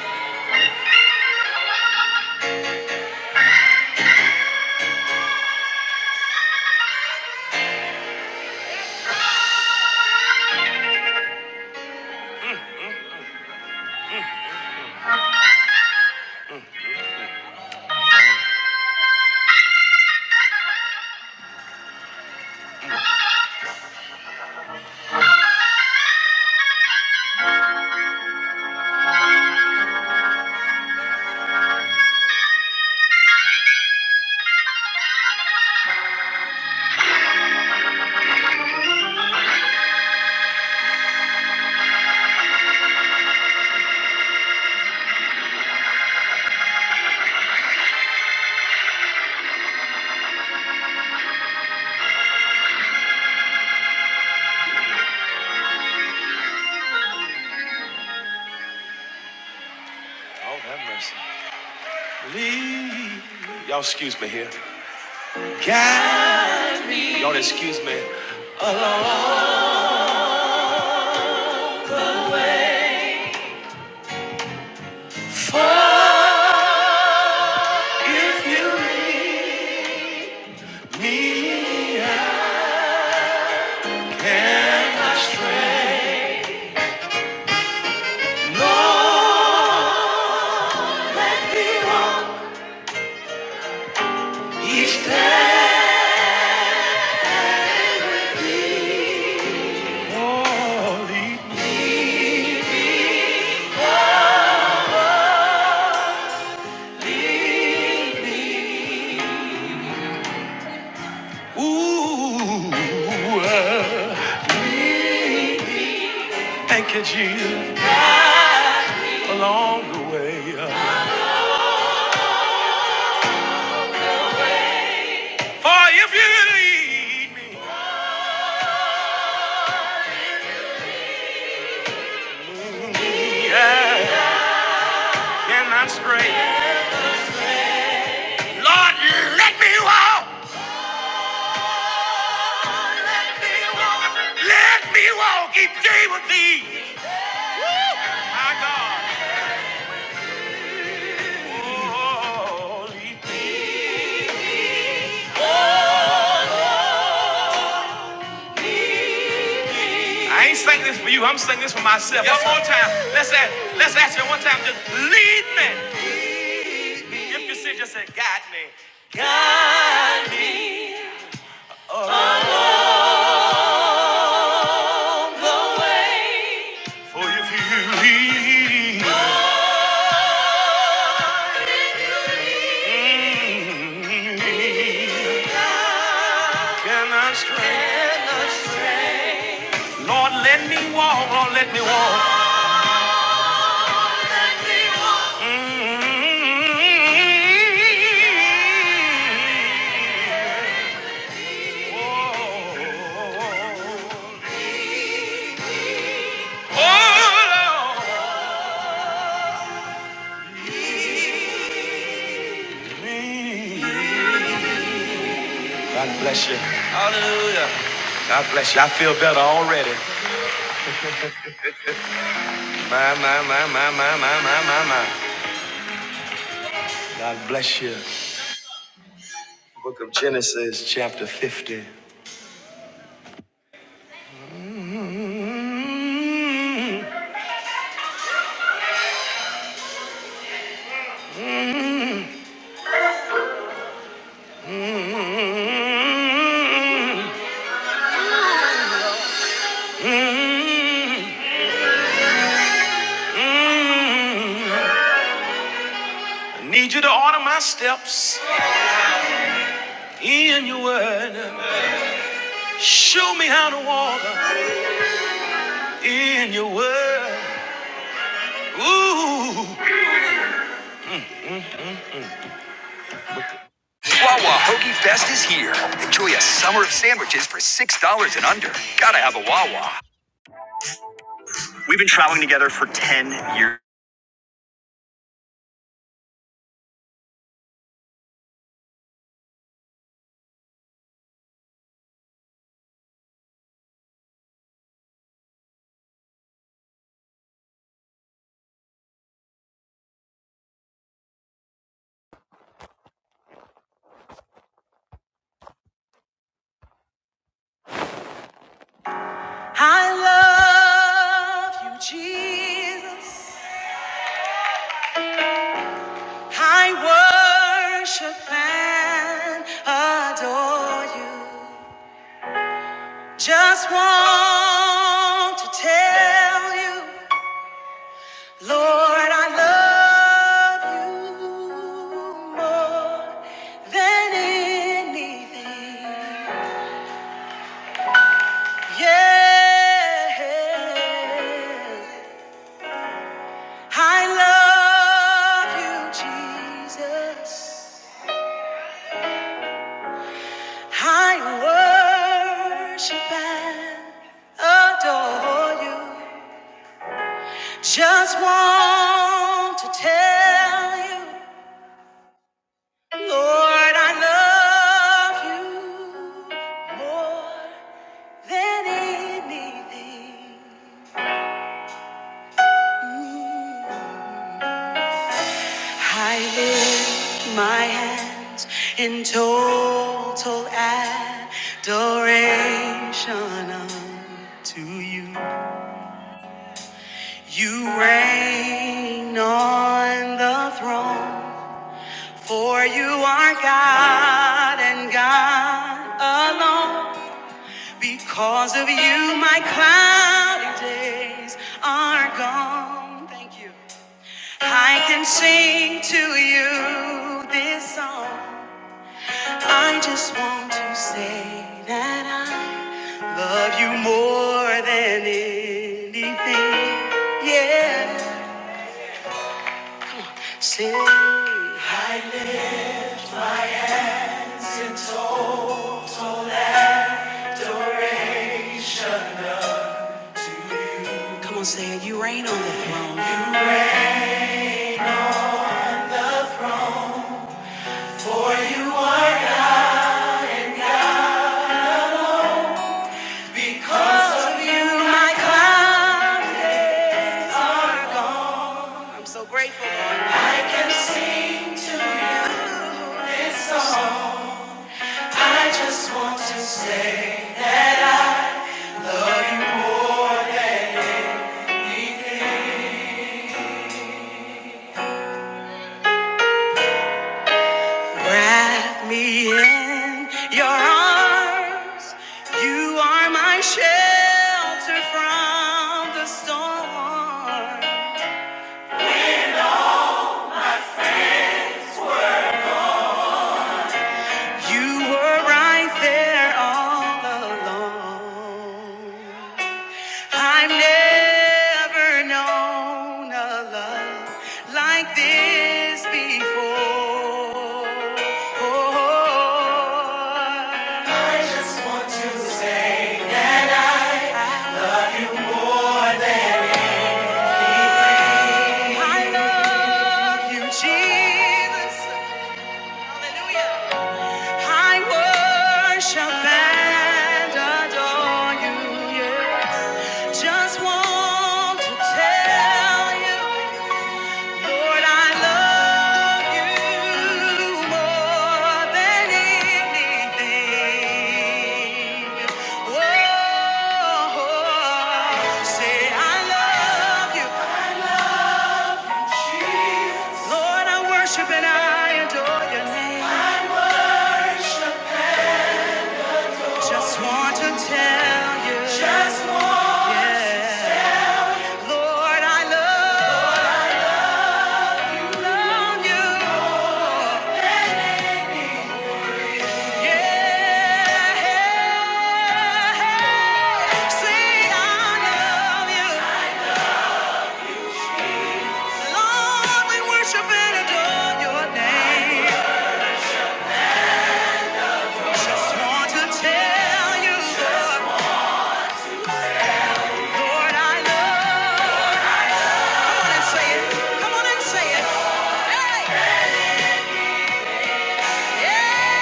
Speaker 1: Oh, have mercy. Leave. Y'all excuse me here. God. Y'all excuse me. Alone. For if you leave me, I cannot stray. East. Ooh. Uh, Thank you, Jesus. For if you leave me, I cannot stray. Lord, let me walk. Let me walk each day with thee. My God. Holy. I ain't singing this for you. I'm singing this for myself. Yes, one more time. Let's ask, let's ask you one time. Just lead me. If you say, just say, guide me. For if you lead me, can I stray? Lord, let me walk. Lord, let me walk. God bless you. Hallelujah. God bless you. I feel better already. My, my, my, my, my, my, my, my, my. God bless you. Book of Genesis, chapter 50. I need you to order my steps in your word. Show me how to walk in your world. Ooh. Wawa Hoagie Fest is here. Enjoy and Tinder. Gotta have a Wawa. We've been trying it here. I love you, Jesus. I worship and adore you. Just want to tell you. Lord, I love you more than anything. Yeah, I love you, Jesus. I worship and adore you. Just want to tell you, Lord, I love you more. than anything. I lift my hands in total adoration unto you. You reign on the throne, for you are God and God alone. Because of you, my cloudy days are gone. Thank you. I can sing to you this song. I just want to say that I love you more than anything. Yeah. Say, come on, say it. You reign on the throne. Wrap me in your arms. You are my shelter from the storm. You were right there all alone. I've never known a love like this before. Oh, I love you, Jesus. I worship and adore you. Yes. Just want to tell you. Lord, I love you more than anything. Oh, say I love Lord, I love Come on and say it. Come on and say it. Hey, yeah.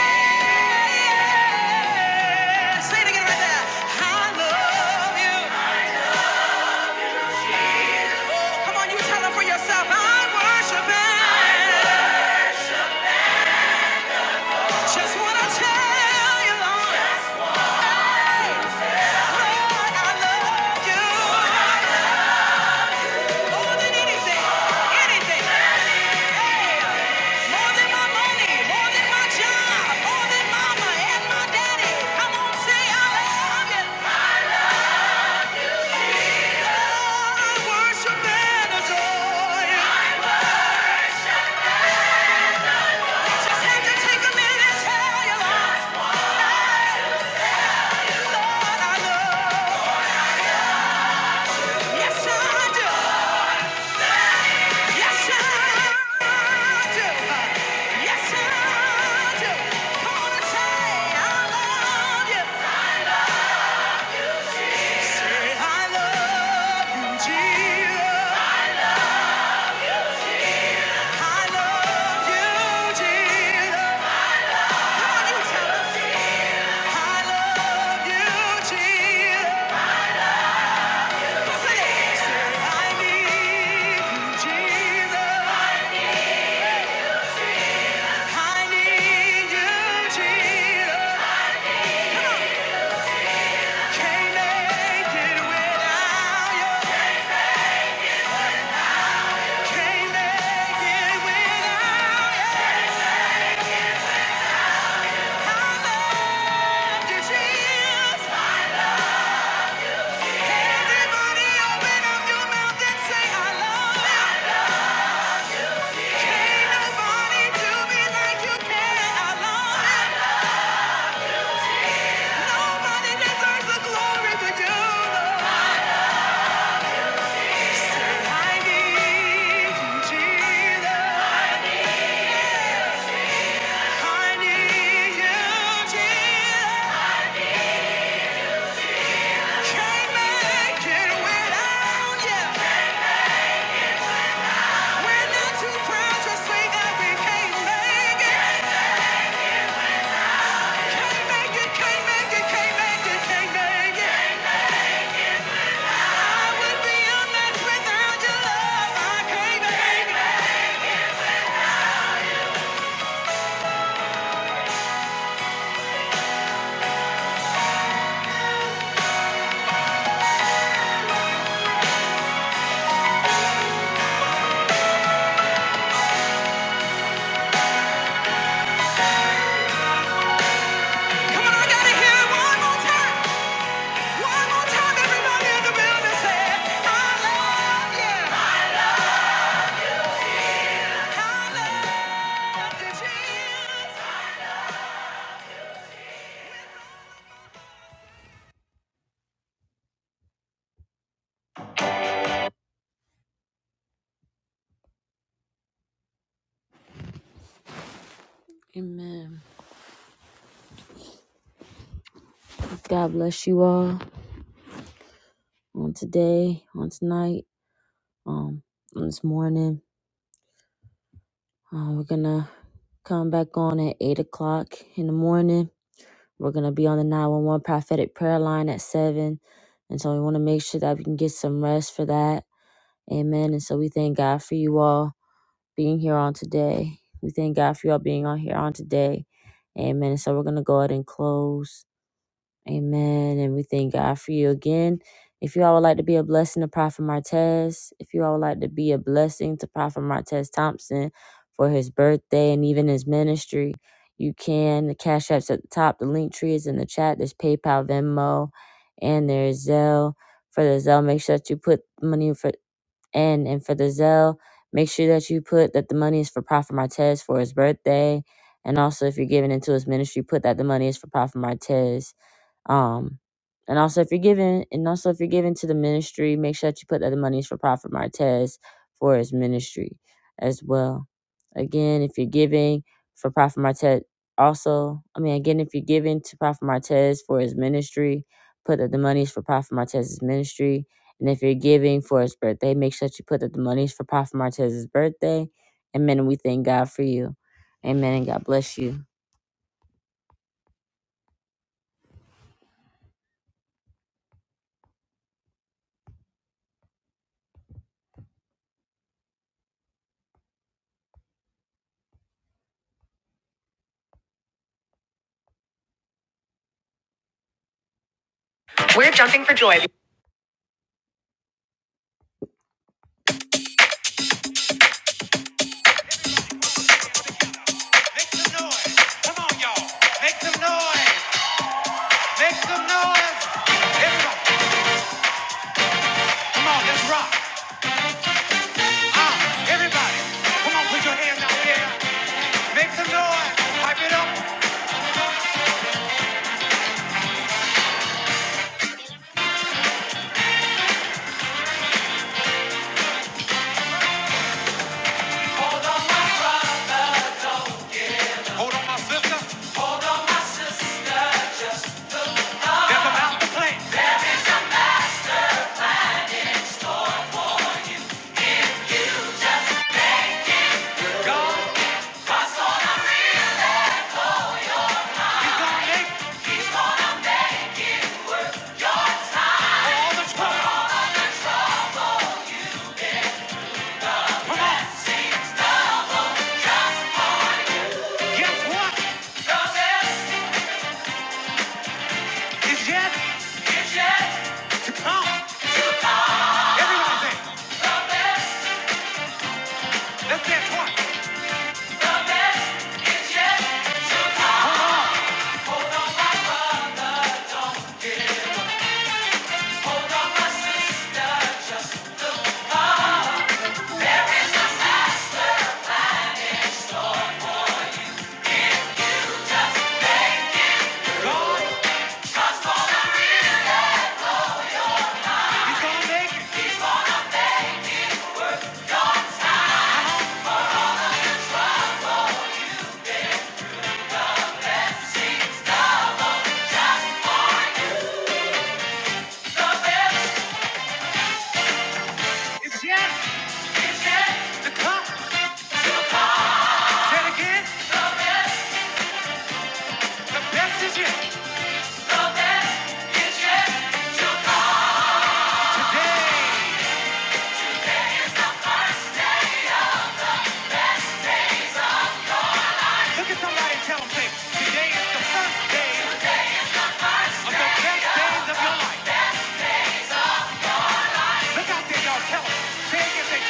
Speaker 1: Say it again right there. I love you. Come on, you tell them for yourself. I worship him. Just wanna tell you, Lord. Lord, I love you more than anything, anything. Yeah. More than my money, more than my job, more than mama and my daddy. Come on, say I love you. Oh, I worship and adore you. I just had to take a minute and tell you, Lord, I love. you. Yes, I do. Yes, I do. Yes, I do. Come on say I love you. Jesus. Everybody open up your mouth and say, I love you. can nobody do me like you can. I love you. Nobody deserves the glory but you, I need Jesus. I need you, Jesus. Can't make it without you. We're not too proud to say that we can't make it. Can't make it, can't make it, can't make it, can't make it. Amen. God bless you all on today, on tonight, um, on this morning. Uh, we're gonna come back on at eight o'clock in the morning. We're going to be on the 911 prophetic prayer line at 7. And so we want to make sure that we can get some rest for that. Amen. And so we thank God for you all being here on today. We thank God for you all being on here on today. Amen. And so we're going to go ahead and close. Amen. And we thank God for you again. If you all would like to be a blessing to Prophet Martez, if you all would like to be a blessing to Prophet Martez Thompson for his birthday and even his ministry, you can. The Cash App's at the top. The link tree is in the chat. There's PayPal, Venmo, and there's Zelle. For the Zelle, make sure that you put money for and and for the Zelle, make sure that you put that the money is for Prophet Martez for his birthday. And also if you're giving into his ministry, put that the money is for Prophet Martez um, and also if you're giving, and also if you're giving to the ministry, make sure that you put that the money is for Prophet Martez for his ministry as well. Again, if you're giving for Prophet Martez, also, I mean, again, if you're giving to Prophet Martez for his ministry, put that the money is for Prophet Martez's ministry. And if you're giving for his birthday, make sure that you put that the money is for Prophet Martez's birthday. Amen. And we thank God for you. Amen. And God bless you. We're jumping for joy. Make some noise. Come on, y'all. Make some noise. Make some noise. Everybody. Come on, let's rock. Ah, everybody. Come on, put your hands out there. Make some noise. Pipe it up. Hold on, my sister. There's about to play. It's going make all the trouble. Come on. Guess what? It's yet to come. Everyone let's dance twice. Look at somebody and tell them, say, today is the first day. Say it again, say,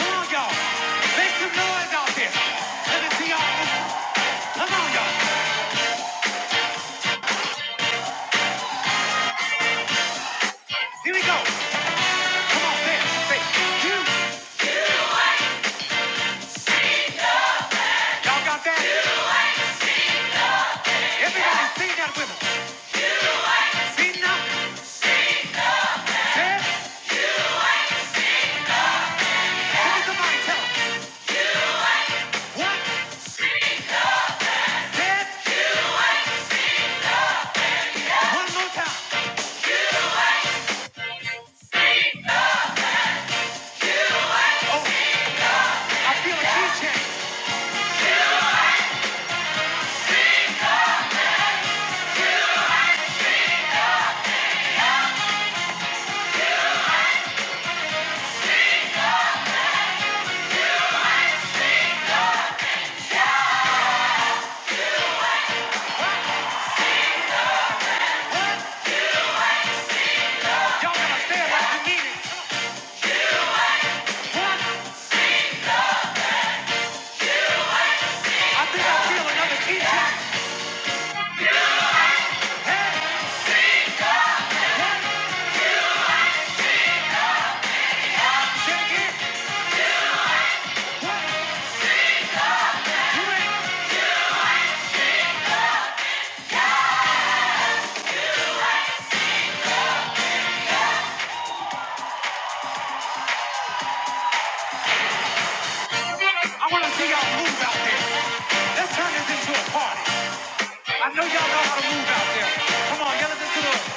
Speaker 1: Come on, y'all. Make some noise. y'all. Here we go. I know y'all know how to come on, yell it into the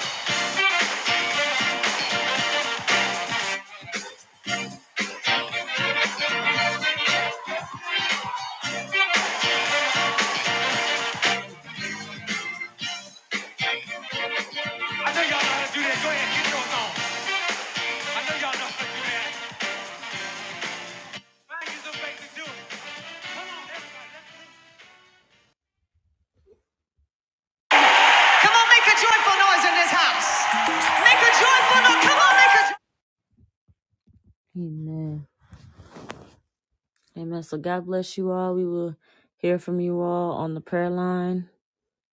Speaker 1: I know y'all know how to do that. Go ahead, get yours on. I know y'all know how to do that. Find you some basic dude. Come on, make a joyful noise in this house. Make a joyful noise. Come on, make a Amen. Amen. So God bless you all. We will hear from you all on the prayer line,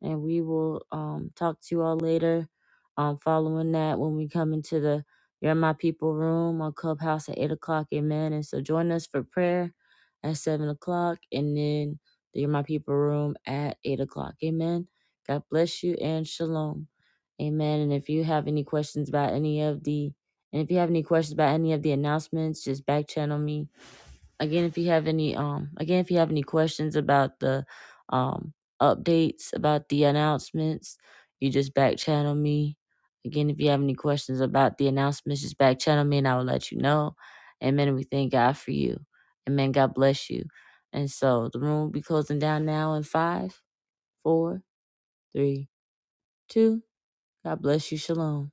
Speaker 1: and we will um, talk to you all later. Um, following that, when we come into the You're My People room on Clubhouse at eight o'clock, Amen. And so join us for prayer at seven o'clock, and then the You're My People room at eight o'clock, Amen. God bless you and shalom, Amen. And if you have any questions about any of the, and if you have any questions about any of the announcements, just back channel me again if you have any um again if you have any questions about the um updates about the announcements you just back channel me again if you have any questions about the announcements just back channel me and i will let you know amen And we thank god for you amen god bless you and so the room will be closing down now in five four three two god bless you shalom